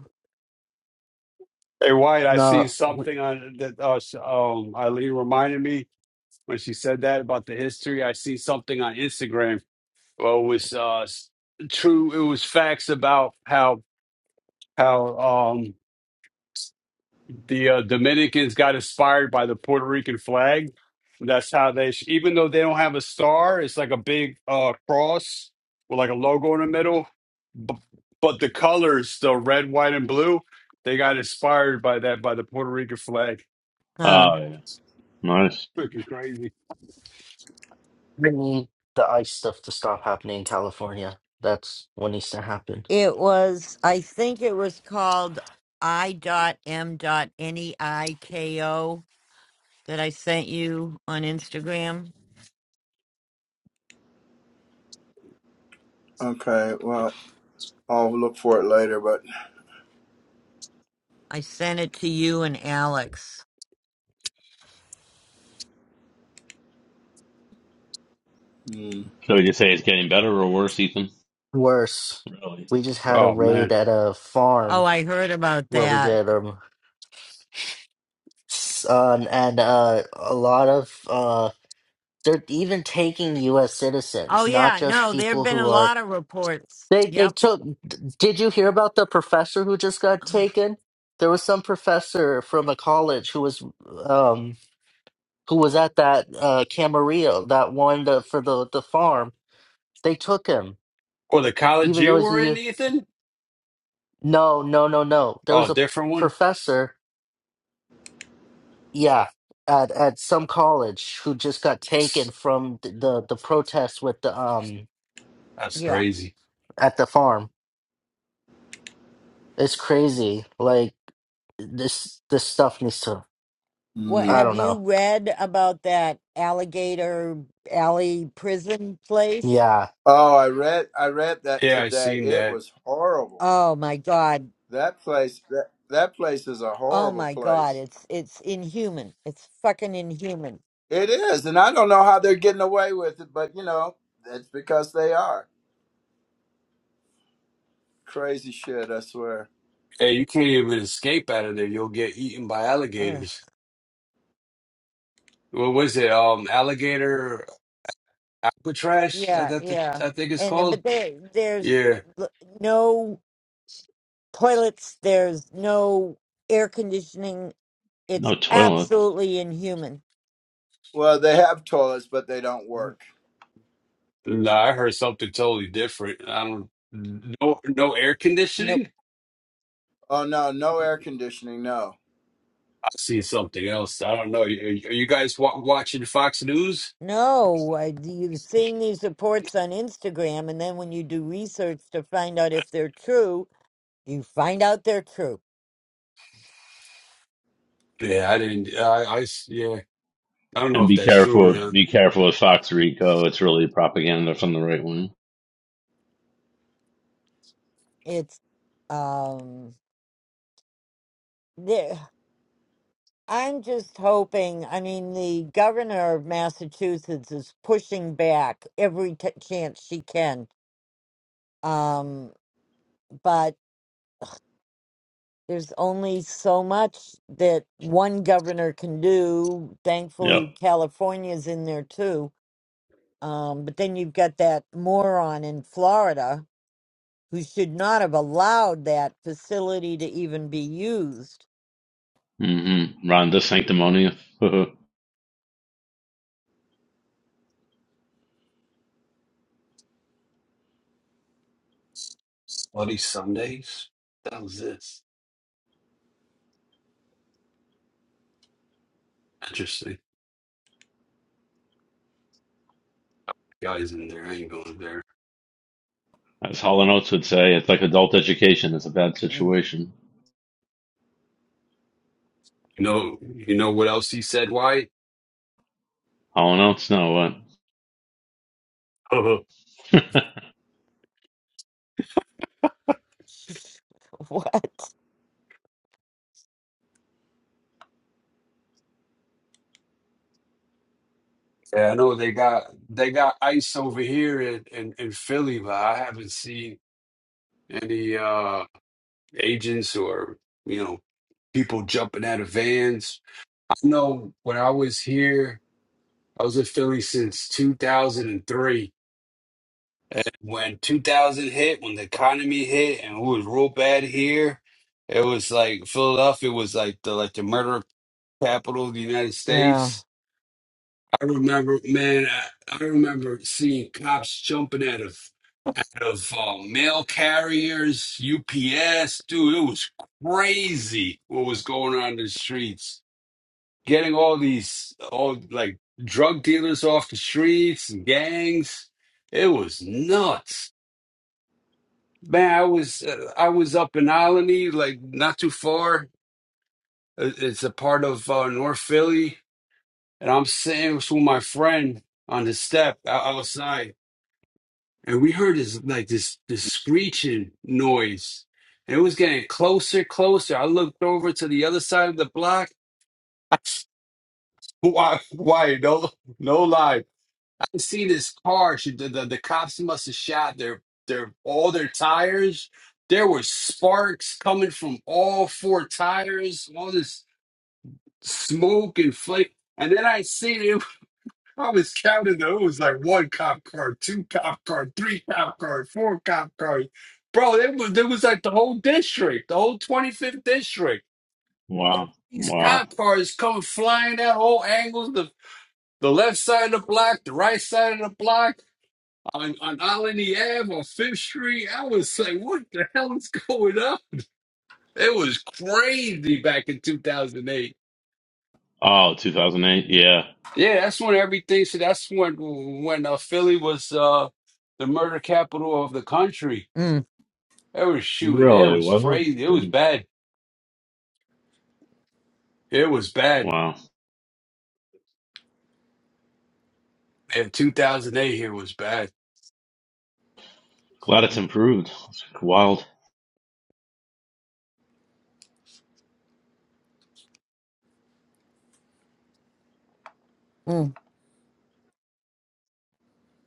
Hey, White, I see no. something on that. Uh, s- um, Eileen reminded me when she said that about the history. I see something on Instagram. Well, it was uh s- true. It was facts about how how um the uh, Dominicans got inspired by the Puerto Rican flag. That's how they, sh- even though they don't have a star, it's like a big uh, cross with like a logo in the middle. B- but the colors, the red, white, and blue, they got inspired by that by the Puerto Rican flag. Huh. Oh yeah, nice. Freaking crazy. We need the ice stuff to stop happening in California. That's what needs to happen. It was I think it was called I dot M dot N E I K O that I sent you on Instagram. Okay, well, I'll look for it later. But I sent it to you and Alex. mm, So would you say it's getting better or worse, Ethan? Worse, Really? we just had a Oh raid man. at a Oh, farm I heard about where we that. get um son and uh a lot of uh they're even taking U.S. Oh citizens, not yeah, just no, there have people been a who are lot of reports. they they Yep. took. d- Did you hear about the professor who just got taken? There was some professor from a college who was um who was at that uh Camarillo, that one the, for the the farm They took him, Or the college even though you he's a were in, youth. Ethan? No, no, no, no. There Oh, was a different one. professor, yeah, at at some college who just got taken from the the, the protest with the um That's Yeah. crazy. at the farm. It's crazy. Like this this stuff needs to. What mm. I have don't you know. read about that alligator alley prison place? Yeah, oh, I read I read that Yeah, I today. seen It that. was horrible. Oh my god. That place that that place is a Oh horrible my God, place. it's it's inhuman. It's fucking inhuman. It is, and I don't know how they're getting away with it, but you know that's because they are crazy shit. I swear. Hey, you can't even escape out of there. You'll get eaten by Ugh. alligators. What was it? Um, alligator. Alcatraz, I, Yeah, that, that, yeah. I think it's And uh, called. but there there's Yeah, l- no toilets, there's no air conditioning. It's No toilet. absolutely inhuman. Well, they have toilets, but they don't N- work. no, I heard something totally different. I don't no no air Nope. conditioning. Oh no, no air conditioning. No. I see something else. I don't know. Are, you are you guys wa watching Fox News? No, I, you're seeing these reports on Instagram, and then when you do research to find out if they're true, you find out they're true. Yeah, I didn't. I, I s- yeah. I don't know And if be that's true or careful. not. Be careful with Fox Rico. It's really propaganda from the right wing. It's um there. I'm just hoping. I mean, the governor of Massachusetts is pushing back every t- chance she can. Um, but there's only so much that one governor can do. Yep. Thankfully, California's in there too. Um, but then you've got that moron in Florida who should not have allowed that facility to even be used. Mm-hmm. Rhonda sanctimonious. Bloody Sundays. That was this interesting. Guys in there, I ain't going there. As Hall and Oates would say, it's like adult education. It's a bad Mm. situation. You know, you know what else he said? Why? Hall and Oates, no Uh-huh. what? what? Yeah, I know they got they got ice over here in in, in Philly, but I haven't seen. any uh agents or you know people jumping out of vans. I know when I was here, I was in Philly since 2003. And three. And when 2000 hit, when the economy hit, and it was real bad here, it was like Philadelphia was like the like the murder capital of the United Yeah. States. I remember, man, I, I remember seeing cops jumping out of of um, mail carriers, UPS. Dude, it was crazy what was going on in the streets. Getting all these, all like drug dealers off the streets and gangs. It was nuts, man. I was uh, I was up in Alany, like not too far. It- It's a part of uh, North Philly, and I'm sitting with my friend on the step o- outside and we heard this like this this screeching noise and it was getting closer closer i looked over to the other side of the block why why no no lie i see this car she, the, the, the cops must have shot their their all their tires there were sparks coming from all four tires all this smoke and flame and then i see it. I was counting those like one cop car, two cop car, three cop cars, four cop cars. Bro, it was it was like the whole district, the whole 25th district. wow, These wow. cop cars come flying out all angles, the the left side of the block, the right side of the block, on on Alany Ave, on Fifth Street. I was like, what the hell is going on? It was crazy back in 2008. Oh, 2008. Yeah, Yeah, that's when everything. So that's when when uh, Philly was uh, the murder capital of the country. Mm. It was shooting. It really was wasn't. crazy. It was Then bad. It was bad. wow. And 2008 here was bad. Glad it's improved. It's wild.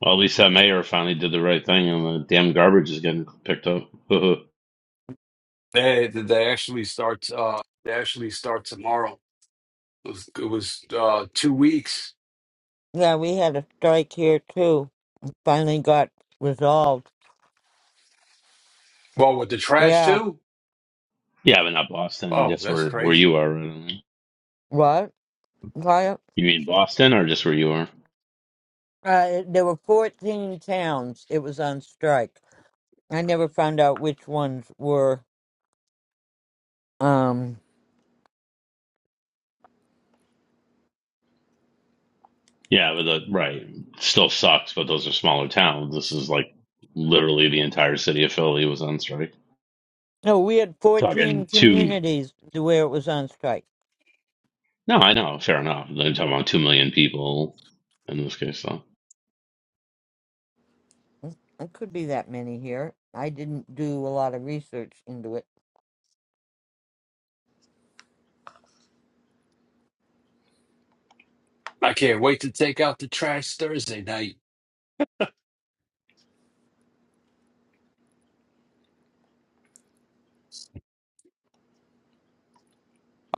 Well, at least that mayor finally did the right thing, and the damn garbage is getting picked up. yeah, They, they actually starts. Uh, they actually start tomorrow. It was, it was uh, two weeks. Yeah, we had a strike here too. Finally got resolved. Well, with the trash Yeah. too. but not Boston. Oh, Just that's where where you crazy. are. Right? What? Why? Uh, You mean Boston, or just where you are? it- there were 14 towns it was on strike. I never found out which ones were. Um, Yeah, but the, right still sucks. But those are smaller towns. This is like literally the entire city of Philly was on strike. no, we had 14 Talking two. communities where it was on strike. No, I know. Fair enough. They're talking about two million people in this case, though. Mm, It could be that many here. I didn't do a lot of research into it. I can't wait to take out the trash Thursday night.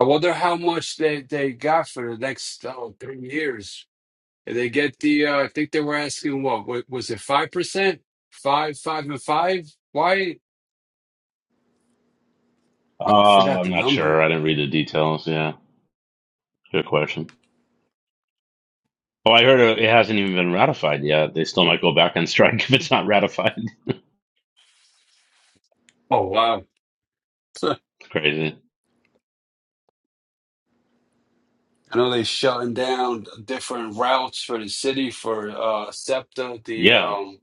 I wonder how much they, they got for the next oh, three years. they get the, uh, I think they were asking what, wa- was it 5%? Five, five, and five? Why? Uh, Forgot I'm the not number. sure. I didn't read the details. Yeah, good question. Oh, I heard it it hasn't even been ratified yet. They still might go back on strike if it's not ratified. Oh, wow. I Crazy. know they shutting down different routes for the city for uh, SEPTA, the Yeah, um,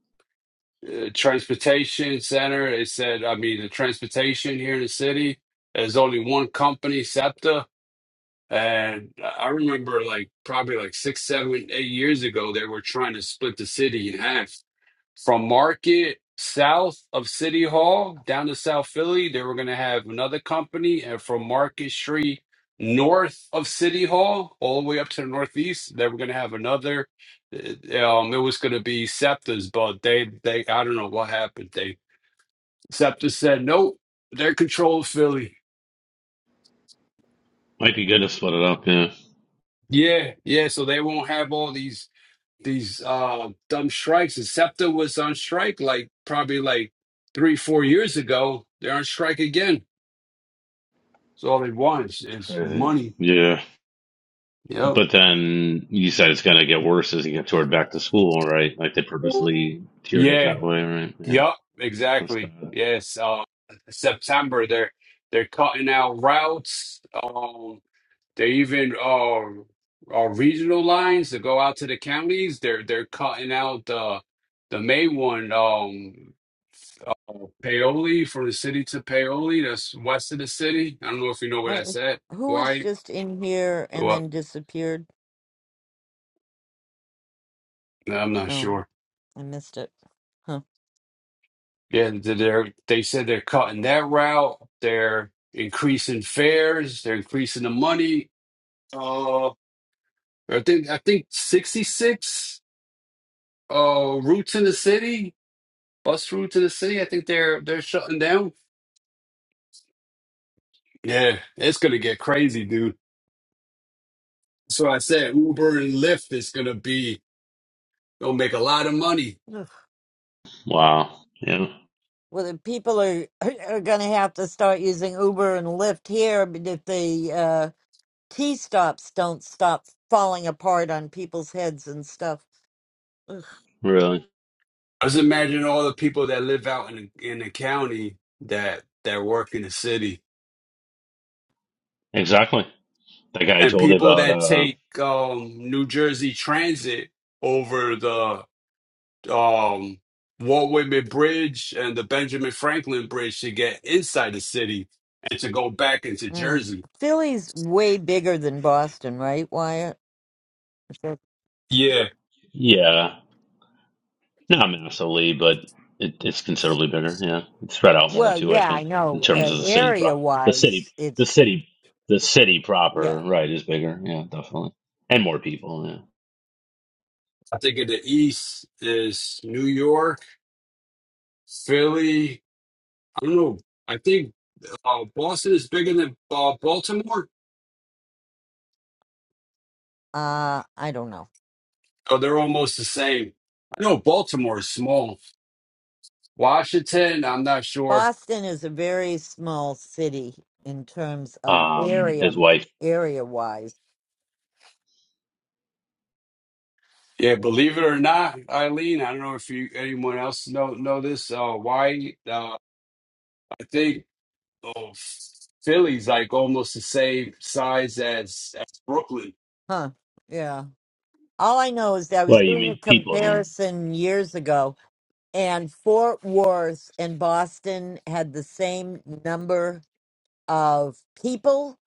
uh, transportation center. They said, I mean, the transportation here in the city, there's only one company, SEPTA. And I remember like probably like six, seven, eight years ago, they were trying to split the city in half From Market south of City Hall down to South Philly, they were going to have another company. And from Market Street north of City Hall, all the way up to the Northeast, they were going to have another. Uh, Um, it was going to be Scepter's, but they, they, I don't know what happened. They, Scepter said, nope, they're controlled Philly. might be good to split it up. Yeah, it's Yeah, yeah. So they won't have all these these uh dumb strikes. And Scepter was on strike like probably like three, four years ago. They're on strike again. So all they want is, is crazy. money. Yeah, Yep. but then you said it's gonna get worse as you get toward back to school, right? Like they purposely tiered it Yeah. that way, right? Yeah, Yep. that's Exactly. bad. Yes. Uh, September they're they're cutting out routes. Um, they even uh, uh regional lines that go out to the counties. They're they're cutting out the the main one. Um, uh, Paoli from the city to Paoli. That's west of the city. I don't know if you know what Wait, that's at. who was Why? just in here and Well, then disappeared? I'm not Oh, sure. I missed it. Huh. Yeah, And they're they said they're cutting that route. They're increasing fares. They're increasing the money. Uh, I think I think sixty six uh routes in the city, bus routes in the city. I think they're they're shutting down. Yeah, it's gonna get crazy, dude. So I said Uber and Lyft is gonna be gonna make a lot of money. Wow. Yeah, Well, the people are are going to have to start using Uber and Lyft here b- if the uh, T stops don't stop falling apart on people's heads and stuff. Ugh. really. Just imagine all the people that live out in in the county that that work in the city Exactly. That guy I and told you people about, that uh, take um, New Jersey Transit over the um, Walt Whitman Bridge and the Benjamin Franklin Bridge to get inside the city and to go back into Mm. Jersey. Philly's way bigger than Boston, right, Wyatt? Is that- Yeah, yeah, not massively, but it, it's considerably bigger. Yeah, it's spread out more Well, too, I yeah, I think, in know. terms Uh, of the city pro, area the city, wise, the it's city, the city proper, yeah. right, is bigger. Yeah, definitely, and more people. I think in the east is New York, Philly. I don't know. I think uh, Boston is bigger than uh, Baltimore. Uh, I don't know. Oh, they're almost the same. I know Baltimore is small. Washington, I'm not sure. Boston is a very small city in terms of Yeah, um, his area wife. area wise, Yeah, believe it or not, Eileen, I don't know if you anyone else know know this. Uh, why? Uh, I think oh, Philly's like almost the same size as, as Brooklyn. huh? Yeah. All I know is that I was Well, you doing a mean people? You mean, comparison years ago, and Fort Worth and Boston had the same number of people,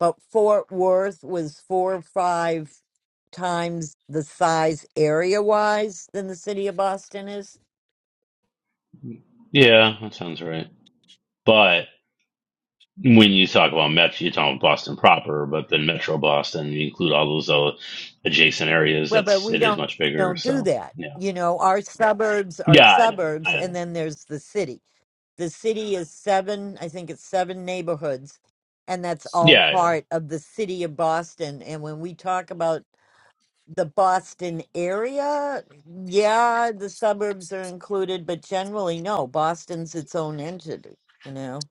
but Fort Worth was four or five times the size area wise than the city of Boston is. yeah, that sounds right. But when you talk about metro, you're talking about Boston proper, but then Metro Boston, you include all those uh, adjacent areas. Well, but That's we it is don't much bigger. don't do So that. yeah. You know, our suburbs are Yeah, I know. I suburbs, know. and then there's the city. The city is seven, I think it's seven neighborhoods, and that's all Yeah, yeah. part of the city of Boston. And when we talk about the Boston area, yeah, the suburbs are included, but generally, no, Boston's its own entity, you know?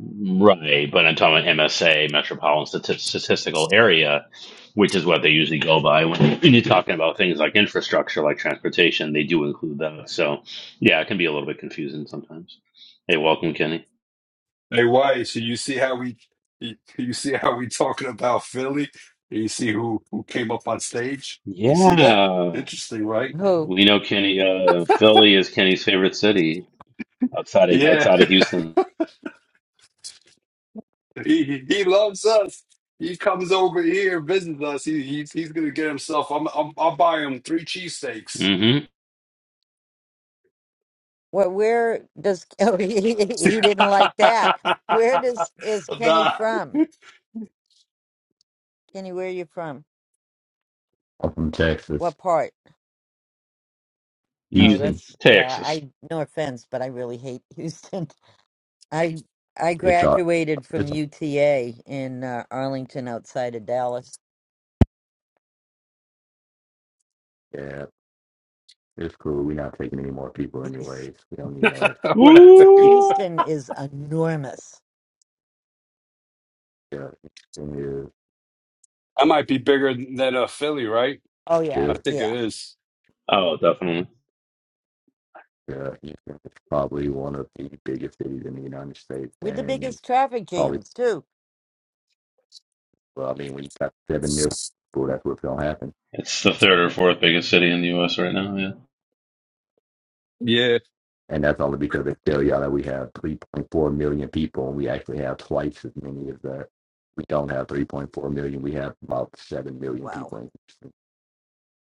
right. But I'm talking about MSA, Metropolitan Stati- Statistical Area, which is what they usually go by when, when you're talking about things like infrastructure, like transportation. They do include that. So, yeah, it can be a little bit confusing sometimes. Hey, welcome, Kenny. Hey, why? So you see how we you you see how we talking about Philly? You see who who came up on stage? You see that? Yeah, Interesting, right? Who? we know Kenny. Uh, Philly is Kenny's favorite city outside of Yeah, outside of Houston. he he loves us. He comes over here, visits us. He, he's he's gonna get himself. I'm I'm I'll buy him three cheesesteaks. Mm-hmm. Where, where does, oh, he, he he didn't like that. Where does, is Kenny Nah. from? Kenny, where are you from? I'm from Texas, What part? Oh, Houston, Houston. that's, yeah, Texas. I, no offense, but I really hate Houston. I I It's all, graduated from it's UTA in uh, Arlington, outside of Dallas. yeah, it's cool. We're not taking any more people anyways. We don't need no extra. what I think. Ooh. Houston is enormous. Houston is I might be bigger than uh, Philly, right? Oh yeah, I is think it yeah, is. Oh, definitely. uh, Houston is probably one of the biggest cities in the United States, with the and biggest traffic probably jams too. well, I mean, when you got seven million people, that's what's gonna happen. It's the third or fourth biggest city in the U.S. right now. Yeah. Yeah. And that's only because they tell y'all that we have 3.4 million people, and we actually have twice as many as that. We don't have 3.4 million. We have about 7 million Wow. people in Houston.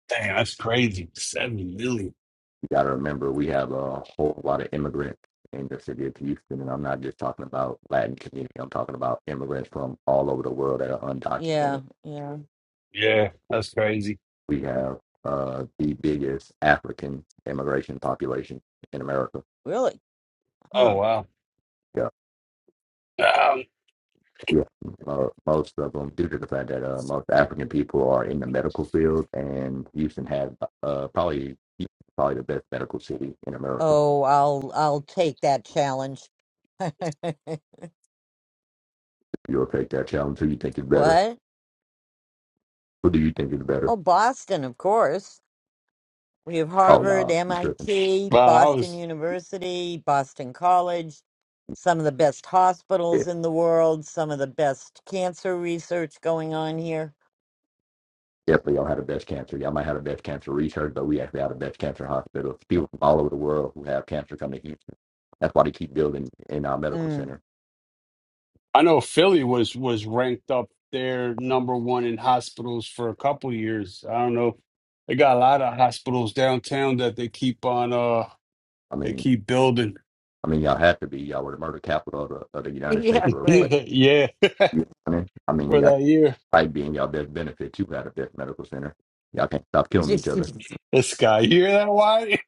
Dang, that's crazy. Seven million. You got to remember, we have a whole lot of immigrants in the city of Houston, and I'm not just talking about Latin community. I'm talking about immigrants from all over the world that are Yeah, undocumented. yeah, Yeah, that's crazy. We have uh, the biggest African immigration population in America. really? Oh Huh? wow. Yeah, Um, yeah. Mo- most of them, due to the fact that uh, most African people are in the medical field, and Houston has uh, probably probably the best medical city in America. Oh, I'll I'll take that challenge. You'll take that challenge. Who you think is better? what? Who do you think is better? Oh, Boston, of course. We have Oh Harvard, no, you tripping. MIT, wow, I Boston was. University, Boston College, some of the best Yeah, hospitals in the world, some of the best cancer research going on here. Definitely, y'all had a breast cancer. Y'all might have a breast cancer research, but we actually have a breast cancer hospital. People from all over the world who have cancer come to Houston. That's why they keep building in our medical Mm. center. I know Philly was was ranked up there number one in hospitals for a couple years. I don't know. They got a lot of hospitals downtown that they keep on. Uh, I they mean, keep building. I mean, y'all have to be. Y'all were the murder capital of the, of the United States Yeah, for. But right. yeah, you know what I mean, I mean, for y'all that year. might be in y'all best benefit too. Had a best medical center. Y'all can't stop killing each other. This guy, you hear that? Why?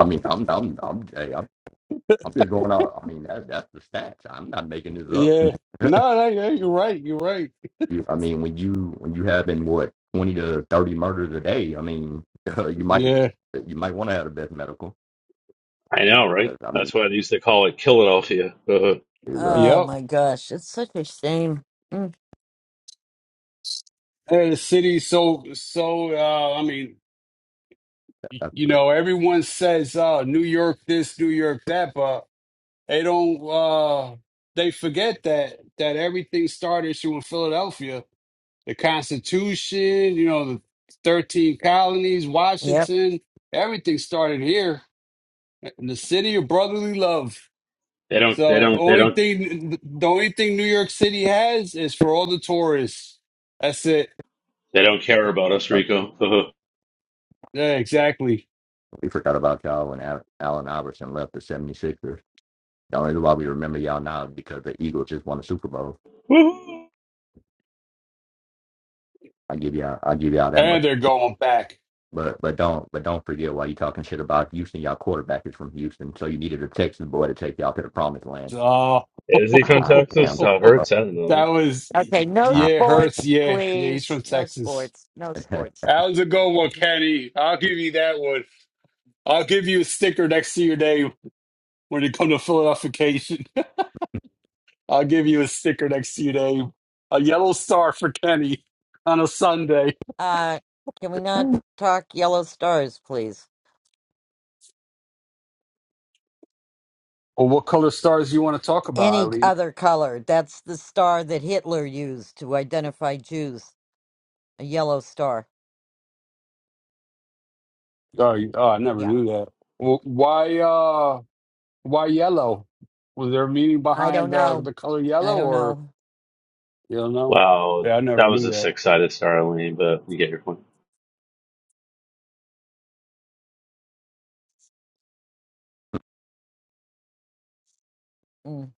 I mean, I'm, I'm, I'm, hey, I'm, I'm just going out. I mean, that, that's the stats. I'm not making this up. yeah. No, no, yeah, you're right. You're right. You- I mean, when you when you having what twenty to thirty murders a day, I mean, you might Yeah. you might want to have the best medical. I know, right? 'Cause, I mean, That's why they used to call it Philadelphia. Uh-huh. is, uh, Oh Yep. my gosh, it's such a shame. Mm. And the city so so uh I mean, y- that's- you know, everyone says uh New York this, New York that, but they don't uh they forget that that everything started issue in Philadelphia. The Constitution, you know, the thirteen colonies, Yep. Washington, everything started here in the city of brotherly love. They don't, they So don't, they only don't, thing the only thing New York City has is for all the tourists. That's it. they don't care about us, that's- Rico. Uh-huh. Yeah, exactly. we forgot about y'all when Al- Allen Iverson left the 76ers. The only reason why we remember y'all now is because the Eagles just won the Super Bowl. Woo-hoo. I give y'all, I give y'all that much. And they're going back. But but don't but don't forget why you talking shit about Houston. Y'all quarterback is from Houston, so you needed a Texas boy to take y'all to the promised land. Oh, Is he Ah, from ah, Texas? damn. Uh, Uh, Hurts, I don't that know. was, Okay, no ah, yeah, Hurts. sports, Yeah, yeah, he's please. from No Texas. sports. No sports. That was a good one, Kenny. I'll give you that one. I'll give you a sticker next to your name when it comes to Philadelphication. I'll give you a sticker next to your name. A yellow star for Kenny on a Sunday. Uh, can we not talk yellow stars, please? Well, what color stars do you want to talk about, any Eileen? other color. That's the star that Hitler used to identify Jews, a yellow star. Oh, you- oh I never Yeah. knew that. Well, why, uh, why yellow? Was there a meaning I don't behind the, know. the color I yellow, don't or know. You don't know? Wow, Yeah, I never that was knew a that. six-sided star, Lane, but you get your point. Mm.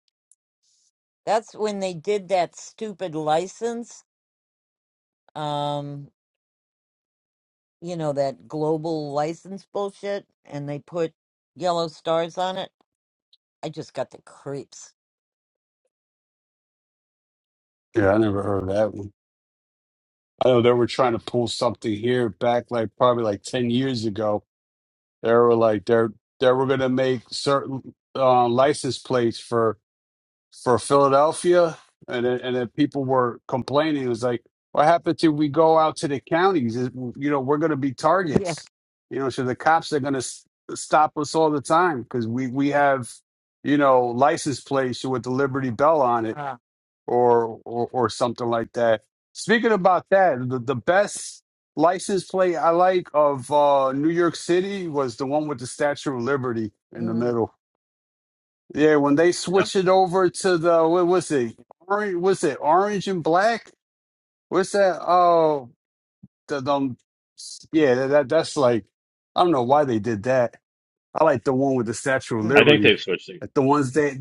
That's when they did that stupid license, um, you know, that global license bullshit, and they put yellow stars on it. I just got the creeps. Yeah, I never heard of that one. I know they were trying to pull something here back like probably like 10 years ago. They were like they're they were gonna make certain uh, license plates for for Philadelphia and then, and then people were complaining. It was like, what happened to we go out to the counties? Is- You know, we're gonna be Yeah. targets. You know, so the cops are gonna s- stop us all the time because we we have you know license plates with the Liberty Bell on it Uh, or or, or something like that. Speaking about that, the, the best license plate I like of uh, New York City was the one with the Statue of Liberty in the mm, middle. Yeah, when they Yeah, switch it over to the what was it? Orange was it orange and black? What's that? Oh, the, the yeah, that, that that's like I don't know why they did that. I like the one with the Statue of I hmm. think Liberty. they've switched. It. Like the ones they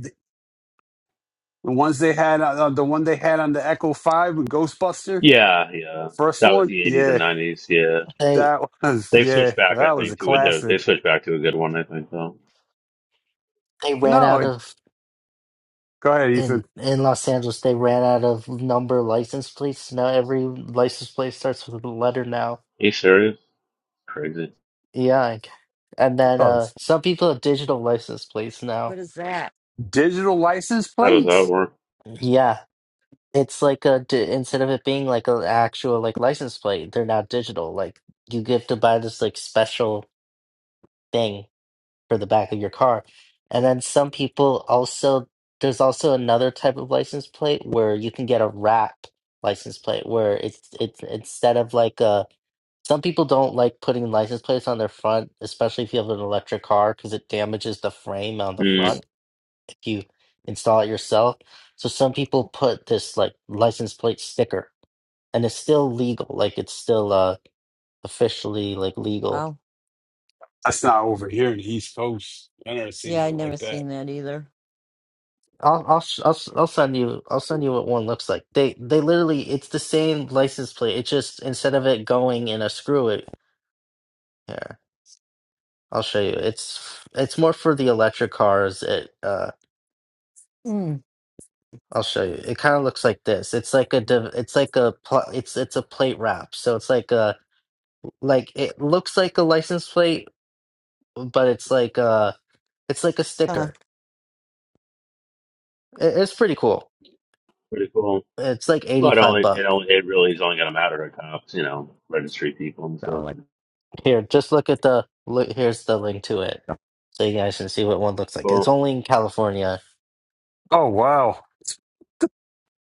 the ones they had uh, the one they had on the Echo Five with Ghostbuster. Yeah, yeah, First that was one, the '80s and yeah, '90s. Yeah, they that was they've switched yeah, back. I that was a think to a they classic. switched back to a good one. I think though. Are they ran No, out it, of go ahead, Ethan. in in Los Angeles. They ran out of number license plates. Now every license plate starts with a letter now. you serious? Crazy. Yeah, I c- and then Oh, uh, some people have digital license plates now. What is that? digital license How does that plates. work? Yeah, it's like a di instead of it being like an actual like license plate, they're now digital. Like you get to buy this like special thing for the back of your car, and then some people also there's also another type of license plate where you can get a wrap license plate where it's it's instead of like a some people don't like putting license plates on their front, especially if you have an electric car, because it damages the frame on the Hmm. front. If you install it yourself. So some people put this like license plate sticker, and it's still legal. Like it's still uh officially like legal. Wow. That's not over here in the East Coast. I never seen Yeah, I nothing never like that. seen that either. I'll I'll sh- I'll s- I'll send you I'll send you what one looks like. They they literally it's the same license plate. It just instead of it going in a screw it here. I'll show you. It's it's more for the electric cars. It uh Mm. I'll show you. It kind of looks like this. It's like a div- it's like a pl- it's it's a plate wrap. So it's like a Like it looks like a license plate, but it's like uh it's like a Huh. sticker. It, it's pretty cool. Pretty cool. It's like Well, it 85 only it buck. only it really is only going to matter to cops, you know, registry people and stuff. sound like Here, just look at the look here's the link to it. So you guys can see what one looks like. It's Cool. only in California. Oh wow.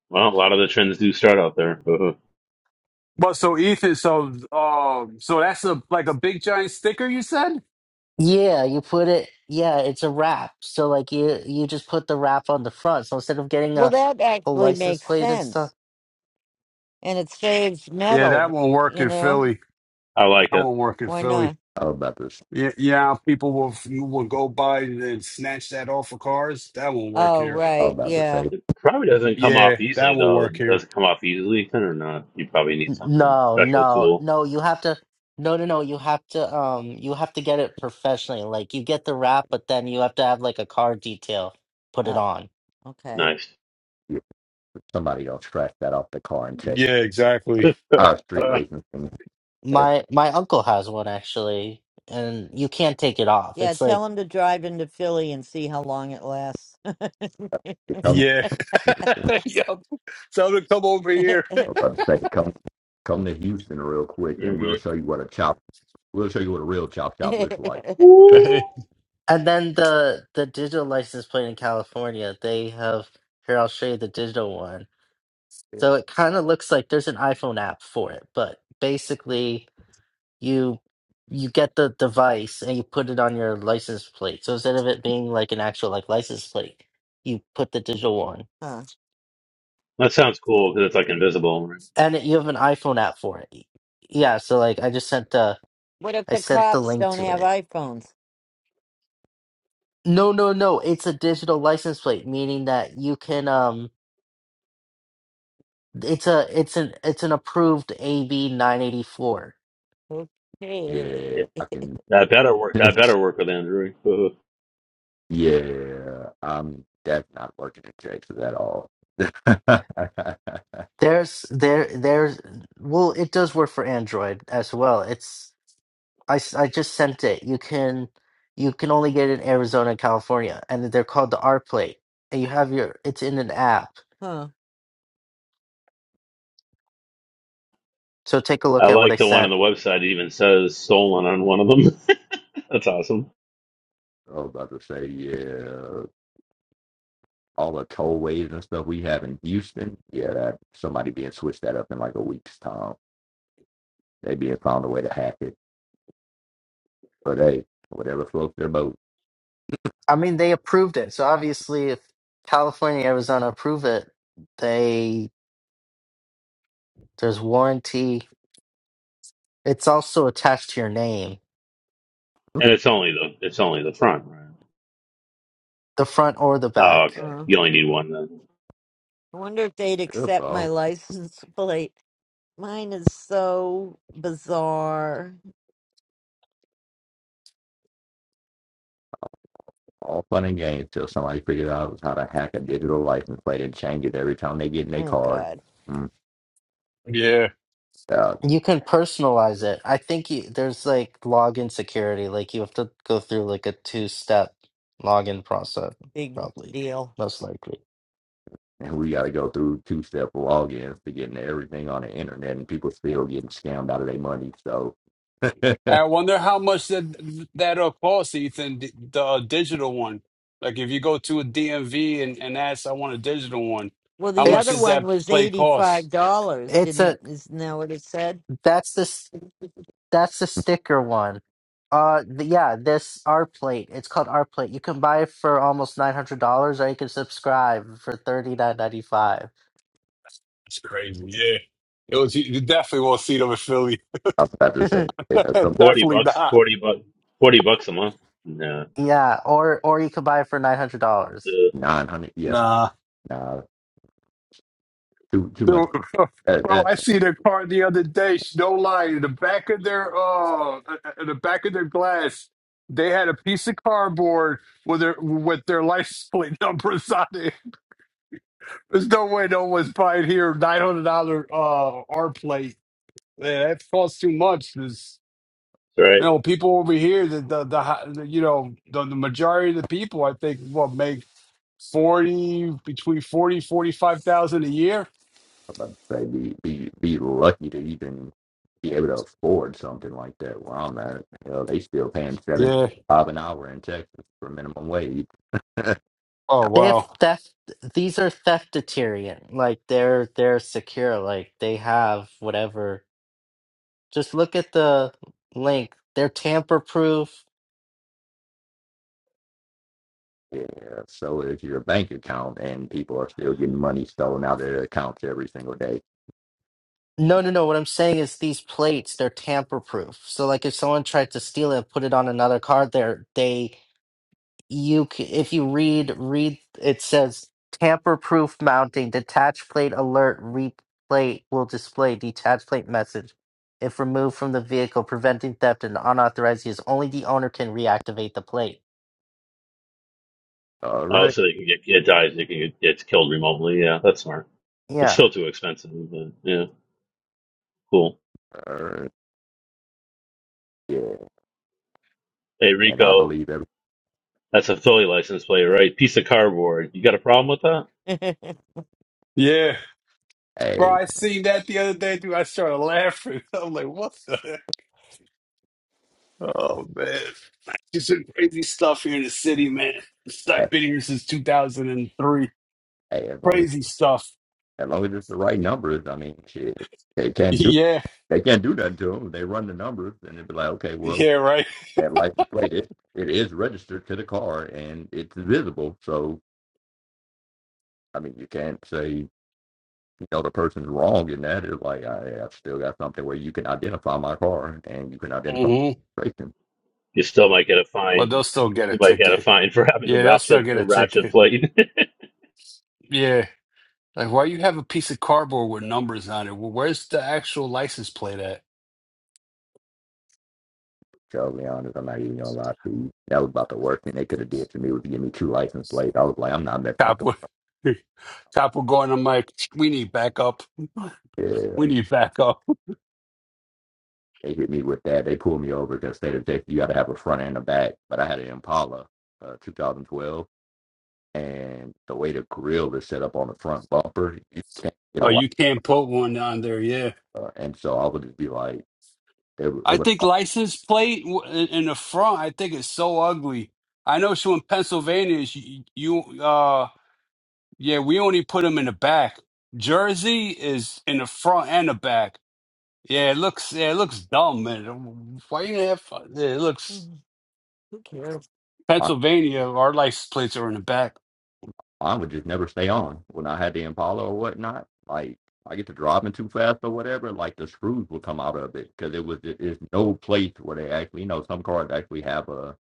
Well, a lot of the trends do start out there. Well, so Ethan, so um, so that's a like a big giant sticker you said. Yeah, you put it yeah, it's a wrap. So like you you just put the wrap on the front. So instead of getting Well, a that whole actually license makes plate and sense stuff, and it saves Yeah, metal, that won't work you in know? Philly. I like That it. won't work in Why Philly. not? I was about to i Yeah, yeah, people will will go by and then snatch that off of cars. That won't work Oh, here. was right. about to Yeah. say. Probably doesn't come Yeah, off easily that won't though. work Does here. it come off easily, Ethan, or not? You probably need something No, special no, tool. no, you have to no no no, you have to um you have to get it professionally. Like you get the wrap, but then you have to have like a car detail put it Oh, on. okay. Nice. somebody will track that off the car and check Yeah, exactly. our street racing thing. If My my uncle has one actually, and you can't take it off. Yeah, It's tell like him to drive into Philly and see how long it lasts. it comes, Yeah. yep. Tell them to come over huh. here. I'm about to say, come come to Houston real quick, and hmm we'll show you what a chop. We'll show you what a real chop chop looks like. Ooh. and then the the digital license plate in California, they have here I'll show you the digital one. So it kind of looks like there's an iPhone app for it, but basically you you get the device and you put it on your license plate. So instead of it being like an actual like license plate, you put the digital one, That sounds cool because it's like invisible. Right? and it, you have an iPhone app for it. Yeah, so like I just sent the What if I the sent the cops link don't to have it. iPhones? No, no, no. It's a digital license plate, meaning that you can um. It's a it's an it's an approved AB nine eighty four. Okay. Yeah. Yeah, I can. That better work. That better work with Android. yeah, I'm that's not working at Jake's at all. I was There's there there's well, it does work for Android as well. It's I, s- I just sent it. You can you can only get it in Arizona and California, and they're called the R plate. And you have your it's in an app. Huh. So take a I look at what like I the one on sent. the website. It even says stolen on one of them. That's awesome. about to say, yeah. all the tollways and stuff we have in Houston, yeah, that somebody being switched that up in like a week's time. They being found a way to hack it. But hey, whatever floats their boat. I mean, they approved it. So obviously, if California, Arizona approve it, they there's warranty. It's also attached to your name, And it's only the it's only the front, right? the front or the Oh, back. okay. Huh. You only need one then. I wonder if they'd Yep, accept my all, license plate. Mine is so bizarre. all fun and games till somebody figures out how to hack a digital license plate and change it every time they get in their Oh, card. God. Mm, yeah. uh, You can personalize it. I think you, there's like login security. Like you have to go through like a two step login process, Big probably deal. most likely. and we got to go through two step logins to get into everything on the internet, and people still getting scammed out of their money. So I I wonder how much that that'll cost, Ethan, the, the uh, digital one. Like if you go to a DMV and, and ask, I want a digital one, Well, how the much other does It's one that was play $85, cost? it's didn't, a isn't that what it said? that's this that's the sticker one. Uh, th- yeah, this art plate. It's called art plate. You can buy it for almost nine hundred dollars, or you can subscribe for thirty nine ninety five. It's crazy. Yeah. It was you you definitely won't see them in Philly. was about to say, yeah, some Forty definitely bucks, not. forty bucks, forty bucks a month. Nah, Yeah, or or you can buy it for nine hundred dollars. Ugh, 900, yes, nah, too, too much. Dude, That, bro, that, I I was see their car the other day. sh- No lie, in the back of their oh, uh, in the back of their glass, they had a piece of cardboard with their with their license plate numbers on it. There's no way no one's buying here nine hundred dollar uh R plate. Man, that costs too much. There's, about you to right. say know, people over here that the, the hi- the you know the, the majority of the people I think will make forty between forty forty five thousand a year. I'd say be be be lucky to even be able to afford something like that where I'm at. Hell, they still paying seventy Yeah. five an hour in Texas for minimum wage. Oh They have wow. theft. These are theft deterrent. Like they're they're secure. Like they have whatever. Just look at the link. They're tamper proof. Yeah. So is your bank account and people are still getting money stolen out of their accounts every single day. No, no, no. What I'm saying is these plates, they're tamper proof. So like if someone tried to steal it, put it on another card there, they you c- if you read read it says tamper proof mounting, detached plate alert, replate will display detached plate message. If removed from the vehicle, preventing theft and unauthorized use, only the owner can reactivate the plate. All right. Also, you can get it dies. You can get gets killed remotely. Yeah, that's smart. It's Yeah. still too expensive, but yeah, cool. All right. Yeah. Hey And I Rico, believe every that's a Philly license plate, right? Piece of cardboard. You got a problem with that? Yeah. Bro, hey, I seen that the other day, dude. I started laughing. I'm like, what the heck? Oh, man. Just some crazy stuff here in the city, man. I've hey, been here since 2003. hey, as long as Crazy stuff. as long as it's the right numbers, I mean shit. They can't do Yeah. they can't do nothing to them. They run the numbers and they be like, okay, well, Yeah, right. that license plate it, it is registered to the car and it's visible so i mean you can't say you know the person's wrong in that it's like I, i've still got something where you can identify my car and you can identify hmm the person You still might get a so But they'll fine. still get a You might get a ticket. fine for having a Yeah, they'll still ratchet get a a ratchet ticket. plate. Yeah." Like, why you have a piece of cardboard with numbers on it? Well, where's the actual license plate at? to be honest i'm not even gonna lie to you that was about the worst thing they could have did to me was give me two license plates i was like i'm not messing with Cop the would, cop would go on. I'm like, we need backup. yeah, We um, need backup. they hit me with that. They pulled me over because state of Texas, you got to have a front and a back. But I had an Impala, uh, 2012, and the way the grill is set up on the front bumper, you can't get a Oh, lot. you can't put one on there. Yeah, uh, And so I would just be like, they, would- they I would, think license plate w- in in the front. I think it's so ugly. I know so in Pennsylvania, you, you uh Yeah, we only put them in the back. Jersey is in the front and the back. Yeah, it looks yeah, it looks dumb, man. Why you gonna have fun? Yeah, it looks Mm, Who cares? I, Pennsylvania, our license plates are in the back. I would just never stay on when I had the Impala or whatnot. Like I get to driving too fast or whatever, like the screws would come out of it because it was it is no place where they actually, you know, some cars actually have a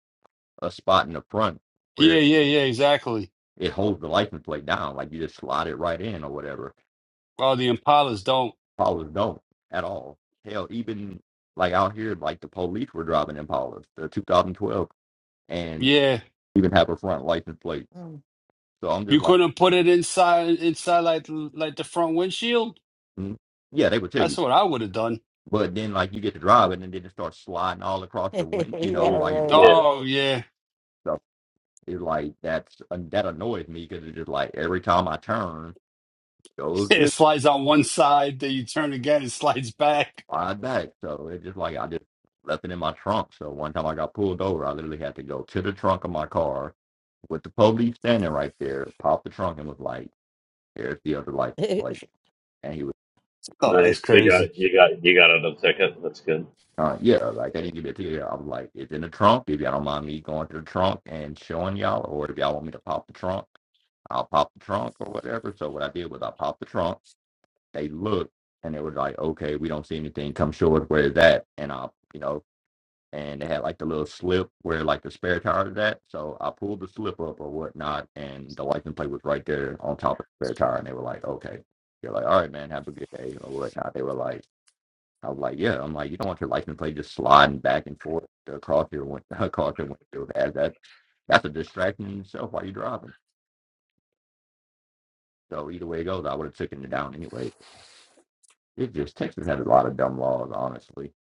a spot in the front Yeah, where yeah, yeah, exactly. it holds the license plate down, like you just slide it right in or whatever. Well, the Impalas don't. Impalas don't at all. Hell, even like out here, like the police were driving Impalas, the 2012 and Yeah. even have a front license plate. Mm. So I'm You just like, couldn't put it inside inside like like the front windshield? mm, yeah, they would tell you. That's what I would have done. But then like you get to drive it and then it starts sliding all across your wind, you know, yeah, Mm, while you yeah, drive. Oh right, yeah. stuff. it's like that's uh, that annoys me because it's just like every time I turn, it goes It just slides on one side, then you turn again, it slides back. slide back. So it's just like I just left it in my trunk. So one time I got pulled over, I literally had to go to the trunk of my car with the police standing right there, popped the trunk and was like, "There's the other license right. plate." and he was. Oh, nice. that's You crazy. got you got you got another ticket. That's good. Uh, yeah, like I didn't give it to you. I was like, it's in the trunk. If y'all don't mind me going to the trunk and showing y'all, or if y'all want me to pop the trunk, I'll pop the trunk or whatever. So what I did was I popped the trunk. They looked and they were like, okay, we don't see anything. Come show us where it's at. And I, you know, and they had like the little slip where like the spare tire is at. So I pulled the slip up or whatnot, and the license plate was right there on top of the spare tire. And they were like, okay. They're like, all right, man, have a good day or whatnot. They were like, I was like, yeah. I'm like, you don't want your license plate just sliding back and forth across your win- across your windshield. As that that's a distraction in itself while you're driving. So either way it goes, I would have taken it down anyway. It just Texas had a lot of dumb laws, honestly.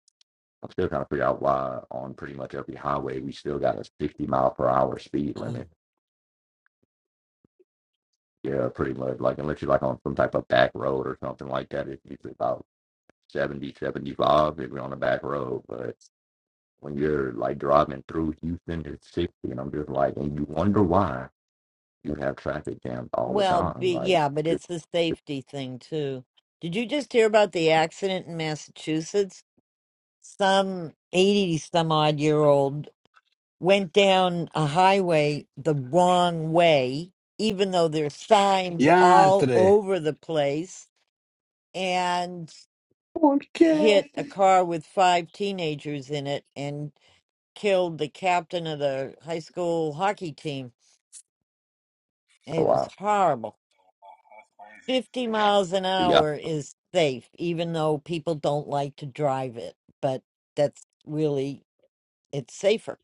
I'm still trying to figure out why on pretty much every highway we still got a 60 mile per hour speed limit. Yeah, pretty much. Like unless you're like on some type of back road or something like that, it's usually about 70, 75 if you're on a back road. but. when you're like driving through Houston at 60, and I'm just like, and you wonder why you have traffic jams all the well, be, time. Like, yeah, but just it's the safety thing too. Did you just hear about the accident in Massachusetts? Some 80 some odd year old went down a highway the wrong way, even though there's signs all Yantre. over the place, and ¿Por hit qué? a car with five teenagers in it killed the captain of the high school hockey team. oh It was wow, horrible. 50 miles an yeah, hour is safe, even though people don't like to drive it, but that's really, it's safer.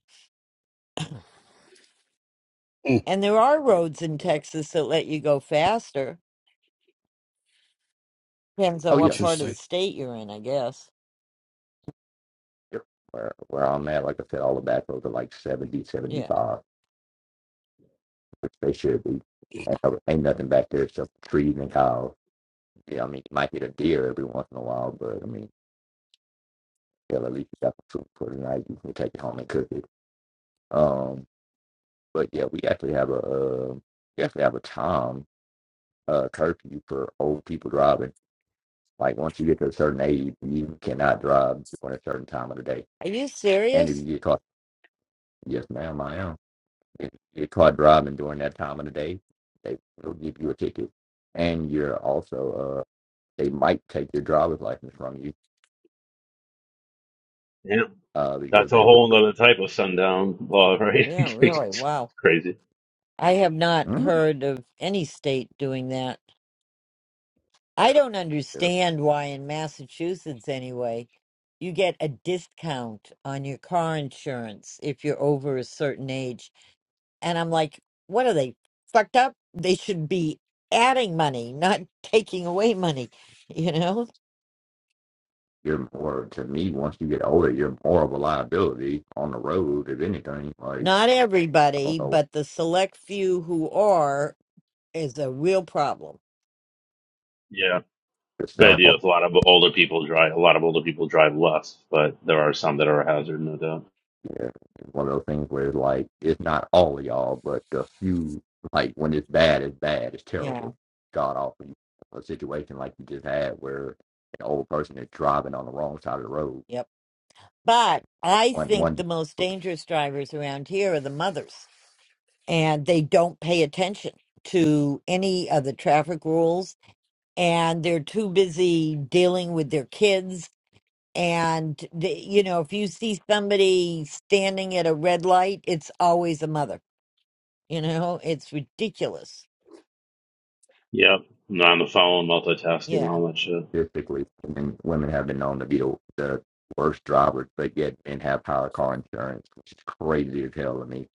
And there are yeah. roads in Texas that let you go faster. Depends on oh yeah, what part of the Interesting. state you're in, I guess. yep. Where where I'm at, like I said, all the back roads are like 70, Yeah. seventy-five, which they should be. Ain't, no- ain't nothing back there except trees and cows. Yeah, I mean, you might hit a deer every once in a while, but I mean, hell, at least you got some food for the night. You can take it home and cook it. Um, but yeah, we actually have a uh, we actually have a time uh, curfew for old people driving. Like once you get to a certain age, you cannot drive during a certain time of the day. Are you And if you serious? get caught, yes, ma'am, I am. If you get caught driving during that time of the day, they will give you a ticket. And you're also, uh, they might take your driver's license from you Yeah, uh, that's because a they were, whole nother type of sundown law, right? Yeah, really. it's Wow. crazy. I have not mm, heard of any state doing that. I don't you're understand why in Massachusetts anyway, you get a discount on your car insurance if you're over a certain age. And I'm like, what are they fucked up? They should be adding money, not taking away money, you know? you're more, to me, once you get older, you're more of a liability on the road, if anything. Like, Not I don't everybody, know, but the select few who are is a real problem. Yeah, the but staff you know, a lot of older people drive. A lot of older people drive less, but there are some that are a hazard, no doubt. Yeah, it's one of those things where it's like it's not all of y'all, but a few. Like when it's bad, it's bad. It's Yeah. terrible. God awful. A situation like you just had where an old person is driving on the wrong side of the road. Yep. But I One think one the most dangerous drivers around here are the mothers and they don't pay attention to any of the traffic rules and they're too busy dealing with their kids and the, you know if you see somebody standing at a red light it's always a mother you know it's ridiculous Yep, not on the phone, multitasking, yeah all that shit. statistically, women, women have been known to be the, the worst drivers, but yet and have higher car insurance, which is crazy as hell to me.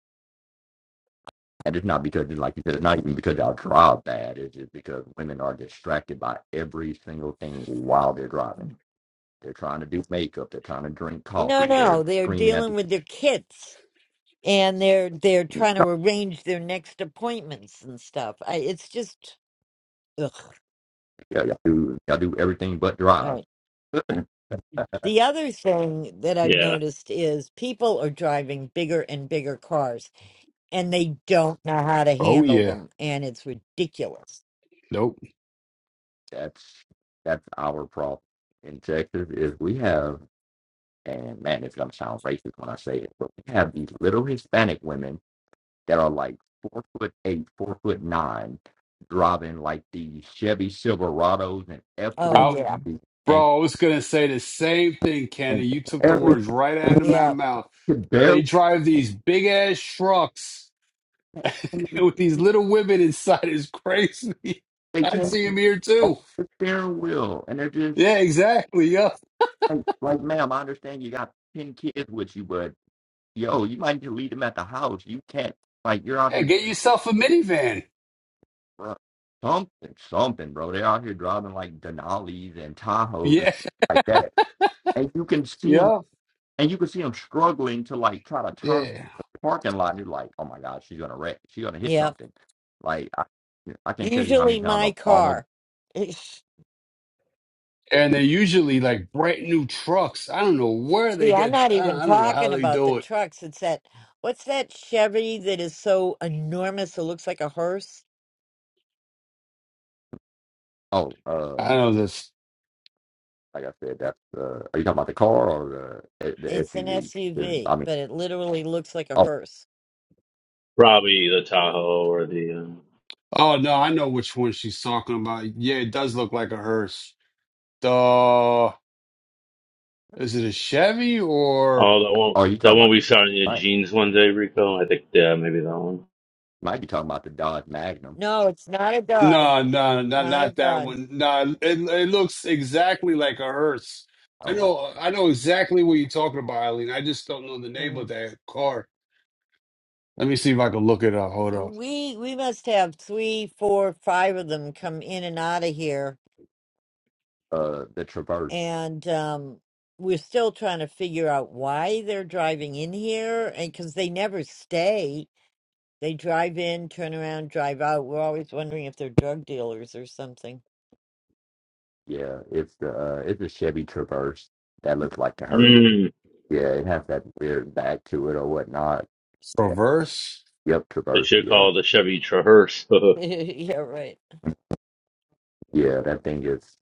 And it's not because, like you said, it's not even because y'all drive bad. It's just because women are distracted by every single thing while they're driving They're trying to do makeup. They're trying to drink no coffee. They're no they're screaming at dealing the with their kids and they're they're trying to arrange their next appointments and stuff I, it's just ugh. yeah, y'all do y'all do everything but drive. right. The other thing that I've Yeah, noticed is people are driving bigger and bigger cars and they don't know how to Oh handle yeah. them and it's ridiculous. Nope. That's that's our problem in Texas is we have and man, it's gonna sound racist when I say it, but we have these little Hispanic women that are like four foot eight, four foot nine, driving like these Chevy Silverados and F Oh three I, yeah. fifty and bro, I was gonna say the same thing, Kenny. and You took the barely words right out of my Yeah. mouth. They barely drive these big ass trucks with these little women inside. Is crazy. they I can't see them here off too. the steering wheel and they're just Yeah, exactly. Yup. like, like, ma'am, I understand you got 10 kids with you, but yo, you might need to leave them at the house. You can't, like, you're out Yeah. Hey, here, get yourself a minivan. bro, something, something, bro. They're out here driving like Denali's and Tahoes and Yeah. stuff like that. And you can see them, Yeah. and you can see them struggling to like try to turn Yeah. the parking lot. And you're like, oh my God, she's going to wreck. She's going to hit Yeah. something. Like, I, yeah, I can't tell you how Usually many times my I've almost, car. It's- And they're usually like brand new trucks. I don't know where they See, I'm get. not I even I don't know how talking they about the do it. trucks. It's that what's that Chevy that is so enormous it looks like a hearse? oh, I um, don't know. like I said, that's, uh, are you talking about the car or the, the It's an SUV? 'Cause, I SUV, mean, but it literally looks like a oh, hearse. probably the Tahoe or the. um, Oh no, I know which one she's talking about. Yeah, it does look like a hearse. The is it a Chevy or Oh, that one, oh, you that talking one about. we saw in your right. jeans one day, Rico. I think, yeah, maybe that one. Might be talking about the Dodge Magnum. No, it's not a Dodge. no, no, not Not a not that Dodge. one. No, it it looks exactly like a hearse. I Oh, right. know, I know exactly what you're talking about, Eileen. I just don't know the name of that car. Let me see if I can look it up. Hold up. We we must have three, four, five of them come in and out of here, Uh, the Traverse. and um, we're still trying to figure out why they're driving in here, and because they never stay, they drive in, turn around, drive out. We're always wondering if they're drug dealers or something. Yeah, it's the uh, it's a Chevy Traverse that looks like a hearse. Mm, Yeah, it has that weird back to it or whatnot. Yeah. Traverse. Yep, they Traverse. should Yeah. call it the Chevy Traverse. yeah, right. Yeah, that thing is.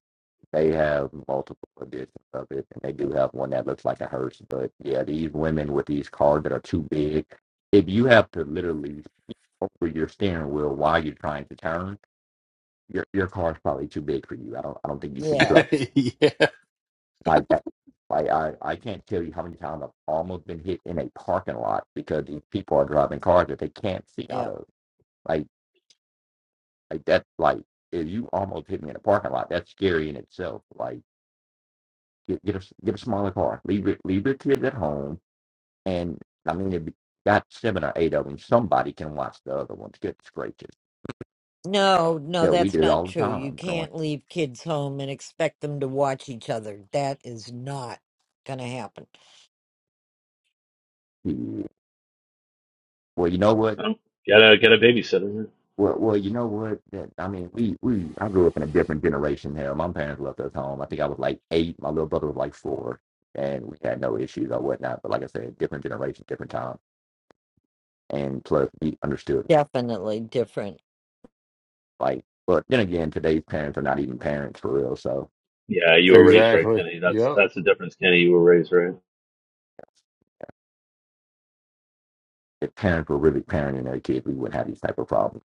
They have multiple editions of it, and they do have one that looks like a hearse. But yeah, these women with these cars that are too big. If you have to literally over your steering wheel while you're trying to turn, your your car's probably too big for you. I don't I don't think you should be Yeah, driving yeah, Like that. Like I, I can't tell you how many times I've almost been hit in a parking lot because these people are driving cars that they can't see out yeah. of. Like, like that. like if you almost hit me in a parking lot, that's scary in itself. Like, get get a s- get a smaller car. Leave it leave your kids at home. And I mean, if you got seven or eight of them, somebody can watch the other ones. Good gracious! No, no, hell, we that's did it not all the true. You time growing. can't leave kids home and expect them to watch each other. That is not going to happen. Well, you know what? Oh, get a get a babysitter. huh? Well, well, you know what? That, I mean, we we I grew up in a different generation here. My parents left us home. I think I was like eight. My little brother was like four, and we had no issues or whatnot. But like I said, different generation, different time, and plus we understood. Definitely different. Like, but then again, today's parents are not even parents for real. So Yeah, you were raised right, exactly. Kenny. That's Yep. that's the difference, Kenny. You were raised right. if parents were really parenting their kids, we wouldn't have these type of problems.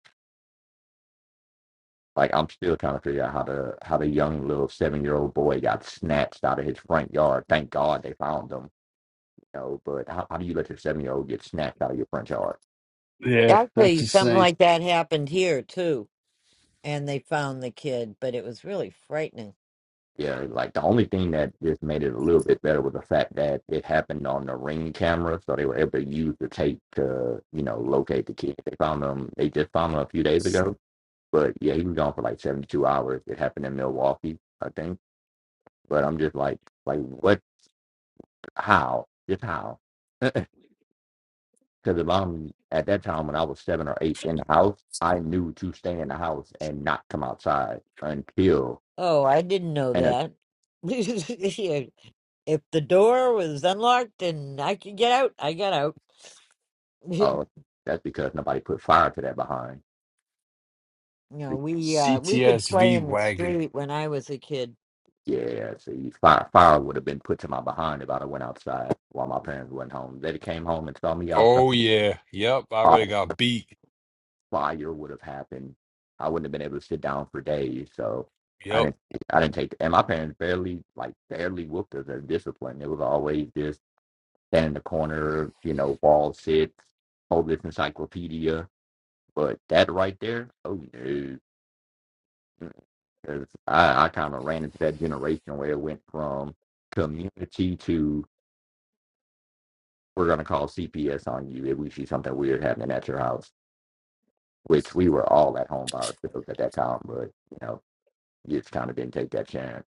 Like, I'm still trying to figure out how the how the young little seven year old boy got snatched out of his front yard. Thank God they found him. You know, but how, how do you let your seven year old get snatched out of your front yard? Yeah, that's Actually, something insane. like that happened here too, and they found the kid, but it was really frightening. Yeah, like the only thing that just made it a little bit better was the fact that it happened on the ring camera, so they were able to use the tape to, you know, locate the kid. They found him. They just found him a few days ago, but yeah, he was gone for like 72 hours. It happened in Milwaukee, I think. But I'm just like, like what? How? Just how? Because if I'm at that time when I was seven or eight in the house, I knew to stay in the house and not come outside until Oh, I didn't know and uh, that. Yeah, if the door was unlocked and I could get out, I got out. you oh, that's because nobody put fire to that behind. know, we uh we could play CTSV in the wagon. street when I was a kid. Yeah, see, fire, fire would have been put to my behind if I'd have went outside while my parents went home. They came home and saw me outside. Oh yeah. Yep. I would have got beat. Fire would have happened. I wouldn't have been able to sit down for days. So I Yep. didn't, I didn't take. And my parents barely, like, barely whooped us as discipline. It was always just stand in the corner, you know, ball sit, hold this encyclopedia. But that right there, oh no, because I, I kind of ran into that generation where it went from community to we're going to call CPS on you if we see something weird happening at your house, which we were all at home by ourselves at that time, but you know, you just kind of didn't take that chance.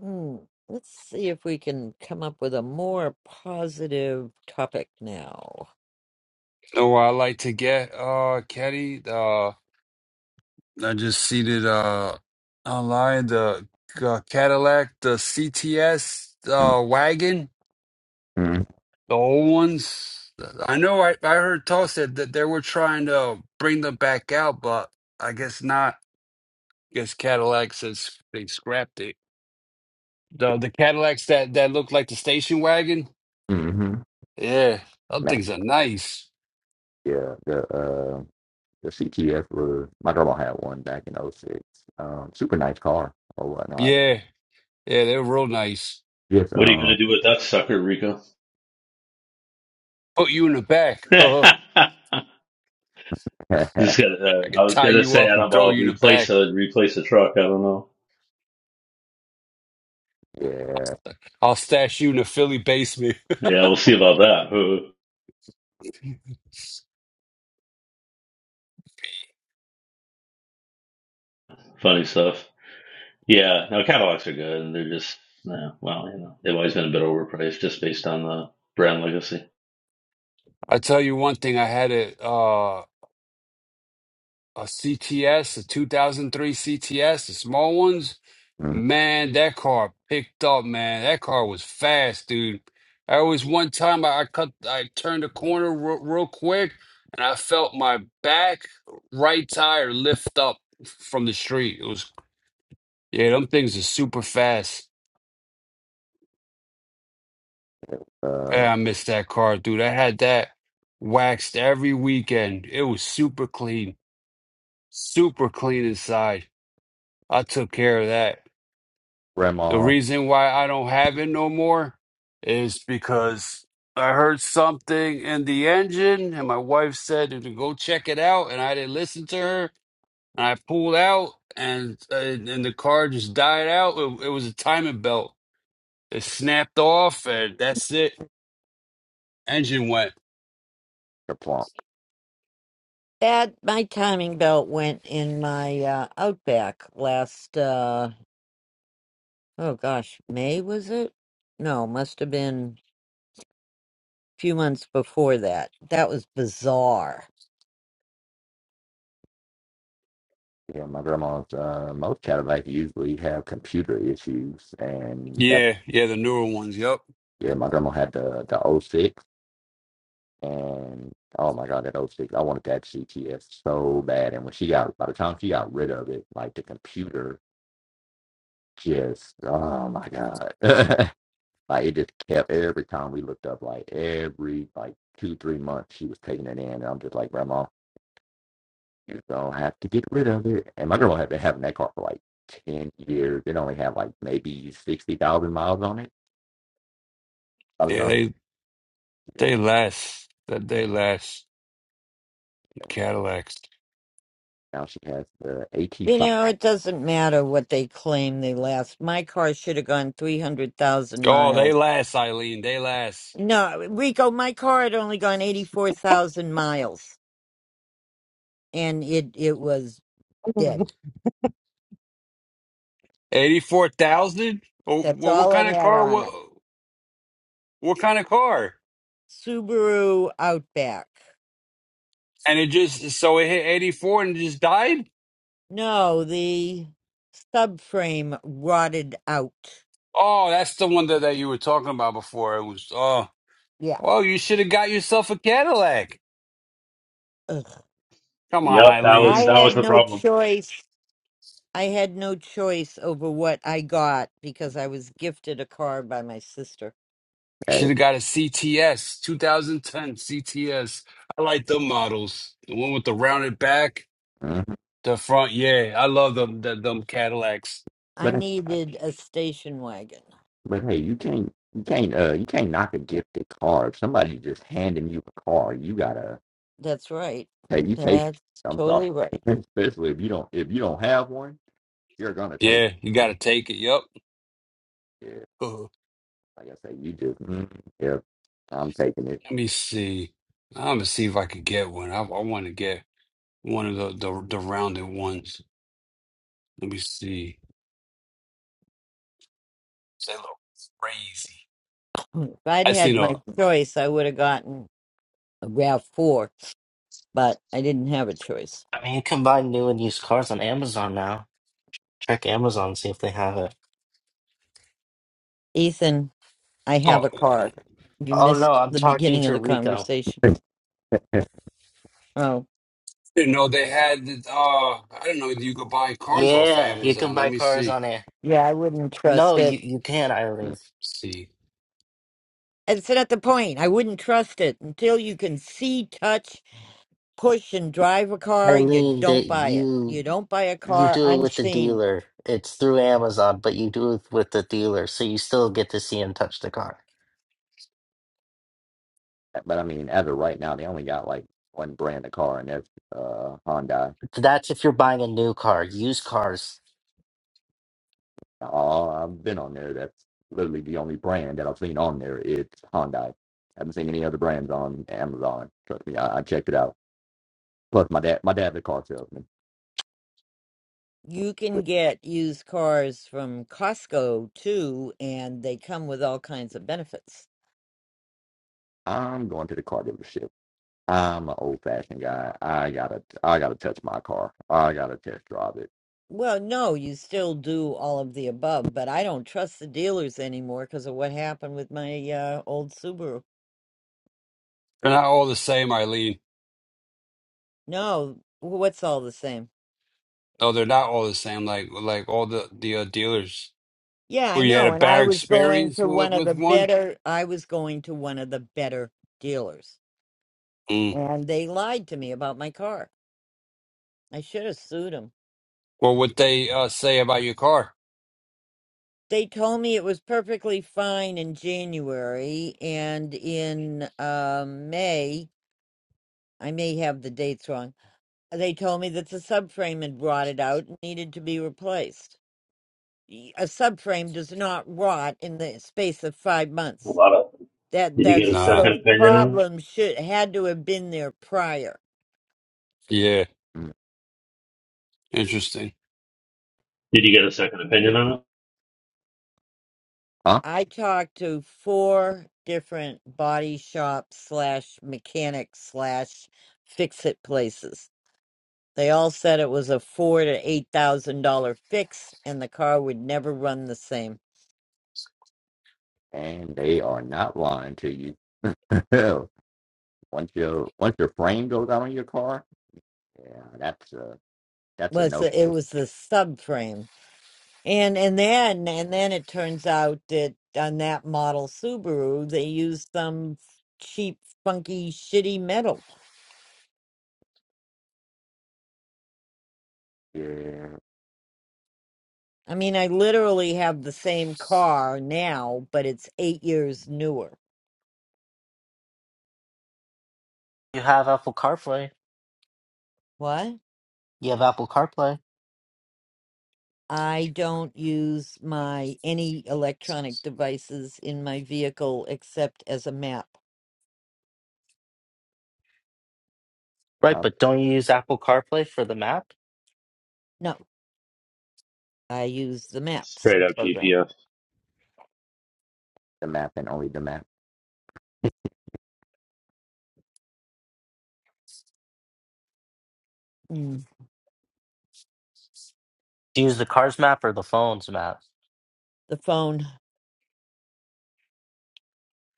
Hmm. Let's see if we can come up with a more positive topic now. Know where I like to get uh caddy? Uh I just seated uh online the uh, Cadillac, the CTS uh wagon, Mm-hmm. the old ones. I know I, I heard Toss said that they were trying to bring them back out, but I guess not. guess Cadillac says they scrapped it. The the Cadillacs that, that look like the station wagon. hmm Yeah, them things are nice. Yeah, the uh, the CTS was my grandma had one back in '06. Um, super nice car or whatnot. Yeah, yeah, they're real nice. Just What are you gonna um, do with that sucker, Rico? Put you in the back. Uh-huh. yeah, Just got uh, I can I was tie gonna you say up I and don't know throw about you in the back. replace a replace a truck. I don't know. I'll stash you in the Philly basement. Yeah, we'll see about that. Funny stuff. Yeah, no, catalogs are good, and they're just yeah, well, you know, they've always been a bit overpriced just based on the brand legacy. I tell you one thing, I had it. a CTS, a 2003 CTS, the small ones. mm, Man, that car picked up, man. That car was fast, dude. I was one time I, I cut, I turned a corner real, real quick, and I felt my back right tire lift up from the street. It was, yeah, them things are super fast. uh, Man, I missed that car, dude. I had that waxed every weekend. It was super clean, super clean inside. I took care of that. The grandma reason why I don't have it no more is because I heard something in the engine, and my wife said to go check it out, and I didn't listen to her. And I pulled out, and and, and the car just died out. It, it was a timing belt. It snapped off, and that's it. Engine went. the plonk. That my timing belt went in my uh, Outback last. Uh, oh gosh, May was it? No, must have been a few months before that. That was bizarre. Yeah, my grandma's uh, most Cadillacs usually have computer issues, and that Yeah, yeah, the newer ones. Yep. Yeah, my grandma had the the '06, and oh my god, that '06! I wanted that CTS so bad. And when she got by the time she got rid of it, like the computer just oh my god. like it just kept every time we looked up, like every like two, three months she was taking it in. And I'm just like, Grandma, you don't have to get rid of it. And my grandma had been having that car for like ten years. It only had like maybe sixty thousand miles on it. I was Yeah, on, they yeah. they last. That they last. Cadillacs. Now she has the AT You five know, it doesn't matter what they claim they last. My car should have gone 300,000 Oh, they miles. last, Eileen. They last. No, Rico, my car had only gone 84,000 miles and it, it was dead. Eighty-four thousand? Well, That's well, what all it kind of had car? on What it. what kind of car? Subaru Outback. And it just so it hit eighty-four and it just died. No, the subframe rotted out. Oh, that's the one that, that you were talking about before. It was oh, Yeah. well, you should have got yourself a Cadillac. Ugh. Come on, Yep, that I was Eileen. that was had the no problem. choice. I had no choice over what I got because I was gifted a car by my sister. Should A. have got a CTS, 2010 CTS. I like them models. The one with the rounded back, Mhm. the front. Yeah, I love them. The, them Cadillacs. I But needed a station wagon. But hey, you can't you can't uh you can't knock a gifted car. If somebody's just handing you a car, you gotta That's right. hey you take That's I'm sorry. totally right. Especially if you don't if you don't have one, you're gonna take Yeah, you got to take it. Yep. it. Like I say, you just mm, yeah, I'm taking it. Let me see. I'm gonna see if I could get one. I, I want to get one of the, the the rounded ones. Let me see. They look crazy. If I'd I had seen a my choice, I would have gotten a RAV4, but I didn't have a choice. I mean, you can buy new and used cars on Amazon now. Check Amazon, see if they have it. Ethan, I have oh a car. You Oh no, missed I'm the talking beginning of to the Rico. conversation. Oh, you know they had uh I don't know you could buy cars off of Yeah, you can Amazon. Let buy me cars see. on there. yeah, I wouldn't No, trust you it. you can, Mm. Eileen. See, It's not the point. I wouldn't trust it until you can see, touch, push and drive a car, you Eileen, don't that buy it. You you don't buy a you car do it with the unseen. dealer. It's through Amazon, but you do it with the dealer, so you still get to see and touch the car. But I mean, as of right now, they only got like one brand of car, and that's uh Hyundai. That's if you're buying a new car. Used cars, All I've been on there, that's literally the only brand that I've seen on there. It's Hyundai. I haven't seen any other brands on Amazon. Trust me, I, I checked it out. Plus, my dad, my dad's a car salesman. You can Which get used cars from Costco too, and they come with all kinds of benefits. I'm going to the car dealership. I'm an old fashioned guy. I gotta, I gotta touch my car. I gotta test drive it. Well, no, you still do all of the above, but I don't trust the dealers anymore because of what happened with my uh, old Subaru. they're not all the same, Eileen. No, what's all the same? No, they're not all the same. Like like all the the uh, dealers. Yeah, I Where you had know. a And I bad was going experience to one with of with the one. better, I was going to one of the better dealers, Mm. and they lied to me about my car. I should have sued him. Well, What would they uh, say about your car? They told me it was perfectly fine in January and in uh, May. I may have the dates wrong. They told me that the subframe had rotted out and needed to be replaced. Y- A subframe does not rot in the space of five A months. lot of That did you get that's a Nah. second those opinion on it? problems should had to have been there prior. Yeah. Mm, Interesting. Did you get a second opinion Yep. on it? Huh? I talked to four different body shop slash mechanic slash fix it places They all said it was a four to eight thousand dollar fix, and the car would never run the same. And they are not lying to you. once your once your frame goes out on your car, yeah, that's a that's a Was no. the- it was the subframe, and and then and then it turns out that on that model Subaru they used some cheap, funky, shitty metal. Yeah, I mean, I literally have the same car now, but it's eight years newer. you have Apple CarPlay. What? You have Apple CarPlay, I don't use my any electronic devices in my vehicle except as a map. right? uh, But don't you use Apple CarPlay for the map? No. I use the maps Straight up program, GPS. the map and only the map. Mm. Do you use the car's map or the phone's map? the phone,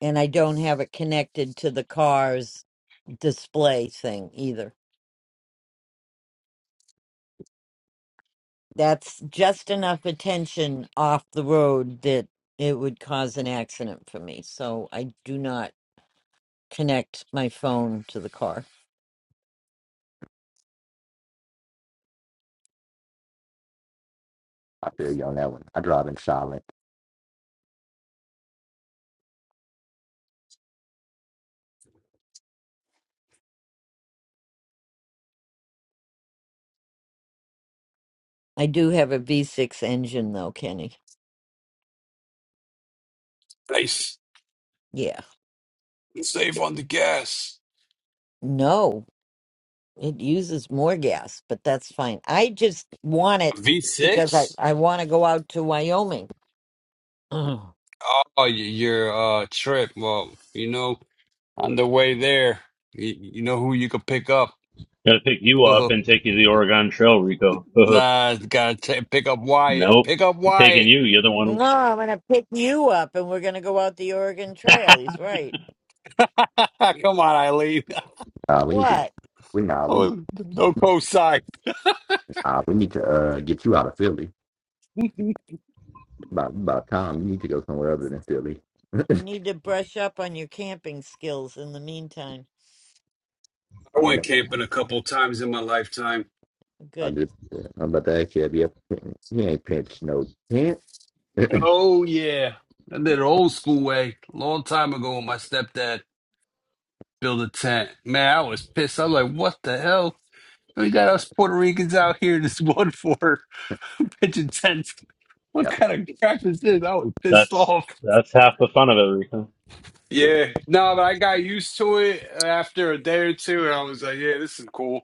and I don't have it connected to the car's display thing either. That's just enough attention off the road that it would cause an accident for me. So I do not connect my phone to the car. I feel you on that one. I drive in silent. I do have a V6 engine though, Kenny. Nice. Yeah. Save on the gas. No, it uses more gas, but that's fine. I just want it because I, V6? I want to go out to Wyoming. Oh, y- your uh trip. Well, you know, on the way there, you, you know who you could pick up. Gonna pick you up and take you to the Oregon Trail, Rico. nah, gotta ta pick up Wyatt. nope. Pick up He's taking Wyatt. you, you're the one No, I'm going to pick you up and we're going to go out the Oregon Trail. He's right. Come on, Eileen. Uh, we need to, What? we nah, we need, Oh, no cosign. uh, we need to uh, get you out of Philly. I By by the time you need to go somewhere other than Philly. You need to brush up on your camping skills in the meantime. went Ain't camping a couple times in my lifetime. I Good. just, uh, I'm about to ask you, have you ever, you ain't pinched no tent? yeah, Oh yeah, I did it old school way, long time ago. When my stepdad built a tent, man, I was pissed. I was like, "What the hell?" We got us Puerto Ricans out here just one for pitching tents. What kind of crap is this? I was pissed That's off. that's half the fun of it, Rico. the, Yeah, no, but I got used to it after a day or two, and I was like, "Yeah, this is cool.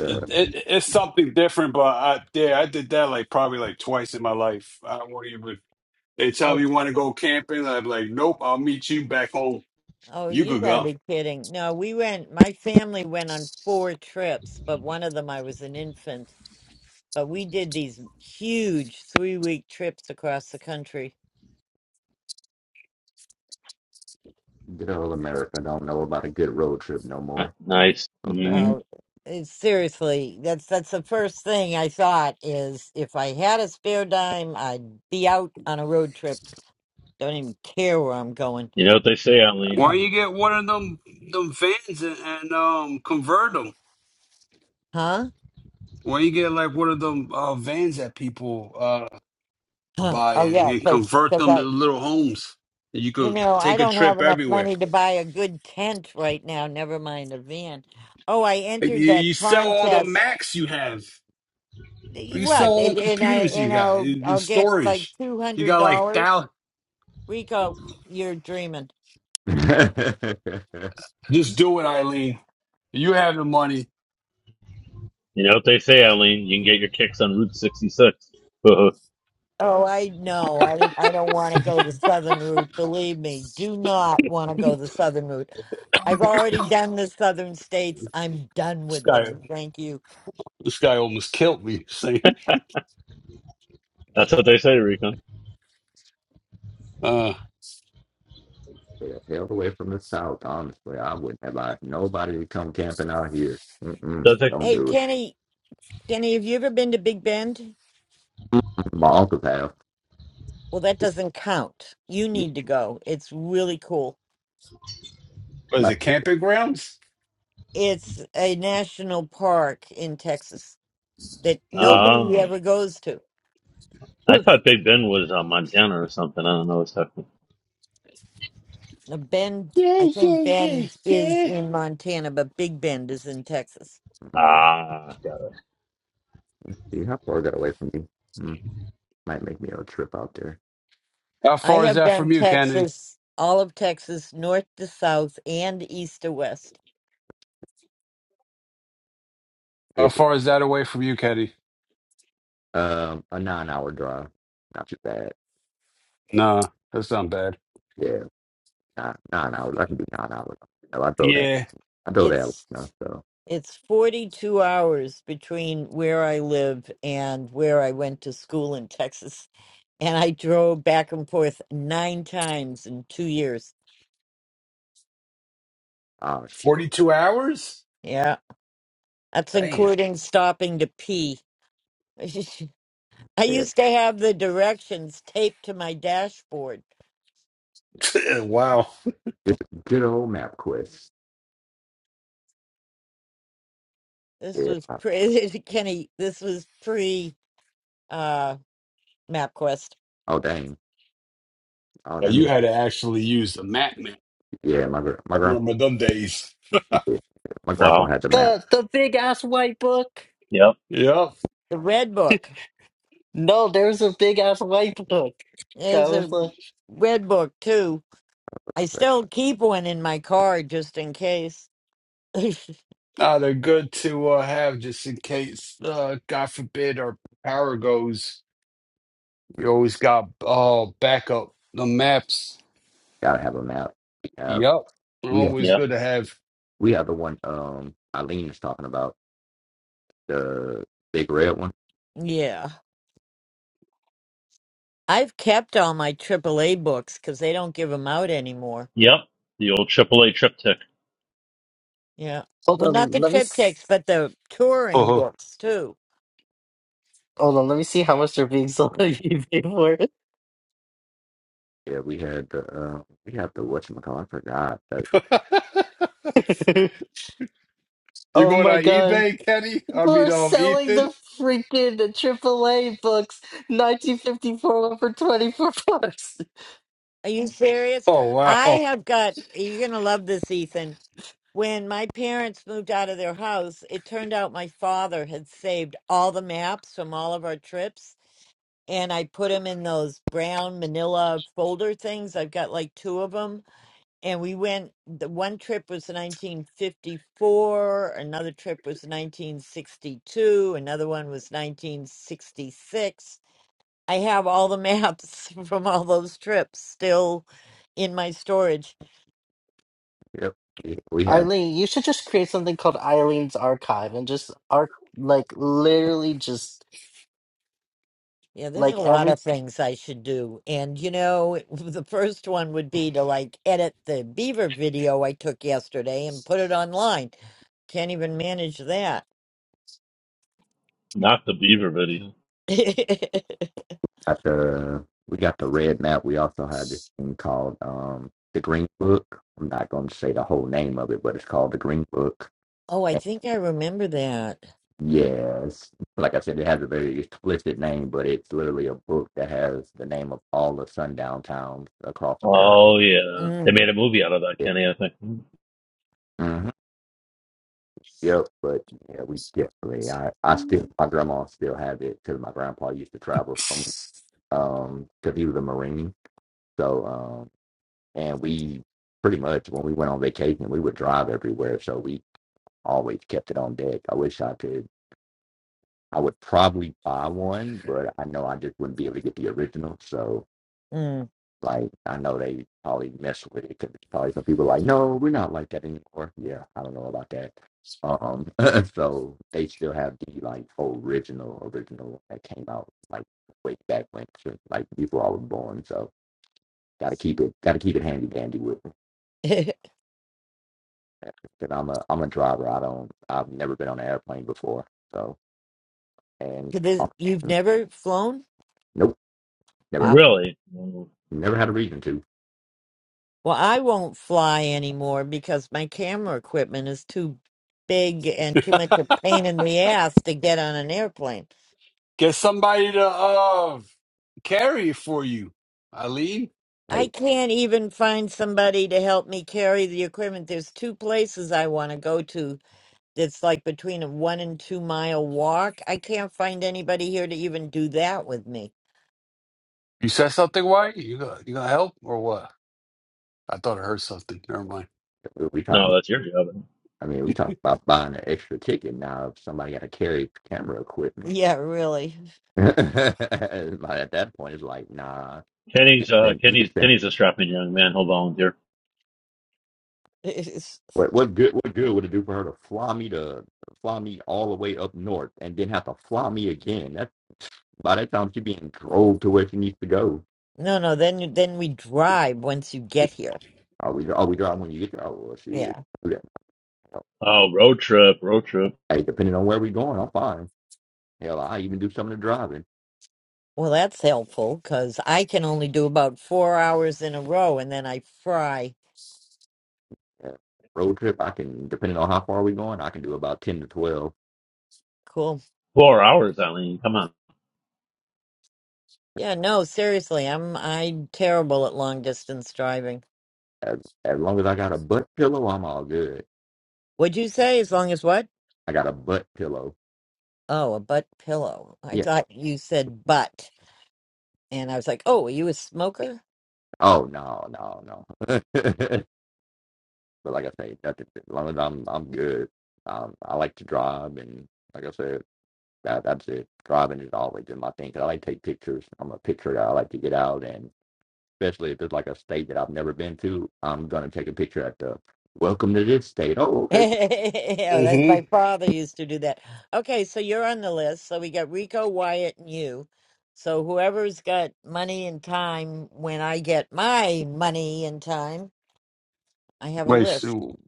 It, it, it's something different." But I, yeah, I did that like probably like twice in my life. I won't even. They tell Oh, me you want to go camping, I'm like, "Nope, I'll meet you back home. oh, You you could got to go." be kidding. No, we went, my family went on four trips, but one of them I was an infant. But we did these huge three week trips across the country. good old America don't know about a good road trip no more. Nice. So hmm sad. Oh, it's seriously, that's that's the first thing I thought is if I had a spare dime, I'd be out on a road trip Don't even care where I'm going. You know what they say, Eileen. Why don't you get one of them them vans and, and um convert them?" huh? Well, you get like one of them uh, vans that people uh, Huh. buy Oh, and, yeah, and because convert cause them to I, little homes. And you you could know, I take a don't have trip enough everywhere. money to buy a good tent right now, never mind a van. Oh, I Like, entered You, that you sell all the contest. Macs you have. Y- You sell What? all the And, and I computers you and got. I'll The the I'll get like storage. two You hundred got like dollars. thousand. Rico, you're dreaming. yeah, Just do it, Eileen. You have the money. You know what they say, Eileen. You can get your kicks on Route sixty six. Oh, I know. I don't- I don't want to go the southern route. Believe me, do not want to go the southern route. I've already done the southern states. I'm done This with them. guy, Thank you. this guy almost killed me. Saying, That's what they say, Rico. uh, held away from the South, honestly. I wouldn't have liked nobody to come camping out here. Mm-mm, Does it? don't Hey, do it. Kenny, Kenny, have you ever been to Big Bend? Mm-mm, My uncle's house. Well, that doesn't count. You You, need to go. It's really cool. what i is it camping grounds? It's a national park in Texas that Mm. nobody Ah, ever goes to. I thought Big Ben was uh, Montana or something. I don't know what's happening. Now, Bend, I Yeah, yeah, think yeah, Bend is yeah. in Montana, but Big Bend is in Texas. Ah, got it. see how far I got away from you. Mm, might make me a trip out there. How I far is have that done from you, Kennedy? Texas, all of Texas, north to south and east to west. How It, far is that away from you, Kennedy? um, a nine hour drive. Not too bad. Nah, that's not bad. Yeah. Nah, nah, nah. I can do nah, nah. With them. I throw that. Yeah, I throw that. You It's know, so, it's 42 hours between where I live and where I went to school in Texas and I drove back and forth nine times in two years. oh shit. 42 hours? Yeah, that's Damn. including stopping to pee. I Yeah. used to have the directions taped to my dashboard. wow. Just good old map quest. This Yeah. was pre Kenny. This was pre uh, MapQuest. Oh dang. Oh, Well, that You means had to actually use the map, man. yeah. My gr- my I grandpa remember them days. yeah, my grandpa Wow. had the map. The the big ass white book. Yep, Yep. The red book. No, there's a big ass white book. That There's was a like. red book too. I But still keep one in my car just in case. Nah, they're good to uh, have just in case, uh, God forbid, our power goes. You always got uh, backup. The maps. gotta have a map. We have Yep. we have Always yep, good to have. we have the one um Eileen is talking about the big red one. yeah, I've kept all my AAA books because they don't give them out anymore. yep. The old AAA triptych, Yeah. Hold Well, not on, the let me s- triptychs, but the touring Uh-huh. books too. hold on, let me see how much they're being sold on eBay Yeah, we had the uh, we have the whatchamacallit, I forgot that. for. you oh going my on god, eBay, Kenny? I people mean, are um, selling Ethan? the freaking AAA books, 1954 one for 24 bucks. Are you serious? Oh, I wow. have got, you're going to love this, Ethan. When my parents moved out of their house, it turned out my father had saved all the maps from all of our trips, and I put them in those brown manila folder things. I've got like two of them. And we went, the one trip was 1954, another trip was 1962, another one was 1966 I have all the maps from all those trips still in my storage. Yep, we, we had Eileen, you should just create something called Eileen's Archive and just arc like literally just Yeah, there's a like lot every of things I should do. And, you know, the first one would be to like edit the beaver video I took yesterday and put it online. Can't even manage that. not the Beaver video. At the we got the red map. We also had this thing called um the Green Book. I'm not going to say the whole name of it, but it's called the Green Book. oh, I And think I remember that. yes, like I said, it has a very explicit name, but it's literally a book that has the name of all the sundown towns across America. Oh yeah, they made Mm, a movie out of that, Yeah. Kenny. I think. hmm Yep, but yeah, we definitely. I I still my grandma still have it because my grandpa used to travel from um because he was a marine. So um, and we pretty much when we went on vacation we would drive everywhere so we always kept it on deck i wish i could i would probably buy one but i know i just wouldn't be able to get the original so mm. like i know they probably mess with it because probably some people are like no we're not like that anymore yeah i don't know about that um so they still have the like original original that came out like way back when so, like before i was born so gotta keep it gotta keep it handy dandy with 'Cause because I'm a I'm a driver. I don't. I've never been on an airplane before. So and this- um, You've never flown? nope, never Wow. Really? No, never had a reason to. Well, I won't fly anymore because my camera equipment is too big and too much a pain in the ass to get on an airplane. Get somebody to uh carry it for you. Eileen, I Hey, can't even find somebody to help me carry the equipment. There's two places I want to go to that's like between a one and two mile walk. I can't find anybody here to even do that with me. you said something, White? You gonna you gonna help or what? I thought I heard something. Never mind. we no, talking. that's your job. I mean, we talking about buying an extra ticket now. If somebody got to carry camera equipment, Yeah, really. Like, at that point, it's like, nah, you Kenny's could uh, spend. You could Kenny's spend. Kenny's a strapping young man. He'll volunteer. It's, What what good? What good would it do for her to fly me to fly me all the way up north and then have to fly me again? That by that time she being drove to where she needs to go. No, no, then you- then we drive once you get here. Are we? Are we driving when you get there? Oh, well, shoot. Yeah. Oh, road trip, road trip. Hey, depending on where we're going, I'm fine. Hell, I even do some of the driving. Well, that's helpful because I can only do about four hours in a row and then I fry. Yeah. Road trip, I can, depending on how far we're going, I can do about 10 to 12. Cool. Four hours, Eileen. Come on. Yeah, no, seriously, I'm I'm terrible at long distance driving. As, as long as I got a butt pillow, I'm all good. Would you say as long as what? I got a butt pillow. Oh, a butt pillow. I Yeah. thought you said butt, and I was like, oh, are you a smoker? Oh, no, no, no. but like I say, nothing. As long as I'm, I'm good. Um, I like to drive, and like I said, that, that's it. Driving is always in my thing 'cause I like to take pictures. I'm a picturer. I like to get out and especially if it's like a state that I've never been to. I'm gonna take a picture at the welcome to this state. Oh, okay, Yeah, that's my Mm-hmm. father used to do that. Okay, so you're on the list. So we got Rico, Wyatt, and you. So whoever's got money and time when I get my money and time. I have a Wait, list so,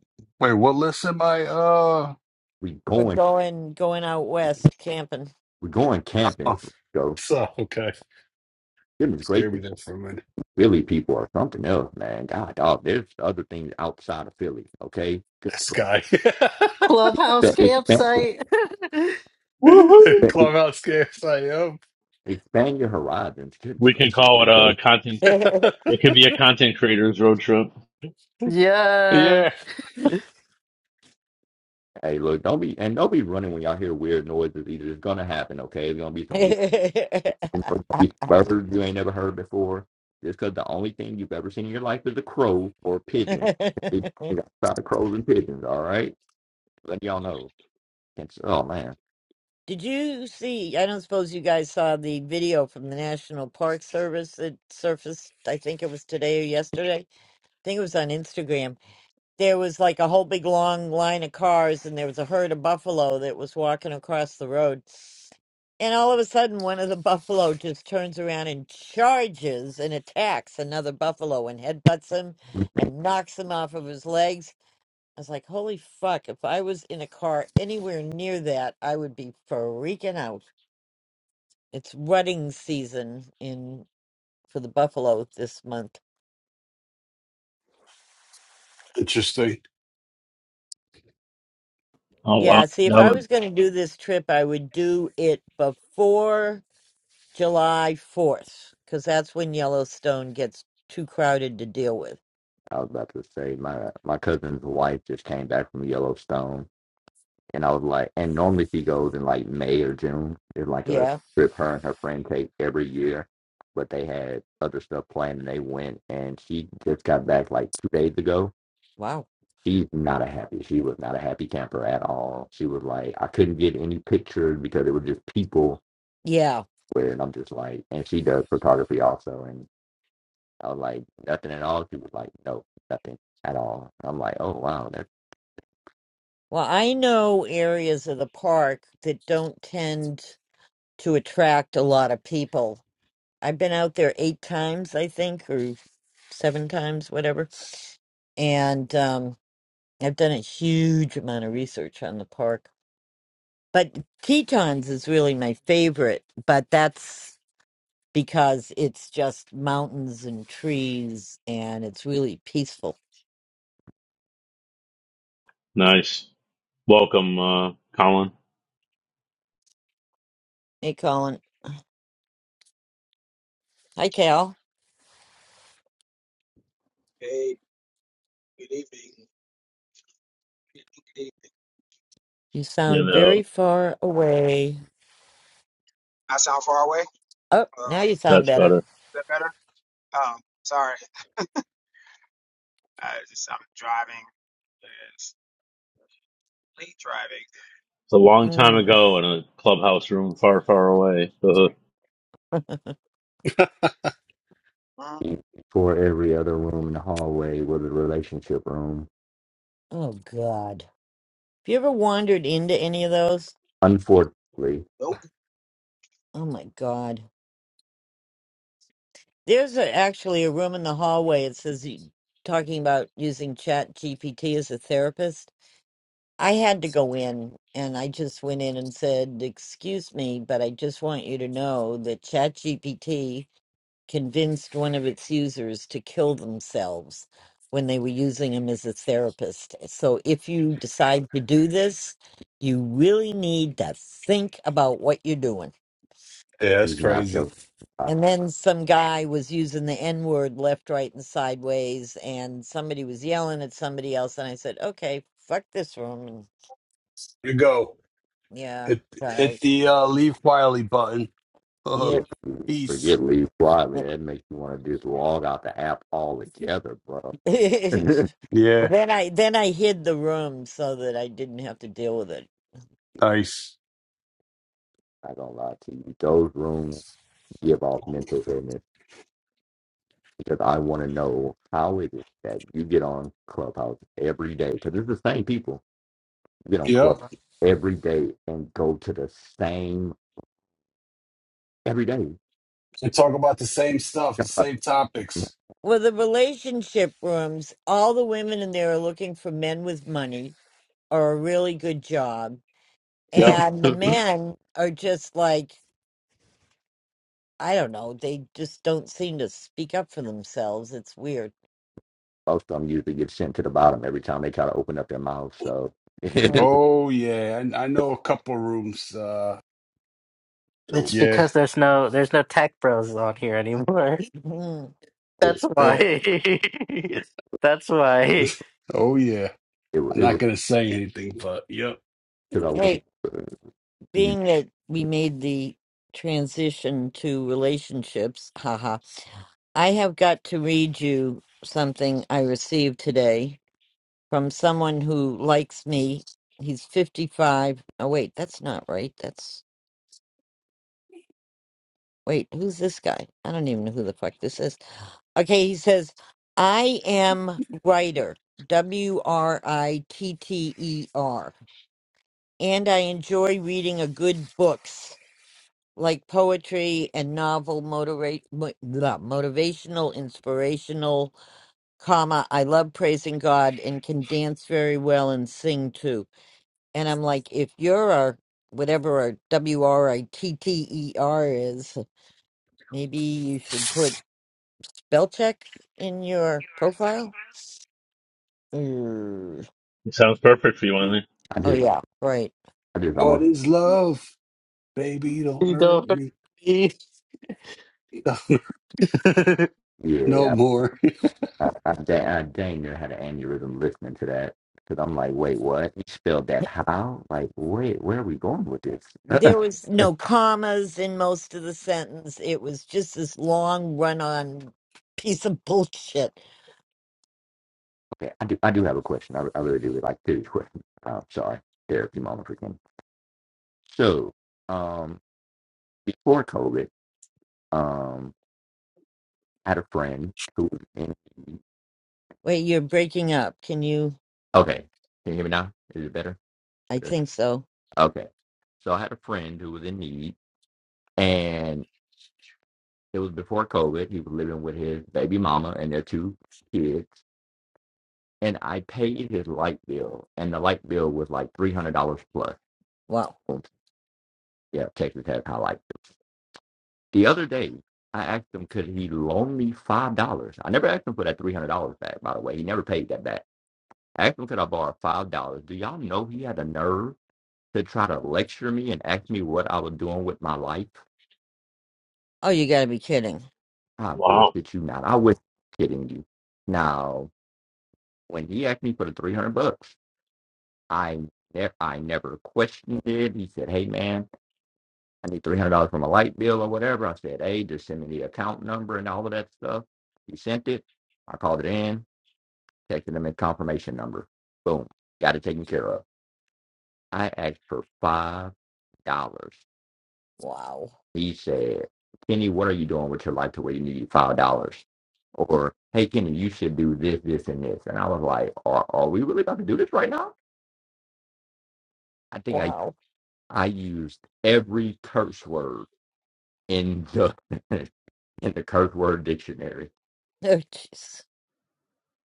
wait, what list am I uh we for going, going going out west camping. we going camping. oh So so okay. goodness Scared me gracious, there for a minute. Philly people are something else, man. God, dog, there's other things outside of Philly. Okay, good This guy. clubhouse expand, campsite. Woohoo! expand Clubhouse scares I am. expand your horizons. Goodness We can gracious, call it a Rico. content It could be a content creators road trip. yeah, yeah. Hey, look, don't be and don't be running when y'all hear weird noises. Either it's gonna happen, okay? It's gonna be some It's gonna be birds you ain't never heard before. Just because the only thing you've ever seen in your life is a crow or a pigeon. you got a lot of crows and pigeons, all right? Let y'all know. It's, oh man, Did you see? I don't suppose you guys saw the video from the National Park Service that surfaced. I think it was today or yesterday. I think it was on Instagram. there was like a whole big long line of cars and there was a herd of buffalo that was walking across the road and all of a sudden one of the buffalo just turns around and charges and attacks another buffalo and headbutts him and knocks him off of his legs i was like holy fuck if i was in a car anywhere near that i would be freaking out it's rutting season in for the buffalo this month Interesting. Oh wow, yeah see if that i would was going to do this trip i would do it before July 4th, because that's when Yellowstone gets too crowded to deal with. I was about to say my my cousin's wife just came back from Yellowstone, and I was like, and normally she goes in like May or June. It's like a Yeah. trip her and her friend take every year, but they had other stuff planned and they went, and she just got back like two days ago Wow. She's not a happy. She was not a happy camper at all. She was like, I couldn't get any pictures because it was just people. Yeah. Where and I'm just like, and she does photography also, and I was like, nothing at all. She was like, no, nothing at all. I'm like, oh wow, that's Well, I know areas of the park that don't tend to attract a lot of people. I've been out there eight times, I think, or seven times, whatever. And um, I've done a huge amount of research on the park. But Tetons is really my favorite, but that's because it's just mountains and trees and it's really peaceful. Nice. Welcome, uh, Colin. Hey, Colin. Hi, Cal. Hey, good evening. Good evening. You You sound know, very far away. I sound far away. Oh, Uh, now is you sound that's better. better. that better? Um, sorry. I just I'm driving. It's late driving. It's a long time Mm. ago in a clubhouse room far, far away. Uh, Mm, easy. for every other room in the hallway was a relationship room. Oh, God. Have you ever wandered into any of those? Unfortunately, nope. Oh, my God. There's a, actually a room in the hallway. It says you talking about using Chat GPT as a therapist. I had to go in and I just went in and said, Excuse me, but I just want you to know that Chat GPT." convinced one of its users to kill themselves when they were using him as a therapist. So if you decide to do this, you really need to think about what you're doing. Yeah, that's she's not crazy. just I And then some guy was using the N word left, right, and sideways, and somebody was yelling at somebody else. And I said, okay, fuck this room. And You go. yeah, Hit kind of, hit the uh leave quietly button. yep. forget Peace. forget Lee Quietly. That makes me want to just log out the app altogether, bro. well, Yeah, then I then I hid the room so that I didn't have to deal with it. nice. I don't lie to you. Those rooms give off mental illness because I want to know how it is that you get on Clubhouse every day because it's the same people get on Yep. Club every day and go to the same every day. They talk about the same stuff, the same topics. Well, the relationship rooms, all the women in there are looking for men with money or a really good job. Yep. And the men are just like, I don't know, they just don't seem to speak up for themselves. It's weird. Most of them usually get sent to the bottom every time they try to open up their mouth. So it was Oh yeah, I, I know a couple rooms. Uh, a it's yeah. because there's no there's no tech bros on here anymore. Mhm. That's it why. yeah. That's why Oh yeah. it, wa- I'm it not was gonna say anything, but yep. because I went. Hey, uh, you- being that we made the transition to relationships, haha, I have got to read you something I received today from someone who likes me. He's 55. Oh, wait, that's not right. That's, wait, who's this guy? I don't even know who the fuck this is. Okay, he says, I am writer, W R I T T E R, and I enjoy reading a good books like poetry and novel motivate, mo- blah, motivational inspirational comma i love praising god and can dance very well and sing too And I'm like, if you're our whatever our W R I T T E R is, maybe you should put spell check in your profile. Mm. it sounds perfect for you, Eileen. I Oh just yeah, right. I just What almost is love, baby? Don't you hurt don't hurt me me. no yeah. more. I I, I, dang, I dang near had an aneurysm listening to that because I'm like, wait, what? You spelled that how? Like, wait, where are we going with this? There was no commas in most of the sentence. It was just this long run on piece of bullshit. okay, I do I do have a question. I, I really do like serious question. Uh, sorry, therapy moment for Ken. So, um, before COVID, um, I had a friend who was in. Wait, you're breaking up. Can you? Okay, can you hear me now? Is it better? I Better. think so. Okay, so I had a friend who was in need, and It was before COVID. He was living with his baby mama and their two kids. And I paid his light bill, and the light bill was like three hundred dollars plus. Wow. Yeah, Texas has high light bill. The other day, I asked him, could he loan me five dollars? I never asked him for that three hundred dollars back. By the way, he never paid that back. I asked him, could I borrow five dollars? Do y'all know he had a nerve to try to lecture me and ask me what I was doing with my life? Oh, you gotta be kidding. I Wow. bullshit you not. I was kidding you. Now, when he asked me for the 300 bucks, I ne- I never questioned it. He said, "Hey man, I need three hundred dollars for my light bill or whatever." I said, "Hey, just send me the account number and all of that stuff." He sent it. I called it in, texted him a confirmation number. Boom, got it taken care of. I asked for five dollars. Wow. He said, "Kenny, what are you doing with your life to where you need five dollars?" Or, "Hey, Kenny, you should do this, this, and this." And I was like, "Are are we really about to do this right now?" I think I Wow. I used every curse word in the in the curse word dictionary. Oh, jeez.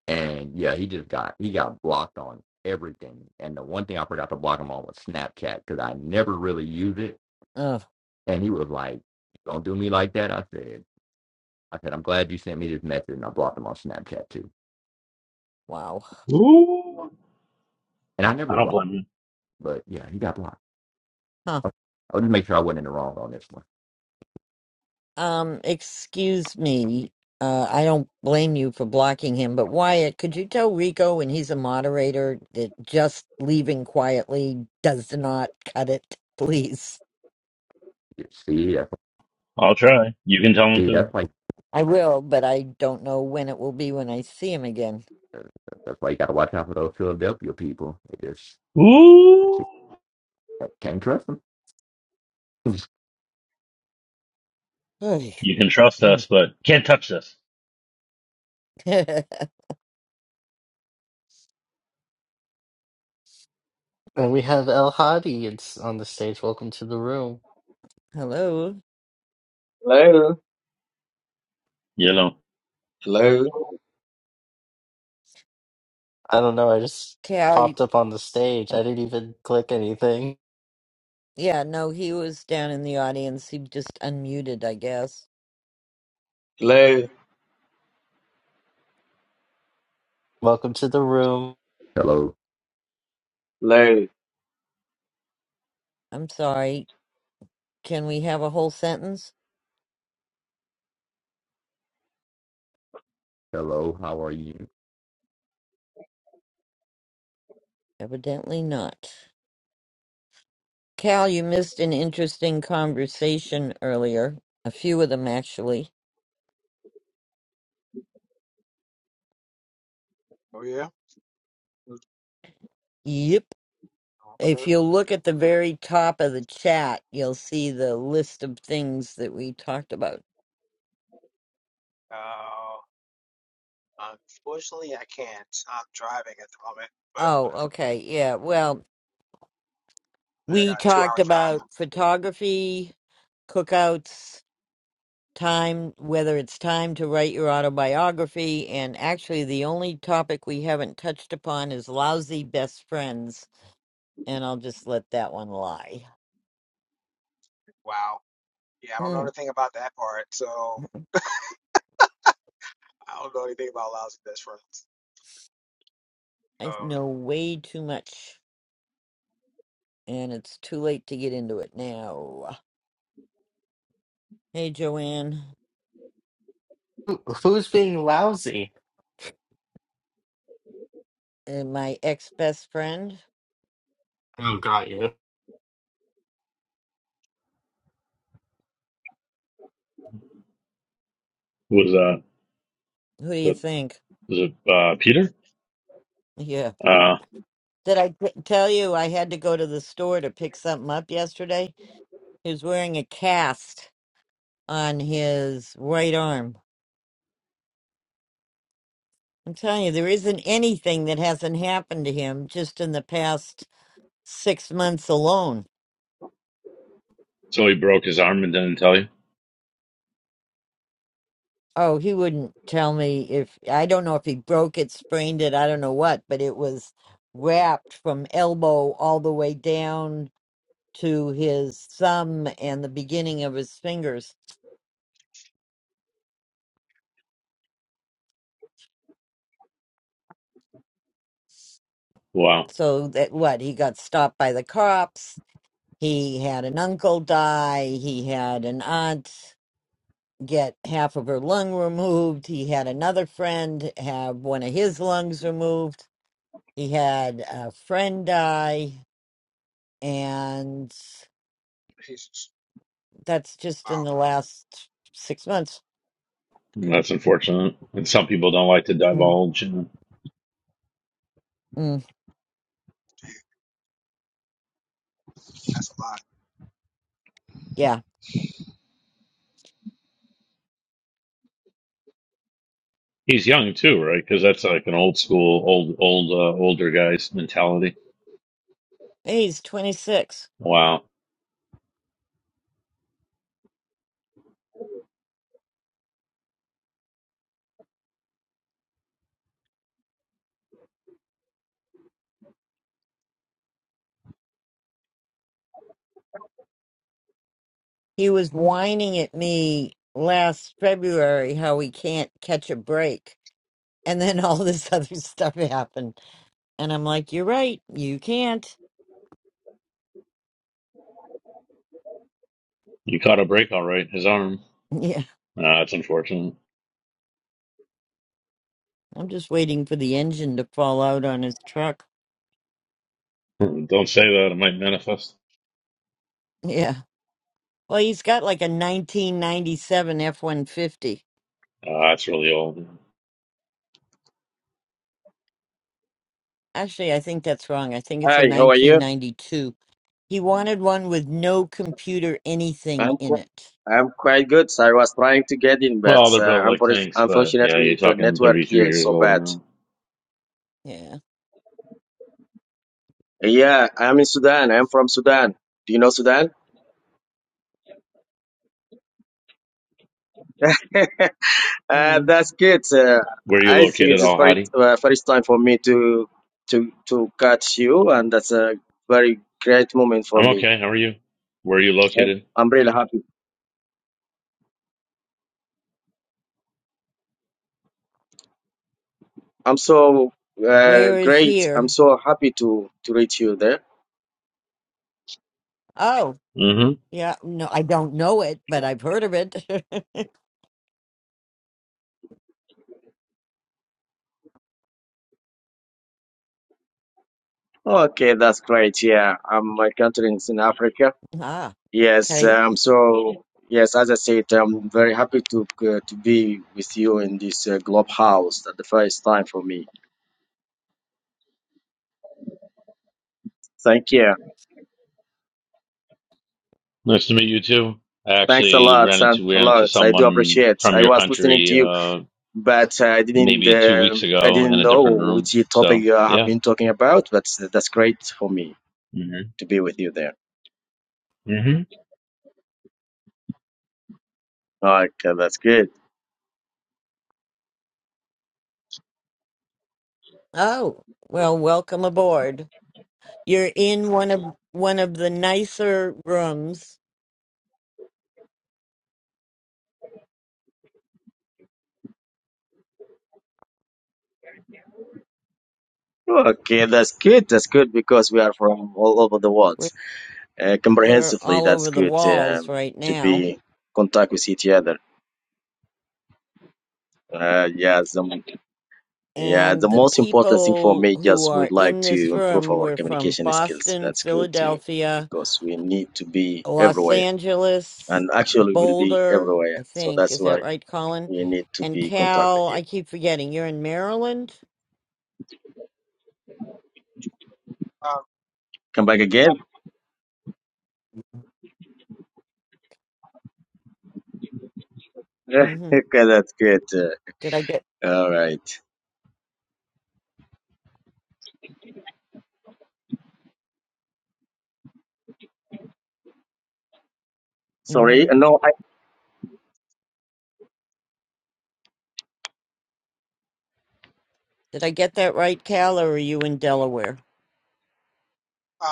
And yeah, he just got he got blocked on everything. And the one thing I forgot to block him on was Snapchat because I never really use it. Oh, And he was like, "Don't do me like that." I said, "I said I'm glad you sent me this message." And I blocked him on Snapchat too. wow. Ooh. And I I never don't blocked, blame you. him, but yeah, he got blocked. Huh. I wanted to make sure I wasn't in the wrong on this one. Um, excuse me. Uh, I don't blame you for blocking him, but Wyatt, could you tell Rico when he's a moderator that just leaving quietly does not cut it, please? You see, that's, I'll try. You can tell them see, that's to. why I will, but I don't know when it will be when I see him again. that's why you got to watch out for those Philadelphia people. They just, Ooh. they just can't trust them. Oy. You can trust Mm. us, but can't touch this. and we have El Hadi it's on the stage. Welcome to the room. Hello. Hello, You know, hello, I don't know. I just Cal, popped up on the stage. I didn't even click anything. Yeah, no, he was down in the audience. He just unmuted, I guess. hello, Welcome to the room. hello, hello. I'm sorry. Can we have a whole sentence? hello, how are you? Evidently not. Cal, you missed an interesting conversation earlier. A few of them, actually. Oh yeah. Yep. Okay. If you look at the very top of the chat, you'll see the list of things that we talked about. Uh, unfortunately, I can't. I'm driving at the moment, but Oh, okay. Yeah. Well, I we got a talked two-hour drive. about photography, cookouts. time, whether it's time to write your autobiography. And actually, the only topic we haven't touched upon is lousy best friends. And I'll just let that one lie. Wow. Yeah, I don't know Mm, anything about that part, so I don't know anything about lousy best friends. I Um, know way too much, and it's too late to get into it now. Hey, Joanne, Who- Who's being lousy? uh, my ex best friend. Oh, got you. was, uh, Who do you the, think? was it, uh, Peter? Yeah. Uh, Did I t- tell you I had to go to the store to pick something up yesterday? He was wearing a cast on his right arm I'm telling you, there isn't anything that hasn't happened to him just in the past six months alone. so he broke his arm and didn't tell you? Oh, he wouldn't tell me if I don't know if he broke it, sprained it, I don't know what, but it was wrapped from elbow all the way down to his thumb and the beginning of his fingers. Wow. So that what he got stopped by the cops. He had an uncle die. He had an aunt. get half of her lung removed. He had another friend have one of his lungs removed. He had a friend die, and Jesus. that's just Wow. in the last six months. That's unfortunate. And some people don't like to Mm, divulge. And mm, Damn, that's a lot. yeah. he's young too, right? Because that's like an old school, old, old, uh, older guy's mentality. He's 26. Wow, He was whining at me last February how he can't catch a break. And then all this other stuff happened. And I'm like, you're right. You can't. you caught a break, all right. His arm. Yeah. Uh, that's unfortunate. I'm just waiting for the engine to fall out on his truck. Don't say that; it might manifest. Yeah. Well, he's got like a 1997 F-150. Uh, that's really old. Actually, I think that's wrong. I think it's Hi, a how are you? 1992. He wanted one with no computer anything I'm in qu- it. I'm quite good. So I was trying to get in, but Well, they're uh, built like unfor- tanks, but yeah, you're unfortunately the talking network 33 here is years so old bad. now. Yeah. Yeah, I'm in Sudan. I'm from Sudan. Do you know Sudan? Uh, Mm. that's good. Uh, Where are you I think located, it is Al very Hadi? uh, first time for me to to to catch you, and that's a very great moment for I'm me. okay. How are you? Where are you I'm located? really happy. I'm so uh, Where is great. I'm here? so happy to to reach you there. Oh, hmm yeah. No, I don't know it, but I've heard of it. Okay, that's great. Yeah, um, my country is in Africa. ah, Yes, okay. um, so yes, as I said, I'm very happy to uh, to be with you in this uh, Globe House at the first time for me. Thank you. Nice to meet you too. I Thanks a actually lot, ran son. into we A ran into lot. I do someone appreciate. from I your was listening to country. you, Uh, but uh, I didn't maybe two weeks um I ago in didn't a know different room. which topic So you have yeah. been talking about. But that's great for me hmm to be with you there. hmm Okay, that's good. Oh, well, welcome aboard. You're in one of one of the nicer rooms. Okay, that's good. That's good because we are from all over the world. We're, uh, we're comprehensively. all That's over the good walls um, right to now. be contact with each other. Uh, yeah, the, yeah. The And the most important thing for people me who just would are like in this to improve room our were from communication skills. Boston, That's good too, Philadelphia, because we need to be Los everywhere, Angeles, and actually we'll be Boulder, I everywhere. So think. that's Is that why right, Colin? we need to And be contact with Cal, you. I keep forgetting. You're in Maryland? Um, Come back again. Mm-hmm. okay, that's good. Uh, Did I get all right. Sorry. hmm No, I Did I get that right, Cal, or are you in Delaware?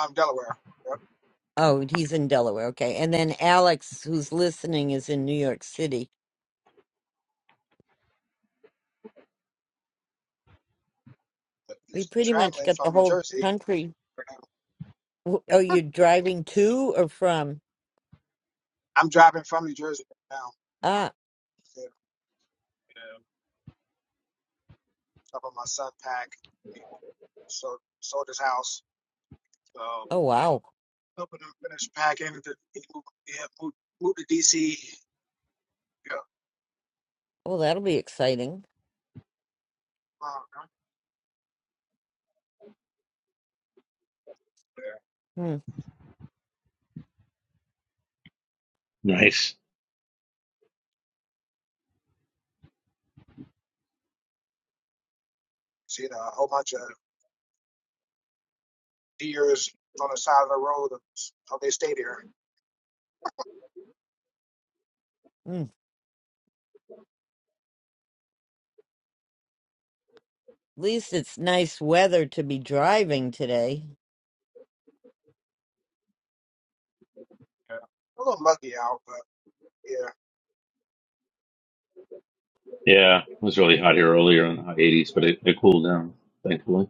um, Delaware. Yep. Oh, he's in Delaware. Okay. And then Alex, who's listening, is in New York City. We pretty much Traveling got from the New whole Jersey. country. W- Oh, you're driving to or from? I'm driving from New Jersey right now. Ah. Yeah. Up my son pack. He sold, sold his house. So Oh wow. helping him finish packing. The, he moved, he had moved, moved to DC. Yeah. Oh, that'll be exciting. Uh, yeah. Hmm. Nice. Seen a whole bunch of deers on the side of the road. That's How they stay there. Hmm. At least it's nice weather to be driving today. Yeah. A little muggy out, but yeah. Yeah, it was really hot here earlier in the high 80s, but it, it cooled down, thankfully.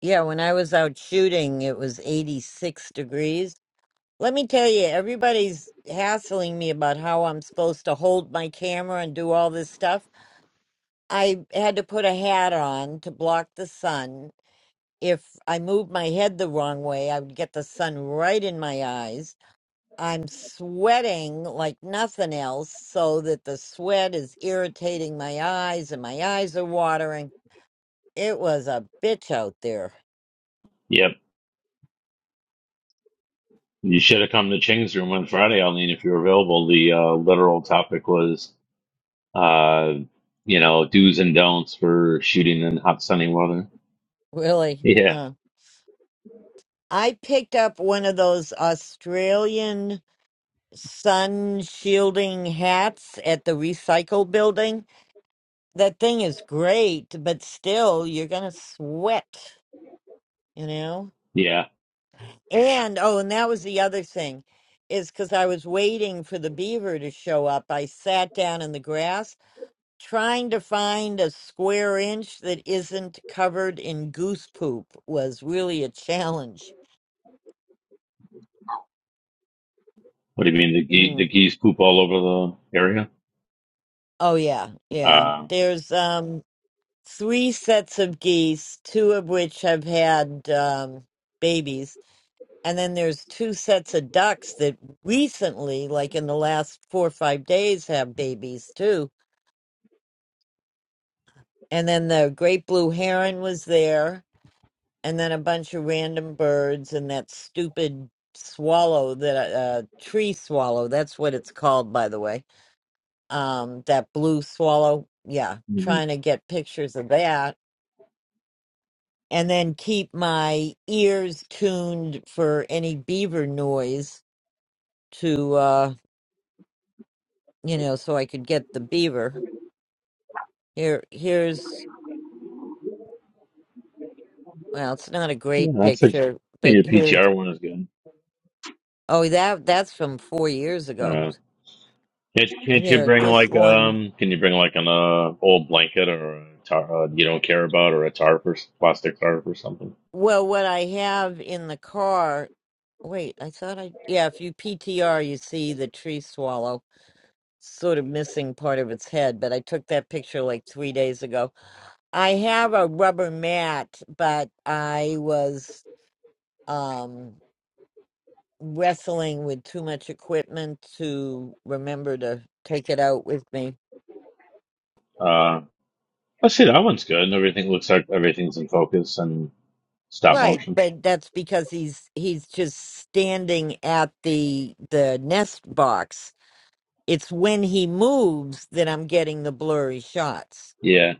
Yeah, when I was out shooting, it was 86 degrees. Let me tell you, everybody's hassling me about how I'm supposed to hold my camera and do all this stuff. I had to put a hat on to block the sun. If I moved my head the wrong way, I would get the sun right in my eyes. I'm sweating like nothing else, so that the sweat is irritating my eyes and my eyes are watering. It was a bitch out there, Yep. You should have come to Ching's room on Friday, Eileen, if you were available. The uh, literal topic was, uh, you know, do's and don'ts for shooting in hot sunny weather. really. Yeah, Huh. I picked up one of those Australian sun shielding hats at the recycle building. That thing is great, but still, you're going to sweat, you know? yeah. And oh, and that was the other thing is because I was waiting for the beaver to show up. I sat down in the grass trying to find a square inch that isn't covered in goose poop was really a challenge. What do you mean? The gee, the Mm. geese poop all over the area? Oh yeah, yeah. Uh, There's um three sets of geese, two of which have had um babies, and then there's two sets of ducks that recently, like in the last four or five days, have babies too And then the great blue heron was there, and then a bunch of random birds, and that stupid swallow that uh, tree swallow. That's what it's called, by the way. Um, that blue swallow. Yeah, mhm. trying to get pictures of that, and then keep my ears tuned for any beaver noise to, uh, you know, so I could get the beaver. Here, here's. Well, it's not a Yeah, great that's a. picture, but Yeah, here's. PTR one is good. Oh, that that's from four years Uh, ago. Can't, can't you here bring this like one um? Can you bring like an uh, old blanket or a tar uh, you don't care about or a tarp or s- plastic tarp or something? well what i have in the car wait i thought i yeah if you ptr you see the tree swallow sort of missing part of its head but i took that picture like three days ago i have a rubber mat but i was um wrestling with too much equipment to remember to take it out with me Uh, let's see. That one's good. Everything looks like everything's in focus and stop right motion. but that's because he's he's just standing at the the nest box It's when he moves that I'm getting the blurry shots. Yeah,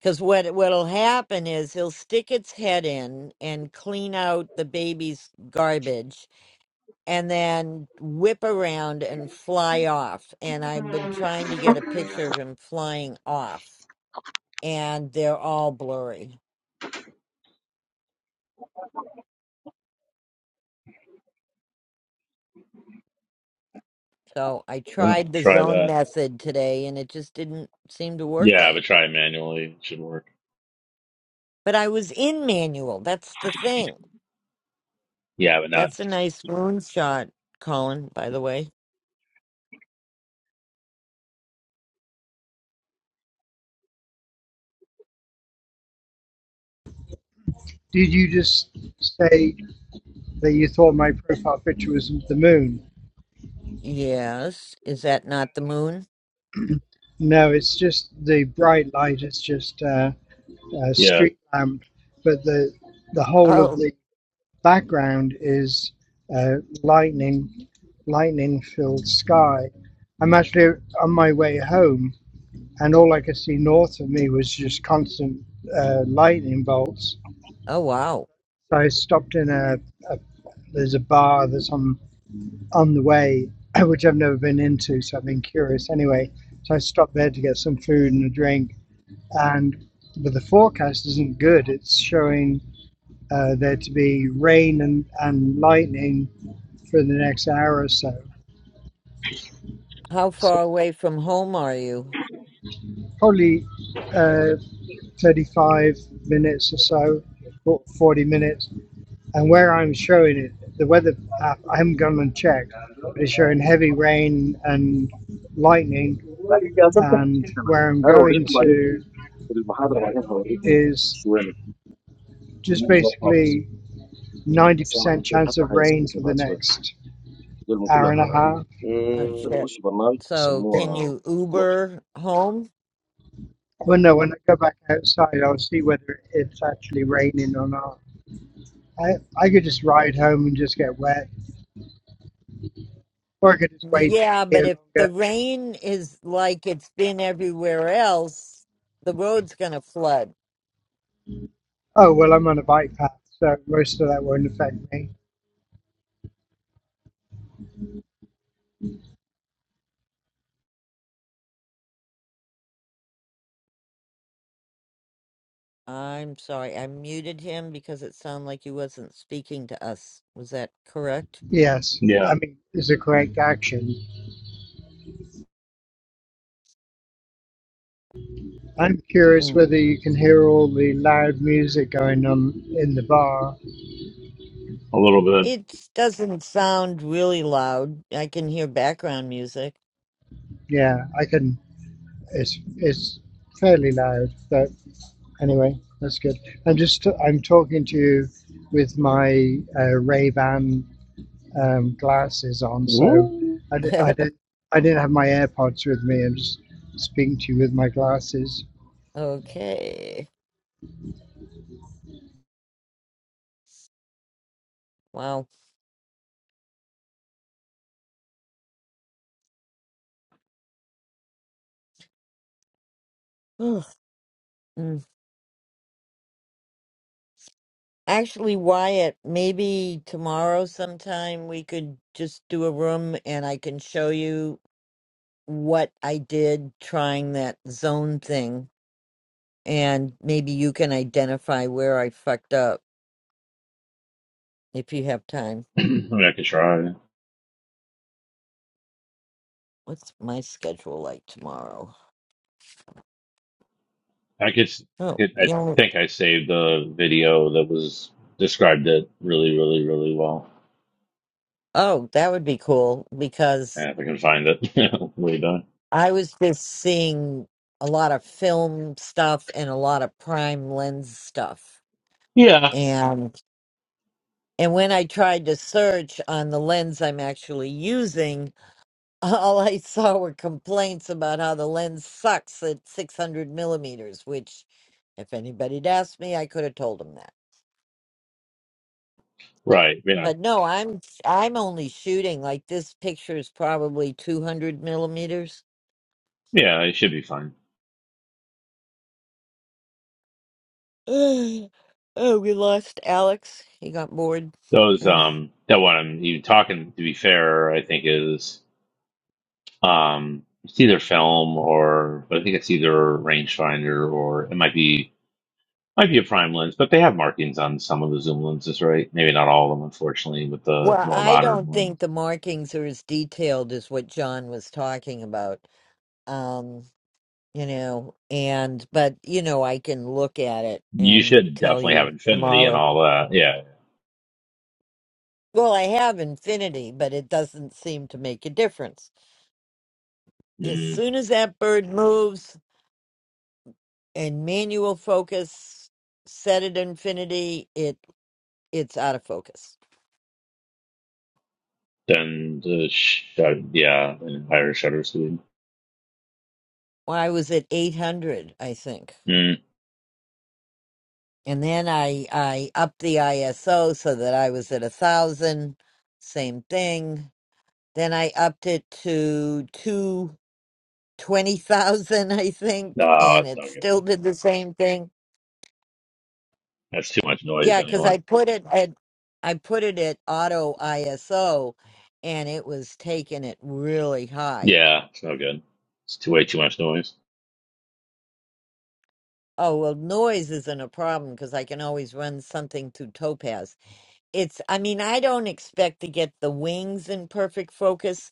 Because what what'll happen is he'll stick its head in and clean out the baby's garbage, and then whip around and fly off. And I've been trying to get a picture of him flying off, and they're all blurry. So I yeah, tried the try zone that. method today, and it just didn't seem to work Yeah, right. but try it manually. It should work. But I was in manual. That's the thing. Yeah, but not. That's a nice moon shot, Colin, by the way. Did you just say that you thought my profile picture was the moon? Yes. Is that not the moon? No, it's just the bright light. It's just uh, a Yeah, street lamp, but the the whole of Oh. the background is uh, lightning, lightning filled sky. I'm actually on my way home, and all I could see north of me was just constant uh, lightning bolts. Oh, wow. So I stopped in a, a there's a bar that's on on the way, which I've never been into, so I've been curious anyway. So I stopped there to get some food and a drink. And but the forecast isn't good. It's showing uh, there to be rain and, and lightning for the next hour or so. How So far away from home are you? probably uh, 35 minutes or so, or 40 minutes. And where I'm showing it, the weather app, I haven't gone and checked, but it's showing heavy rain and lightning think And where I'm going to is just I basically As I am 90% happy, I chance of will rain for live a the happy life. next All of hour and them a are half. Oh, shit. good. You can buy it. It is So, Yeah. can called you cloth. Uber home? Well, no, when I go back outside, I'll see whether it's actually raining or not. I, I could just ride home and just get wet, or I could just wait Yeah, but here if the longer. rain is like it's been everywhere else, the road's going to flood. Oh, well, I'm on a bike path, so most of that won't affect me. I'm sorry. I muted him because it sounded like he wasn't speaking to us. Was that correct? Yes, yeah, I mean, it's a correct action. I'm curious whether you can hear all the loud music going on in the bar. a little bit. It doesn't sound really loud. I can hear background music. Yeah, I can It's it's fairly loud, but anyway, that's good. I'm just I'm talking to you with my uh, Ray Ban um, glasses on, so Woo. I, di- I didn't I didn't have my AirPods with me. I'm just speaking to you with my glasses. Okay. Wow. Ugh. Mm. Actually, Wyatt, maybe tomorrow sometime we could just do a room and I can show you what I did trying that zone thing. And maybe you can identify where I fucked up if you have time. I mean, I could try. What's my schedule like tomorrow? I could. s- I Oh, could. I yeah. think I saved the video that was described it really, really, really well. Oh, that would be cool because Yeah, if I can find it. Yeah, Way done. I was just seeing a lot of film stuff and a lot of prime lens stuff. Yeah, And and when I tried to search on the lens I'm actually using, all I saw were complaints about how the lens sucks at 600 millimeters, which if anybody'd asked me, I could have told them that. right. Yeah, But no, I'm I'm only shooting like this picture is probably 200 millimeters. yeah, it should be fine. Oh, we lost Alex. He got bored. Those, Mm-hmm. um, that one I'm you talking. To be fair, I think is, um, it's either film or, but I think it's either rangefinder or it might be might be a prime lens. But they have markings on some of the zoom lenses, right? Maybe not all of them, unfortunately, with the Well, more I modern don't ones. think the markings are as detailed as what John was talking about. Um, you know, and but you know, I can look at it You and should tell definitely have you infinity and tomorrow. all that. Yeah. Well, I have infinity, but it doesn't seem to make a difference. As Mm. soon as that bird moves and manual focus set at infinity, it it's out of focus. Then the sh- uh, yeah, and higher shutter speed. Well, I was at 800, I think. Mm. and then I I upped the ISO so that I was at a thousand, same thing. Then I upped it to two twenty thousand, I think, No, and that's it not good. still did the same thing. That's too much noise, Yeah, because anyone. I put it at I put it at auto ISO, and it was taking it really high. Yeah, it's no good. It's too way too much noise. Oh well, noise isn't a problem because I can always run something through Topaz. it's i mean i don't expect to get the wings in perfect focus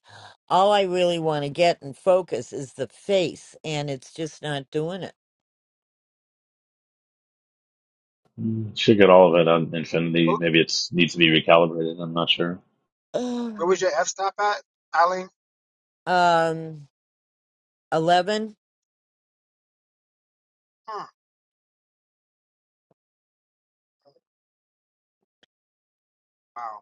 all i really want to get in focus is the face and it's just not doing it Mm, Should get all of it on Infinity. Where Maybe it's needs to be recalibrated. I'm not sure. where was your F stop at, Eileen? um 11 Hmm. Wow.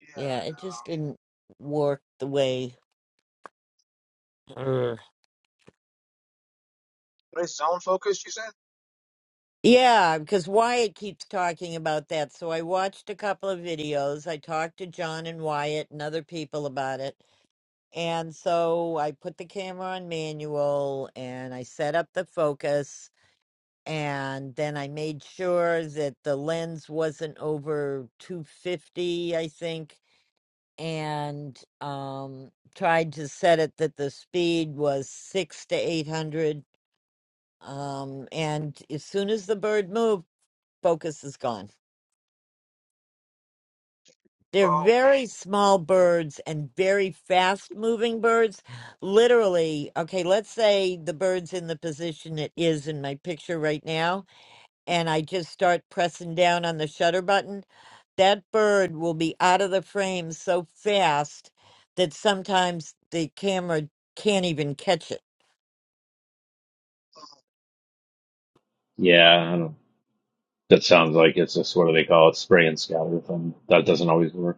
Yeah. yeah it Um, just didn't work the way Ugh. what is zone focus? You said. yeah because wyatt keeps talking about that so i watched a couple of videos i talked to john and wyatt and other people about it and so i put the camera on manual and i set up the focus and then I made sure that the lens wasn't over 250, I think, and um, tried to set it that the speed was six to 800. Um, and as soon as the bird moved, focus is gone. They're Oh. very small birds and very fast moving birds. Literally, okay, let's say the bird's in the position it is in my picture right now and I just start pressing down on the shutter button, that bird will be out of the frame so fast that sometimes the camera can't even catch it. Yeah, I don't. That sounds like it's just what do they call it? Spray and scatter thing. That doesn't always work.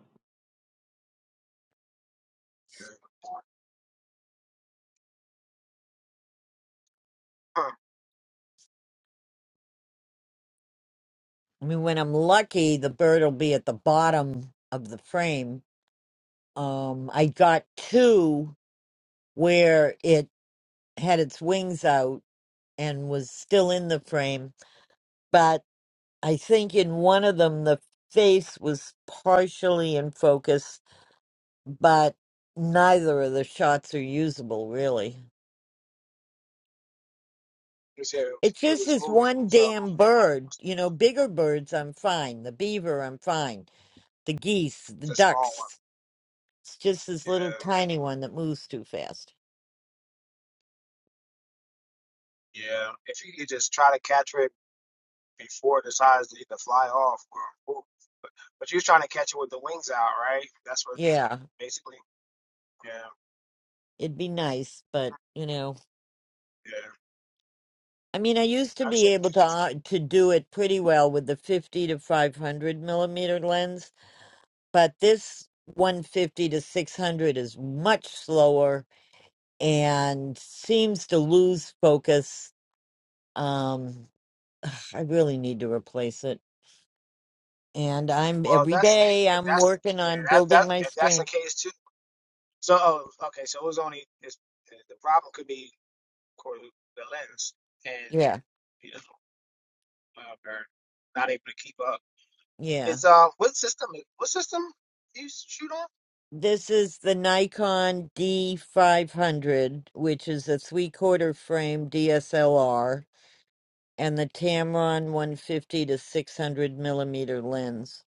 Okay. I mean, when I'm lucky, the bird will be at the bottom of the frame. Um, I got two where it had its wings out and was still in the frame, but I think in one of them, the face was partially in focus but neither of the shots are usable really. You said it was, It's it just was this moving, one so damn bird. You know, bigger birds I'm fine. The beaver I'm fine. The geese, the it's a small one. ducks. It's just this little Yeah, tiny one that moves too fast. yeah. If you could just try to catch it before it decides to either fly off or move. But, but you're trying to catch it with the wings out, right? That's what Yeah, basically. Yeah, it'd be nice, but you know, yeah. I mean, I used to Like I said, be able keep- to uh, to do it pretty well with the 50 to 500 millimeter lens, but this 150 to 600 is much slower and seems to lose focus. Um, ugh, I really need to replace it. And I'm well, every that's day if I'm that's working the yeah, on that that building my if that's the strength. case too. So oh, okay, so it was only it's, the problem could be of course the lens and Yeah, you know uh, they're not able to keep up. yeah. It's uh what system? What system do you shoot on? This is the Nikon D500, which is a three quarter frame DSLR, and the Tamron 150 to 600 millimeter lens.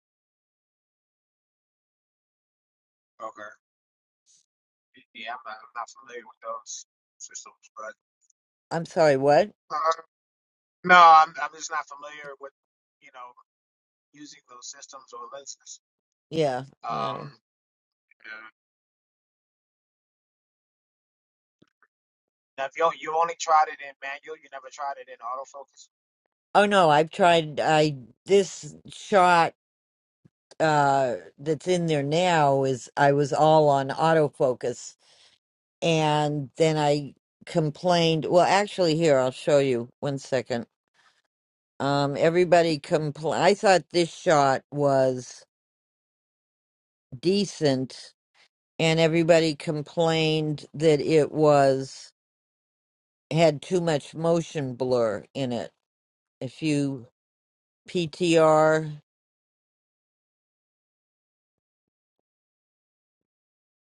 Okay. Yeah, I'm not, I'm not familiar with those systems, but I'm sorry, what? uh, no, I'm, I'm just not familiar with, you know, using those systems or lenses. Yeah, yeah. Um, yeah. now, if you you only tried it in manual, you never tried it in autofocus. Oh no, I've tried. I this shot. uh that's in there now is I was all on autofocus and then I complained well actually here I'll show you one second um everybody compl I thought this shot was decent and everybody complained that it was had too much motion blur in it if you PTR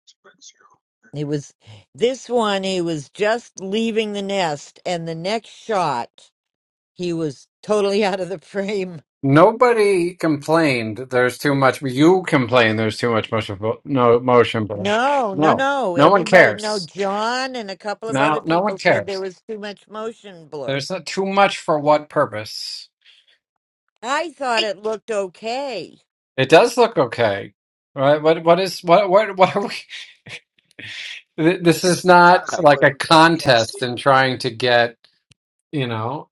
It's pretty zero. it was this one he was just leaving the nest and the next shot He was totally out of the frame. Nobody complained there's too much. You complain there's too much motion. vo- No motion, bro. No, no, No, no. no one Everybody, no, cares. John and a couple of other No, no one people said there cares. was too much motion blur. There's not too much for what purpose? I thought it looked okay. It does look okay, right? What what is what what what are we? th- This is I'm trying to not see like whether a I can't see. contest in trying to get you know.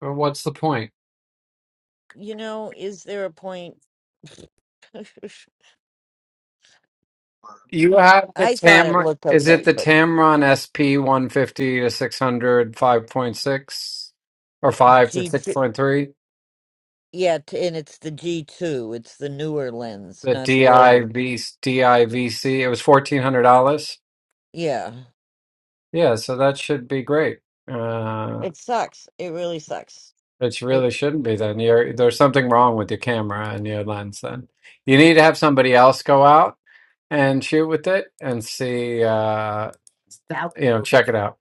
What's the point? You know, is there a point? You have the I thought it Tamron. looked Is it okay, the but Tamron SP 150 to six hundred five point six, or 5 to G2, 6.3? yeah, t- and it's the G2. It's the newer lens, The not the older. DIV, DIVC. It was $1,400. Yeah, Yeah, so that should be great. Uh, it sucks. It really sucks. it It, really shouldn't be then. You're, there's something wrong with your camera and your lens then. You need to have somebody else go out and shoot with it and see, uh, you know, check it out.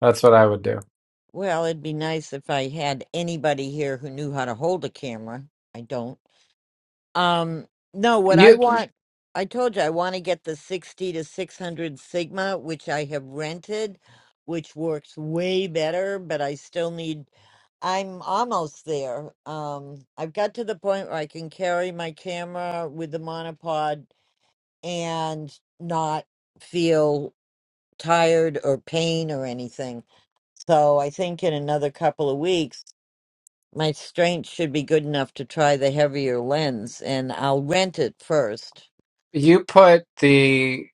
That's what I would do. well, it'd be nice if I had anybody here who knew how to hold a camera. I don't. Um, no, what I You want, I told you I want to get the 60 to 600 Sigma, which I have rented, which works way better, but I still need, I'm almost there. Um, I've got to the point where I can carry my camera with the monopod and not feel tired or pain or anything. So I think in another couple of weeks, my strength should be good enough to try the heavier lens, and I'll rent it first you put the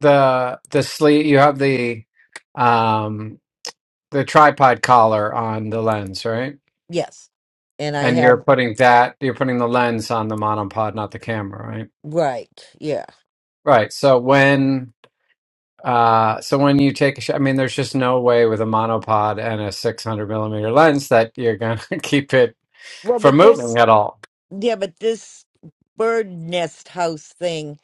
the the sleeve you have the um the tripod collar on the lens right Yes. And I and you're have, putting that you're putting the lens on the monopod not the camera right right. Yeah. right so when uh so when you take a shot i mean there's just no way with a monopod and a 600 millimeter lens that you're gonna keep it Well, from but moving this, at all yeah, but this bird nest house thing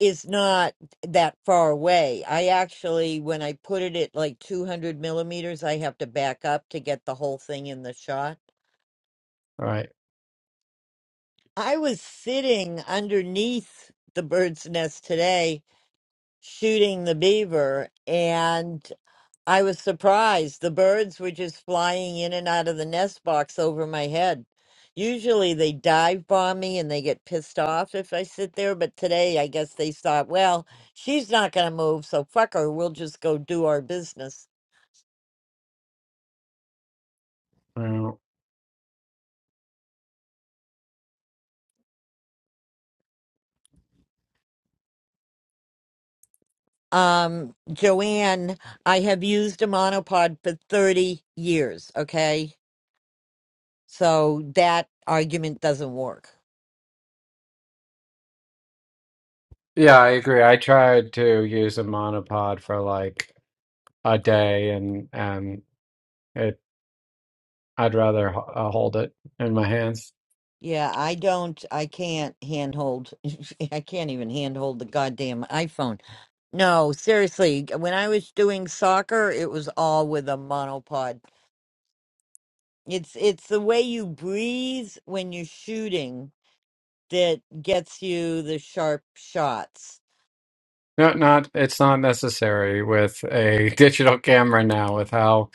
is not that far away. I actually, when I put it at like 200 millimeters, I have to back up to get the whole thing in the shot. right I was sitting underneath the bird's nest today shooting the beaver, and. I was surprised. The birds were just flying in and out of the nest box over my head. Usually they dive bomb me and they get pissed off if I sit there, but today I guess they thought, well, she's not going to move, so fuck her. We'll just go do our business. Well, Um, Joanne, I have used a monopod for 30 years, okay? So that argument doesn't work. yeah i agree i tried to use a monopod for like a day and and I'd rather h- uh, hold it in my hands. Yeah, I don't, I can't handhold, I can't even handhold the goddamn iPhone. No, seriously, when I was doing soccer, it was all with a monopod. It's it's the way you breathe when you're shooting that gets you the sharp shots. No, not it's not necessary with a digital camera now, with how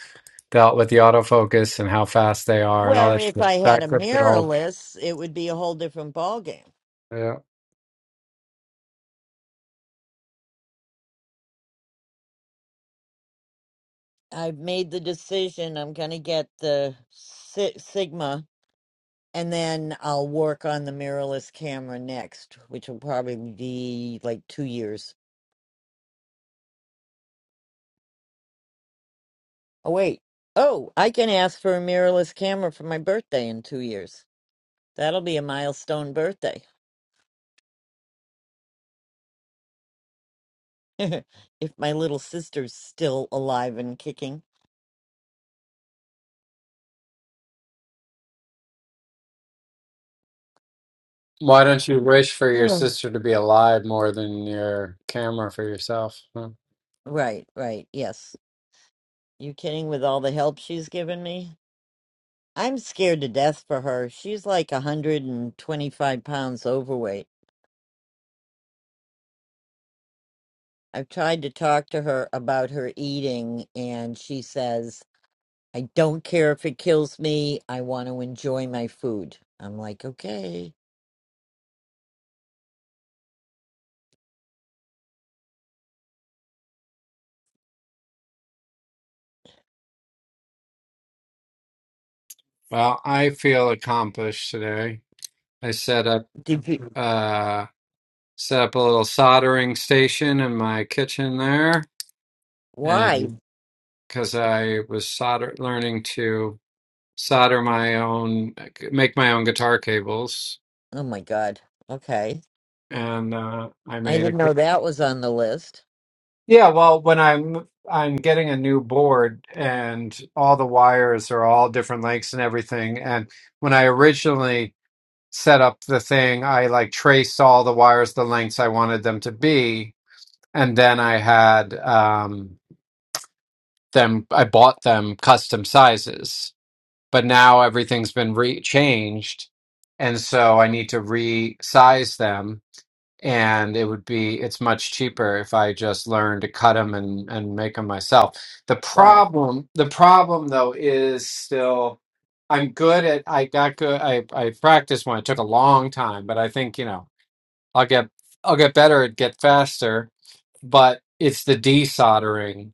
dealt with the autofocus and how fast they are and all Well, that if shit. I had a Backflips and all. mirrorless, it would be a whole different ball game. Yeah. I've made the decision I'm going to get the si Sigma and then I'll work on the mirrorless camera next, which will probably be like 2 years. Oh, wait. Oh, I can ask for a mirrorless camera for my birthday in two years. That'll be a milestone birthday. if my little sister's still alive and kicking. Why don't you wish for your Mm. sister to be alive more than your camera for yourself? huh? Right, right. Yes. You kidding with all the help she's given me? I'm scared to death for her. She's like a 125 pounds overweight. I've tried to talk to her about her eating, and she says, I don't care if it kills me. I want to enjoy my food. I'm like, okay. Well, I feel accomplished today. I set up Did you? uh set up a little soldering station in my kitchen there Why? and because I was solder learning to solder my own make my own guitar cables Oh my God. Okay. and uh I I made a didn't know that was on the list. Yeah, well, when I'm I'm getting a new board and all the wires are all different lengths and everything and when I originally set up the thing. I like traced all the wires the lengths I wanted them to be, and then I had um, them. I bought them custom sizes, but now everything's been re- changed, and so I need to resize them. And it would be it's much cheaper if I just learn to cut them and and make them myself. The Wow. problem, the problem though, is still. I'm good at I got good I I practiced one. It took a long time, but I think you know I'll get I'll get better at get faster, but it's the desoldering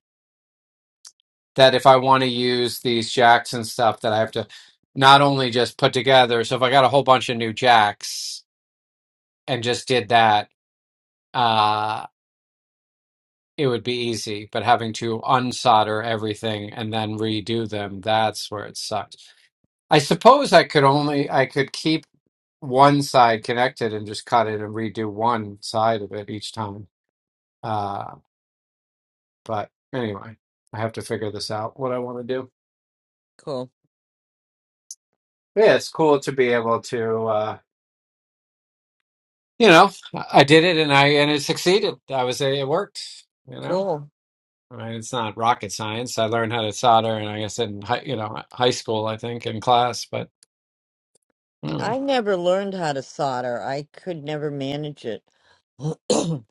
that if I want to use these jacks and stuff that I have to not only just put together. So if I got a whole bunch of new jacks and just did that, uh, it would be easy. But having to unsolder everything and then redo them, that's where it sucks. I suppose I could only I could keep one side connected and just cut it and redo one side of it each time. uh, But anyway, I have to figure this out what I want to do. Cool. yeah, it's cool to be able to, uh, you know, I did it and I and it succeeded. I was it worked. You know, Cool. I mean, it's not rocket science. I learned how to solder, and I guess in high, you know high school, I think in class. But mm, I never learned how to solder. I could never manage it. but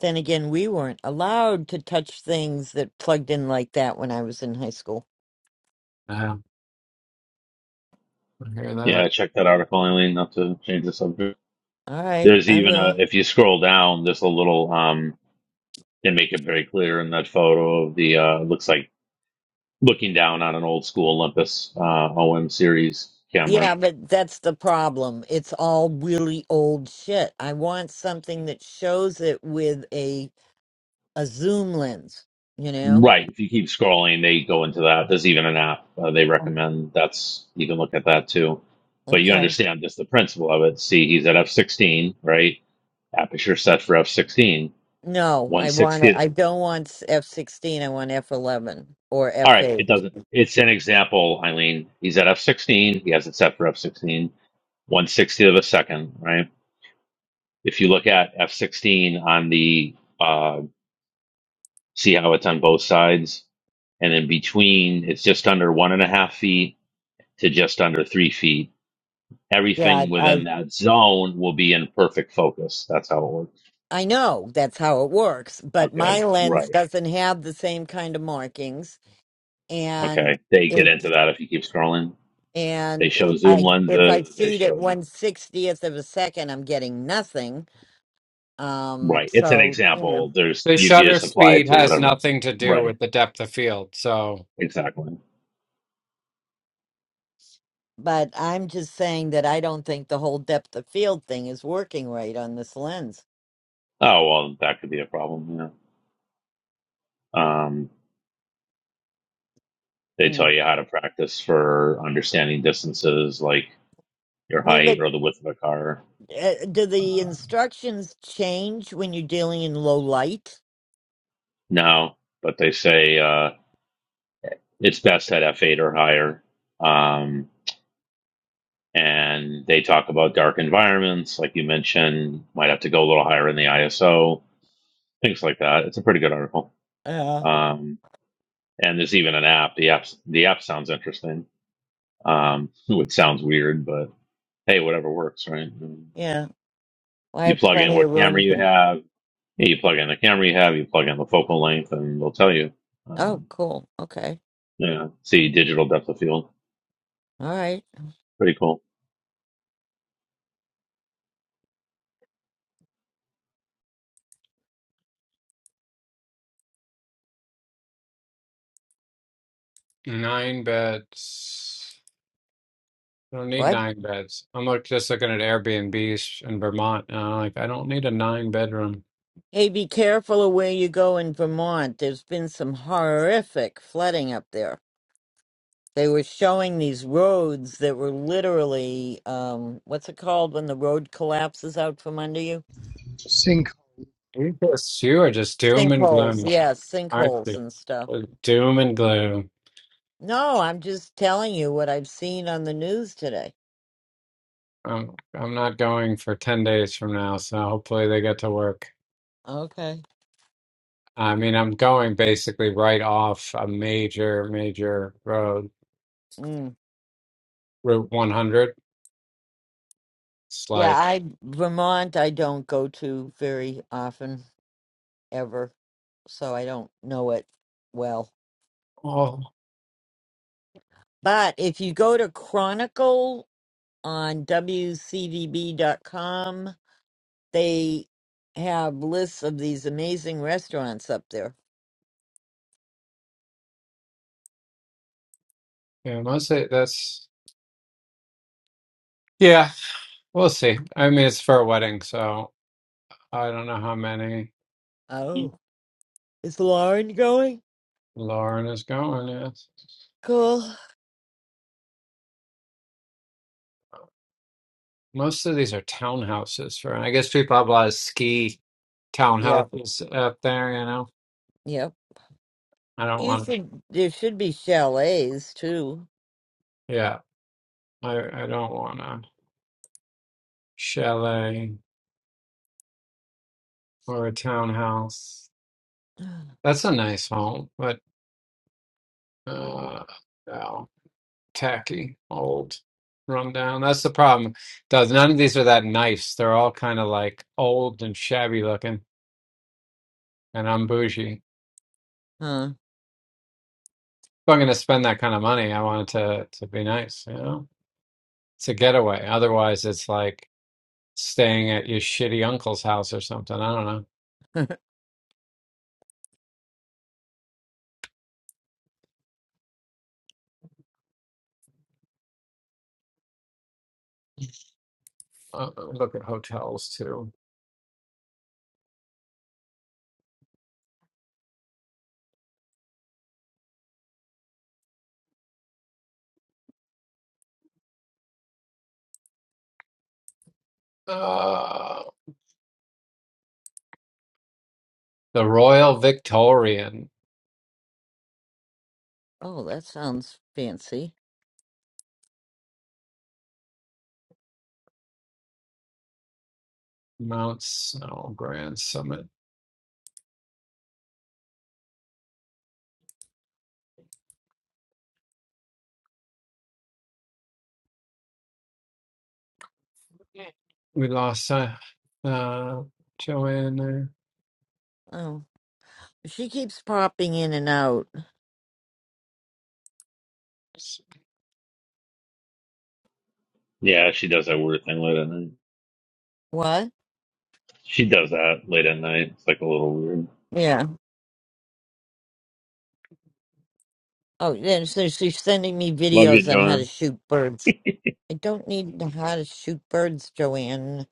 then again, we weren't allowed to touch things that plugged in like that when I was in high school. yeah, I hear Yeah, I that. checked that article, Eileen, not to change the subject. All right, There's I even a will. if you scroll down, there's a little um. They make it very clear in that photo of the uh. Looks like looking down on an old school Olympus uh, OM series camera Yeah, but that's the problem. It's all really old shit. I want something that shows it with a a zoom lens, you know? Right. If you keep scrolling, they go into that. There's even an app uh, they recommend. That's you can look at that too. But you Okay. understand just the principle of it. See, he's at f16, right? Aperture set for f16, No, I want it. 160. I don't want F sixteen. I want F eleven or All F right, it eight. doesn't. It's an example, Eileen. He's at f16. He has it set for f16, 160th of a second, right? If you look at f16 on the, uh, see how it's on both sides, and in between, it's just under one and a half feet to just under three feet Yeah, everything I within I that zone will be in perfect focus. That's how it works. I know that's how it works, but Okay. my lens Right. doesn't have the same kind of markings, and Okay. They get into it's that if you keep scrolling. They and show it, zoom I if I lenses. They shoot at show, one sixtieth of a second, I'm getting nothing. Um, right. It's an so you example. know, There's, The you can shutter just apply it speed to has whatever. nothing to do Right. with the depth of field. So Exactly. but I'm just saying that I don't think the whole depth of field thing is working right on this lens. Oh, well, that could be a problem. Yeah. Um, they tell Mm. you how to practice for understanding distances like your I mean, height but or the width of a car. uh, do the instructions change when you're dealing in low light? No, but they say, uh, it's best at F8 or higher. Um, and they talk about dark environments, like you mentioned, might have to go a little higher in the ISO, things like that. It's a pretty good article. Yeah. Um, and there's even an app. The app the app sounds interesting. Um, it sounds weird, but hey, whatever works, right? Yeah. Well, I You have plug in plenty of what camera room you to. have. Yeah, you plug in the camera you have. You plug in the focal length, and they'll tell you. Oh, Um, cool. Okay. yeah, see digital depth of field. All right. Pretty cool. nine bits. I don't need What? nine beds. I'm look, just looking at Airbnbs in Vermont, and I'm like, I don't need a nine bedroom. Hey, be careful of where you go in Vermont. There's been some horrific flooding up there. They were showing these roads that were literally, um, what's it called when the road collapses out from under you? Sync. You just you are just doom and gloom, Sinkholes. Yeah, aren't sinkholes you? and stuff. Like, Doom and gloom. No, I'm just telling you what I've seen on the news today. I'm I'm not going for ten days from now, so hopefully they get to work. Okay. I mean, I'm going basically right off a major, major road, Mm. Route 100. It's Yeah, like, I Vermont I don't go to very often ever, so I don't know it well. oh, But if you go to Chronicle on WCDB.com, they have lists of these amazing restaurants up there. yeah, mostly that's yeah. We'll see. I mean, it's for a wedding, so I don't know how many. Oh, is Lauren going? Lauren is going, yes. Cool. Most of these are townhouses for I guess people have a lot of ski Yep, townhouses up there, you know. yep. I don't You want should. There should be chalets too. yeah, I I don't want a chalet or a townhouse. That's a nice home, but uh oh, tacky, old, run down. That's the problem. Does none of these are that nice. They're all kind of like old and shabby looking, and I'm bougie. If Huh. I'm gonna spend that kind of money, I want it to to be nice, you know. It's a getaway. Otherwise, it's like staying at your shitty uncle's house or something. I don't know. Uh, look at hotels too. Uh, the Royal Victorian, oh, that sounds fancy. Mount Snow Grand Summit. We lost uh, uh, Joanne there. Oh, she keeps popping in and out. Yeah, she does that weird thing late at night. What? She does that late at night. It's like a little weird. Yeah. Oh, yeah. So she's sending me Love you, videos on how to John. shoot birds. I don't need to how to shoot birds, Joanne.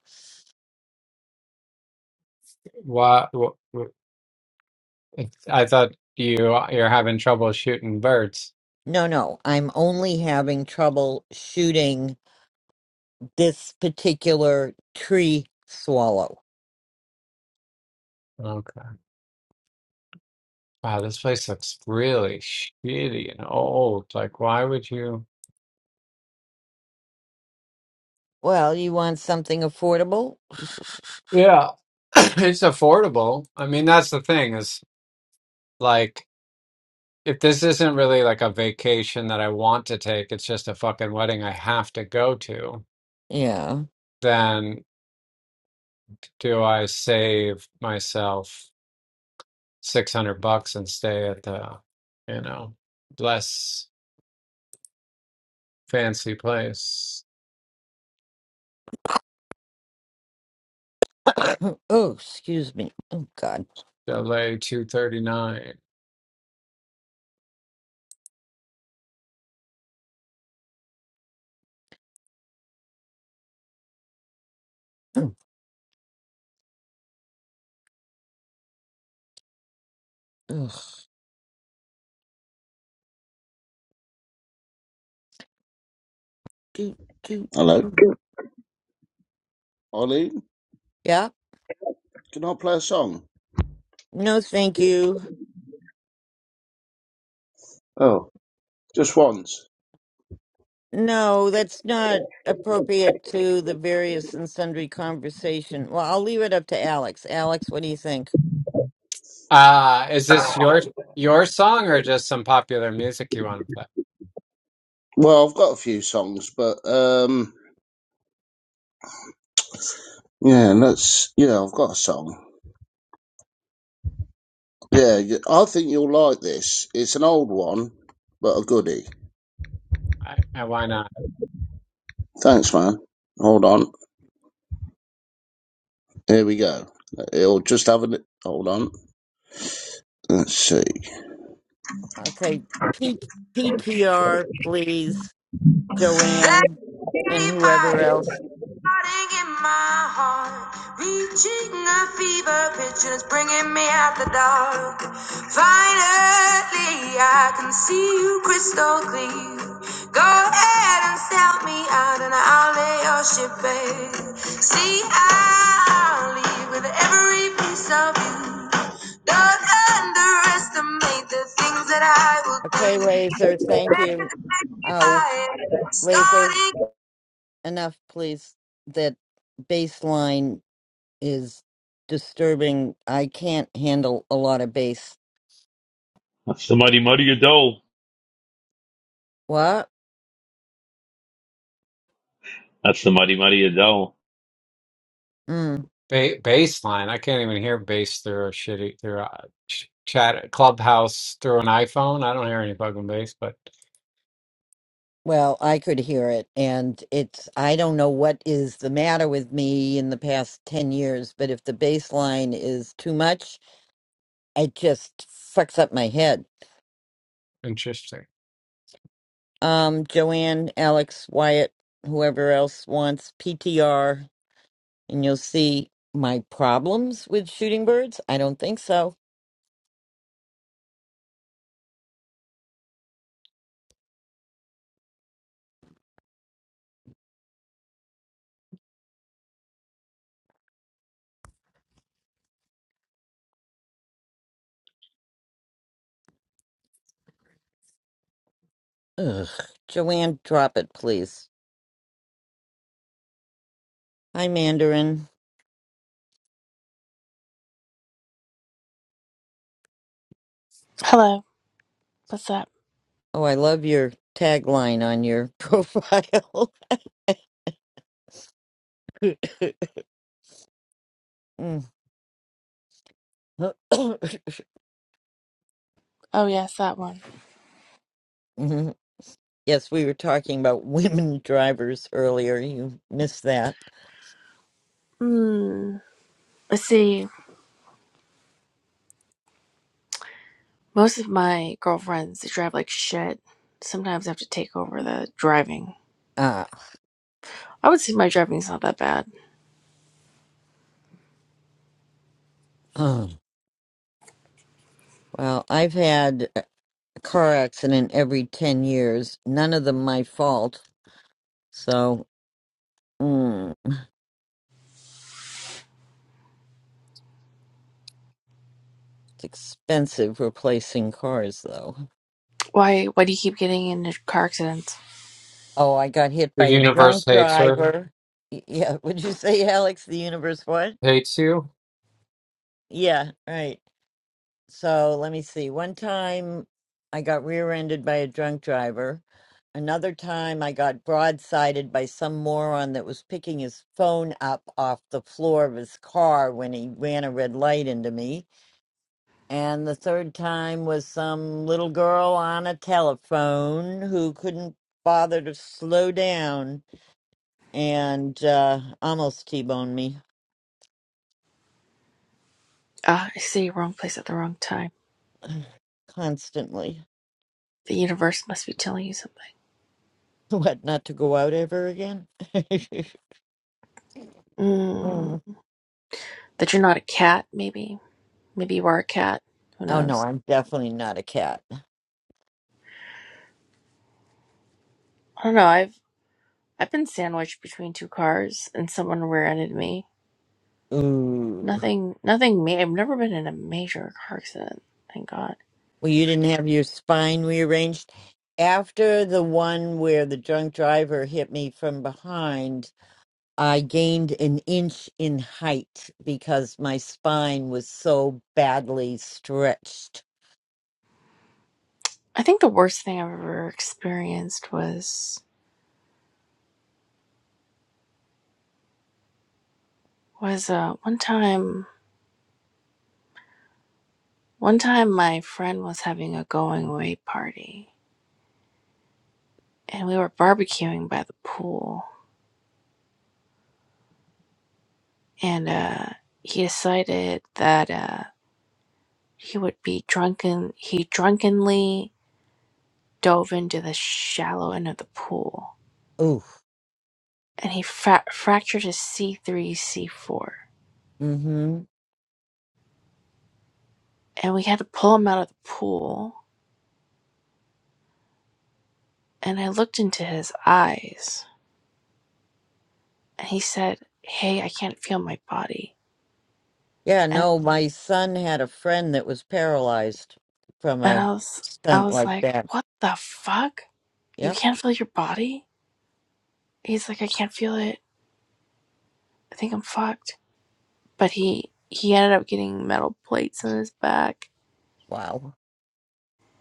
What, what, I thought you you're having trouble shooting birds. No, no. I'm only having trouble shooting this particular tree swallow. Okay. Wow, this place looks really shitty and old. Like, why would you? Well, you want something affordable? Yeah, it's affordable. I mean, that's the thing is like if this isn't really like a vacation that I want to take, it's just a fucking wedding I have to go to, Yeah. then do I save myself 600 bucks and stay at the, you know, less fancy place, oh, excuse me. Oh, God. LA 239? Ugh. Do, do. Hello. mm. Ollie, Yeah. can I play a song? No, thank you. Oh, just once. No, that's not appropriate to the various and sundry conversation. Well, I'll leave it up to Alex. Alex, what do you think? Ah, is this your your song or just some popular music you want to play? Well, I've got a few songs, but um, yeah, let's. Yeah, I've got a song. Yeah, y- I think you'll like this. It's an old one, but a goodie. I, I, why not? Thanks, man. Hold on. Here we go. It'll just have a. li- Hold on. Let's see. Okay. P- PTR, please. Joanne and whoever else. Starting in my heart, reaching a fever pitch, and it's bringing me out the dark. Finally, I can see you crystal clear. Go ahead and sell me out, and I'll lay your ship bare. See, I'll leave with every piece of you. Don't underestimate the things that I will Okay, do. Laser, thank Make you. it, make it Oh, mine. Laser, Starting. enough, please. That baseline is disturbing. I can't handle a lot of bass. That's the Mighty Mighty Adele. What? That's the Mighty Mighty Adele. Mm, Ba baseline. I can't even hear bass through a shitty through a ch chat clubhouse through an iPhone. I don't hear any fucking bass, but well, I could hear it, and it's I don't know what is the matter with me in the past 10 years, but if the bass line is too much, it just fucks up my head. interesting. Um, Joanne, Alex, Wyatt, whoever else wants PTR, and you'll see my problems with shooting birds. I don't think so. Ugh. Joanne, drop it, please. Hi, Mandarin. Hello. What's up? Oh, I love your tagline on your profile. Mm. Oh yes, that one. Mhm. yes, we were talking about women drivers earlier. You missed that. Hmm. Let's see. Most of my girlfriends they drive like shit. Sometimes I have to take over the driving. Uh, I would say my driving's not that bad. well, I've had a car accident every 10 years, none of them my fault. So, mm, it's expensive replacing cars, though. Why why do you keep getting into car accidents? Oh, I got hit The by a universe drunk hates her, driver. Y- Yeah, would you say, Alex, the universe what? hates you. Yeah, right. So let me see. One time I got rear ended by a drunk driver. Another time I got broadsided by some moron that was picking his phone up off the floor of his car when he ran a red light into me. And the third time was some little girl on a telephone who couldn't bother to slow down and uh, almost T boned me Ah, I say wrong place at the wrong time. constantly. The universe must be telling you something. What, not to go out ever again? Mm, that you're not a cat, maybe. Maybe you are a cat. Who Oh no, knows? I'm definitely not a cat. I don't know. I've I've been sandwiched between two cars and someone rear-ended me. Ooh. Nothing, nothing. Ma- I've never been in a major car accident. Thank God. Well, you didn't have your spine rearranged? After the one where the drunk driver hit me from behind, I gained an inch in height because my spine was so badly stretched. I think the worst thing I've ever experienced was was uh one time. One time, my friend was having a going away party, and we were barbecuing by the pool. And uh, he decided that uh, he would be drunken. He drunkenly dove into the shallow end of the pool, Ooh. and he fra- fractured his C three C four. Mm-hmm. And we had to pull him out of the pool And I looked into his eyes and he said, Hey, I can't feel my body. Yeah, And no, my son had a friend that was paralyzed from and a I was I stunt was like like, that. What the fuck? You Yep. can't feel your body? He's like, I can't feel it. I think I'm fucked. But he he ended up getting metal plates in his back. Wow.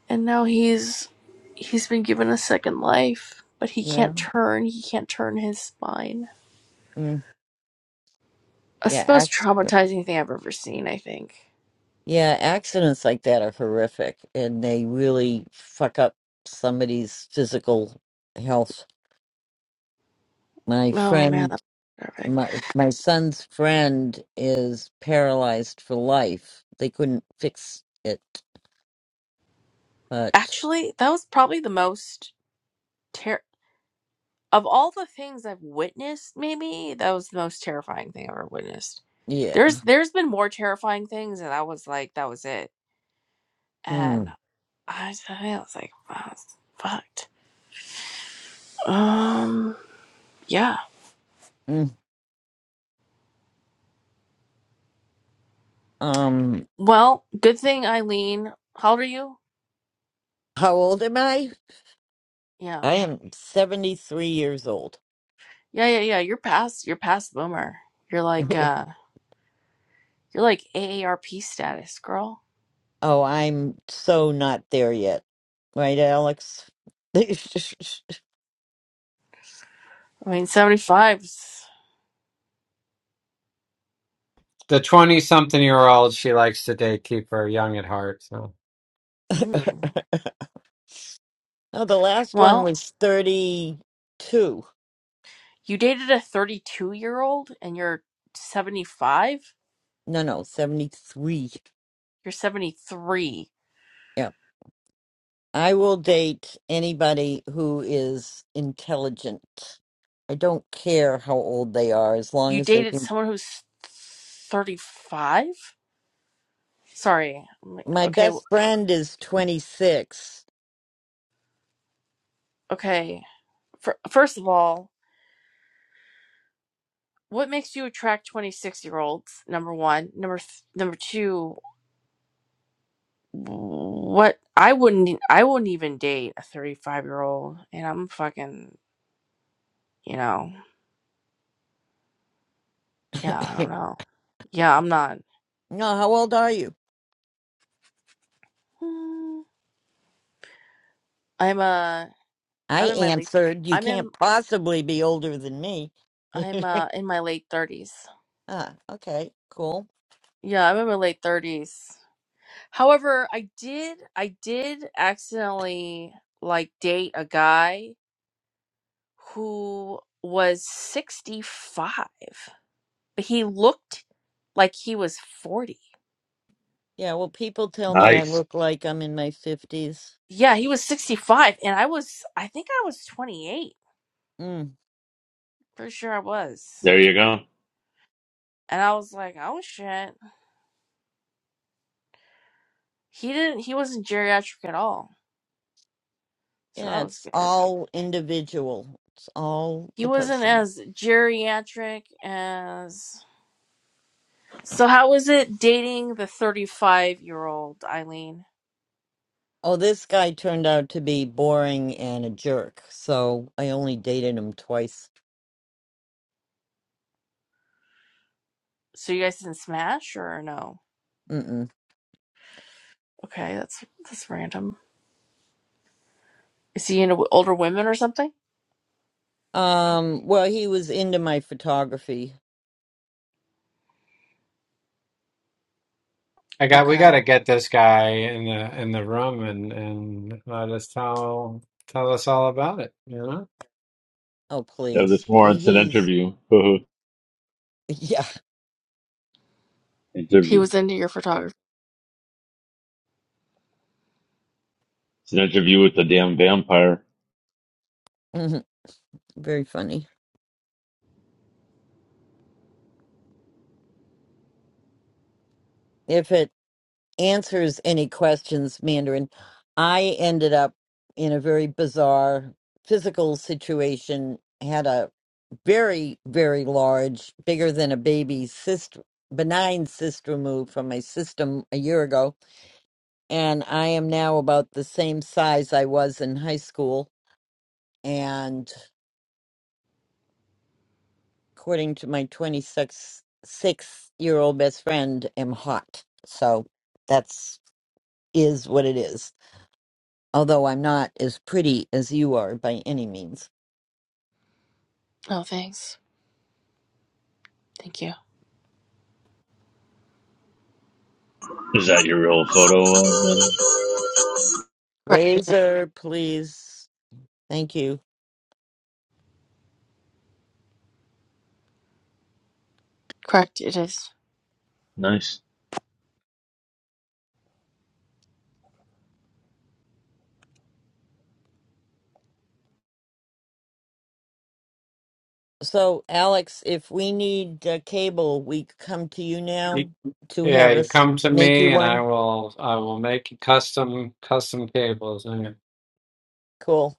And now he's he's been given a second life. But he Yeah. can't turn, he can't turn his spine. Mm. That's the Yeah, most traumatizing thing I've ever seen, I think. Yeah, accidents like that are horrific and they really fuck up somebody's physical health. My Oh man, friend, that was horrific. my my son's friend is paralyzed for life. They couldn't fix it, but Actually, that was probably the most ter- of all the things I've witnessed, maybe that was the most terrifying thing I've ever witnessed. yeah. There's there's been more terrifying things, and I was like, that was it. Hmm. And I was, I was like, wow, it's fucked. Um, yeah. Mm. Um, Well, good thing Eileen. How old are you? how old am I? Yeah, I am 73 years old. yeah, yeah, yeah. You're past you're past boomer. You're like uh, you're like AARP status, girl. Oh, I'm so not there yet. Right, Alex? I mean, seventy five's. The twenty-something-year-old she likes to date keep her young at heart. So. Mm. No, the last one Well, was 32. You dated a 32 year old and you're 75? No, no, 73. You're 73. Yeah. I will date anybody who is intelligent. I don't care how old they are, as long You as they dated can. someone who's 35? Sorry. I'm like, My Okay, w- best friend is 26. okay. For, first of all, what makes you attract 26 year olds? Number 1, number th- number 2, what I wouldn't e- I wouldn't even date a 35 year old and I'm fucking, you know. Yeah, I don't no, know. Yeah, I'm not. how old are you? Mm, I'm a I I'm in my late answered, You I'm in can't possibly be older than me. I'm uh in my late 30s. ah, okay, cool. Yeah, I'm in my late 30s. However, I did I did accidentally like date a guy who was 65, but he looked like he was 40. Yeah, well, people tell me I Nice. look like I'm in my 50s. Yeah, he was 65 and I was I think I was 28. Pretty sure I was. There you go. And I was like, "Oh shit." He didn't he wasn't geriatric at all. So Yeah, that was it's good. all individual. It's all He the wasn't person. as geriatric as So how was it dating the 35 year old Eileen? Oh, this guy turned out to be boring and a jerk, so I only dated him twice. So you guys didn't smash or no? Mm-mm. Okay, that's that's random. Is he into older women or something? Um, well, he was into my photography. I got we got to Okay, get this guy in the in the room and and let us tell tell us all about it, you know? Oh, Yeah, please. this more. It's an He's, interview. yeah, he interview. was into your photography. It's an interview with the damn vampire. mhm, very funny. If it answers any questions, Mandarin. I ended up in a very bizarre physical situation, had a very, very large, bigger than a baby cyst, benign cyst removed from my system a year ago. And I am now about the same size I was in high school. And according to my 26 six year old best friend, am hot. So that's is what it is. although I'm not as pretty as you are by any means. Oh, thanks. Thank you. Is that your real photo, uh, man? Correct. It is. Razor, please. Thank you. Correct. It is. Nice. So, Alex, if we need uh, cable, we come to you You- now to Yeah, have you us come to make you me and I one. will I will make you custom custom cables. All Cool.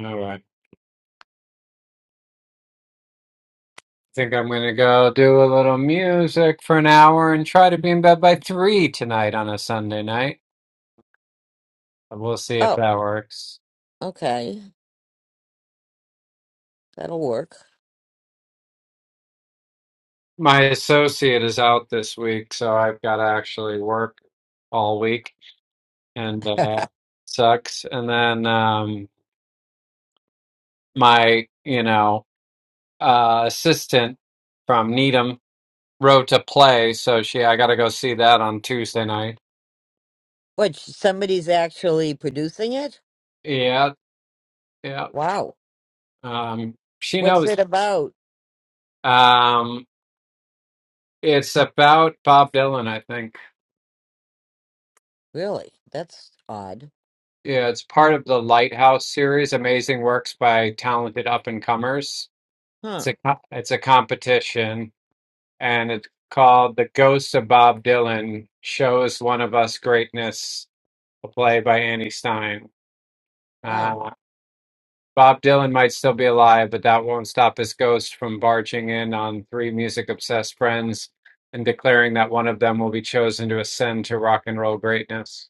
right. think I'm gonna go do a little music for an hour and try to be in bed by three tonight on a Sunday night. And We'll see if Oh, that works. okay. That'll work. My associate is out this week, so I've got to actually work all week, and uh, sucks. And then um, my, you know, uh, assistant from Needham wrote a play, so she I got to go see that on Tuesday night. What, somebody's actually producing it? Yeah, yeah. Wow. Um, she What's knows. it about? Um, It's about Bob Dylan, I think. Really? That's odd. Yeah, it's part of the Lighthouse series, amazing works by talented up and comers. It's Huh. a co- it's a competition, and it's called "The Ghost of Bob Dylan Shows One of Us Greatness," a play by Annie Stein. Wow. Uh, Bob Dylan might still be alive, but that won't stop his ghost from barging in on three music obsessed friends and declaring that one of them will be chosen to ascend to rock and roll greatness.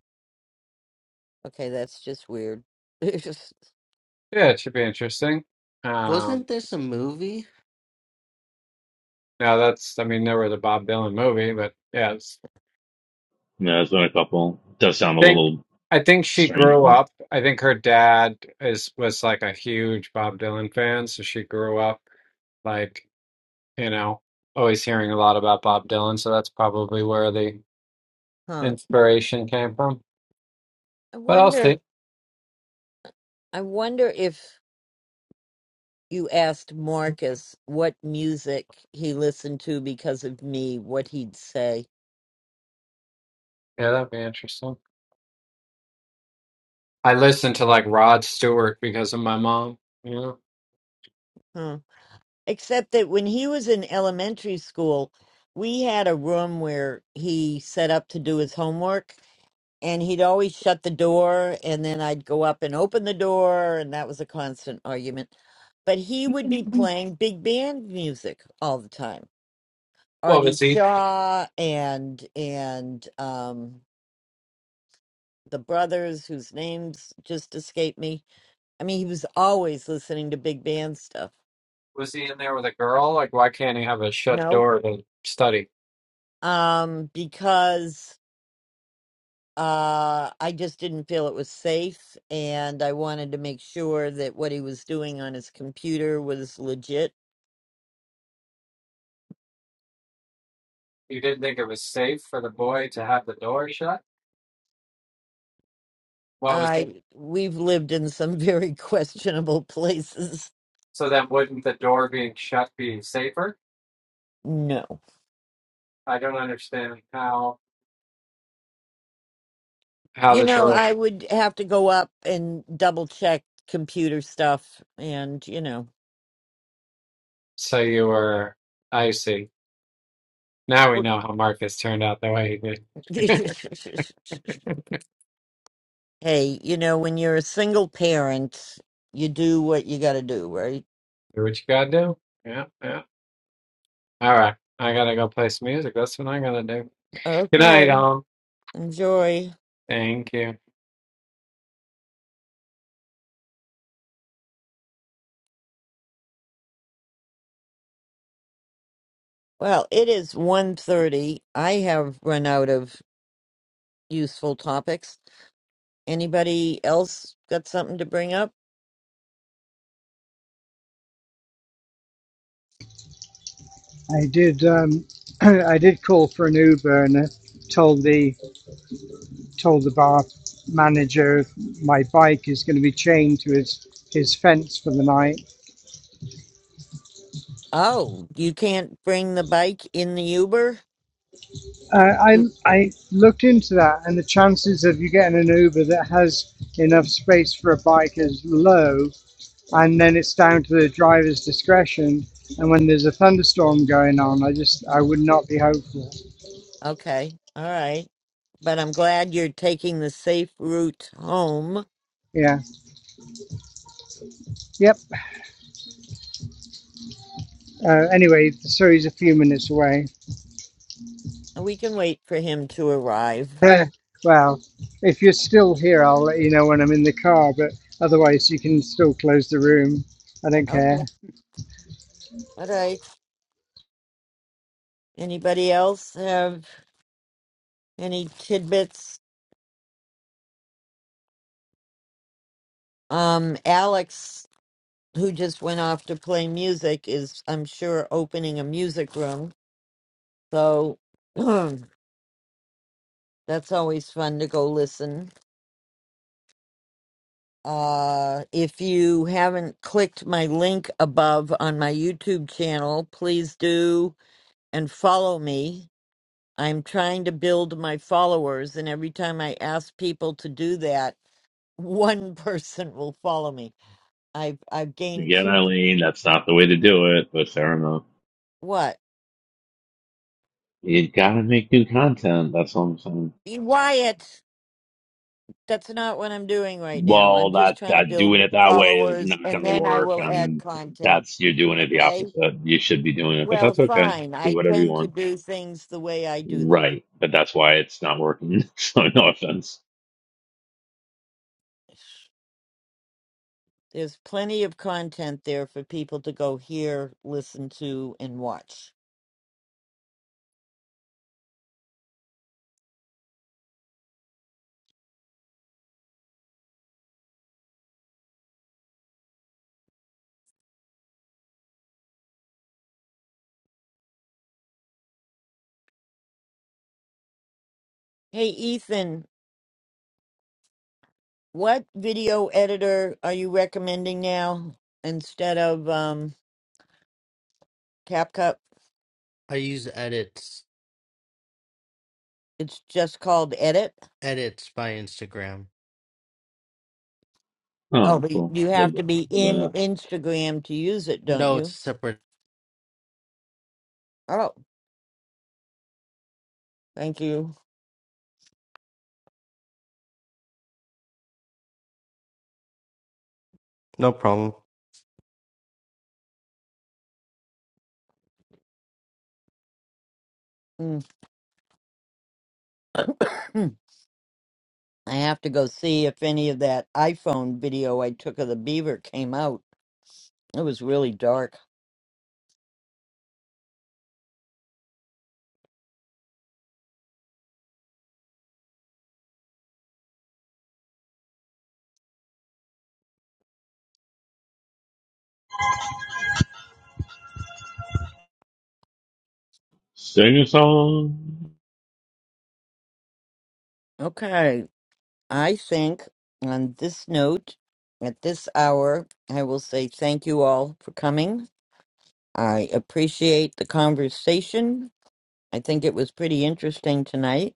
Okay, that's just weird. It's just, Yeah, it should be interesting. Um, Wasn't this a movie? now that's, I mean, never the Bob Dylan movie, but yes, Yeah, there's been a couple. does I sound a think, little I think she strange, grew though. up. I think her dad is was like a huge Bob Dylan fan, so she grew up like, you know, always hearing a lot about Bob Dylan. So that's probably where the huh. inspiration came from. I But I'll wonder, see. I wonder if you asked Marcus what music he listened to because of me, what he'd say. Yeah, that'd be interesting. I listened to like Rod Stewart because of my mom. You know, Huh. Except that when he was in elementary school, we had a room where he set up to do his homework, and he'd always shut the door, and then I'd go up and open the door, and that was a constant argument. But he would be playing big band music all the time. well, Artie was he Shaw and and um the brothers whose names just escape me. I mean, he was always listening to big band stuff. was he in there with a girl? Like, why can't he have a shut No. door to study? Um, because uh I just didn't feel it was safe and I wanted to make sure that what he was doing on his computer was legit. You didn't think it was safe for the boy to have the door shut? What was the, I we've lived in some very questionable places. so then wouldn't the door being shut be safer? No. I don't understand how how You the know, door. I would have to go up and double check computer stuff and, you know, So you were. I see. Now we work- know how Marcus turned out the way he did. Hey, you know, when you're a single parent, you do what you got to do, right? do what you gotta do. Yeah, yeah. All right. I gotta go play some music. That's what I'm gonna do. Good night, Okay. all. Enjoy. Thank you. Well, it is one thirty. I have run out of useful topics. Anybody else got something to bring up? I did um, I did call for an Uber and uh, told the told the bar manager my bike is going to be chained to his his fence for the night Oh, you can't bring the bike in the Uber? Uh, I I looked into that, and the chances of you getting an Uber that has enough space for a bike is low, and then it's down to the driver's discretion. And when there's a thunderstorm going on, I just I would not be hopeful. Okay. All right. But I'm glad you're taking the safe route home. Yeah. Yep. Uh, anyway, the Surrey's a few minutes away. We can wait for him to arrive. well, if you're still here, I'll let you know when I'm in the car. But otherwise, you can still close the room. I don't care. Okay. All right. Anybody else have Any tidbits? Um, Alex, who just went off to play music, is, I'm sure, opening a music room. So that's always fun to go listen. Uh, if you haven't clicked my link above on my YouTube channel, please do and follow me. I'm trying to build my followers, and every time I ask people to do that, one person will follow me. I've I've gained Again, two. Eileen, that's not the way to do it, but fair enough. What? You gotta make new content. That's all I'm saying. E, Wyatt, that's not what I'm doing right now. I'm well, just that trying to that doing build it that way is followers not going and to then I work, will add and content. that's you're doing it the Okay? opposite. You should be doing it, but Well, that's okay. fine. Do I whatever you tend to want. do things the way I do them. Right, but that's why it's not working. so no offense. There's plenty of content there for people to go hear, listen to, and watch. Hey, Ethan, what video editor are you recommending now instead of um, CapCut? I use edits. It's just called Edit. Edits by Instagram. Oh, Oh, but cool. you With, have to be with in a Instagram to use it, don't No, it's you? separate. Oh, thank you. No problem. Mm. Hmm. I have to go see if any of that iPhone video I took of the beaver came out. It was really dark. sing a song. Okay, I think on this note, at this hour, I will say thank you all for coming. I appreciate the conversation. I think it was pretty interesting tonight.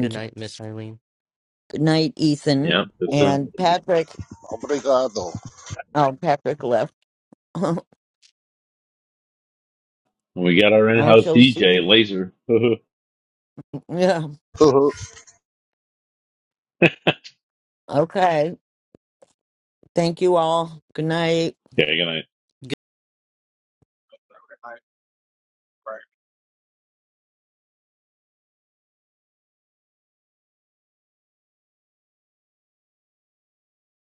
Good night, Miss Eileen. Good night, Yeah, Ethan. it's uh, And Patrick, Obrigado. oh, Patrick left. I we got our in-house shall see DJ you. Laser. okay, Yeah. Okay. Thank you all. Good night. good night. Right.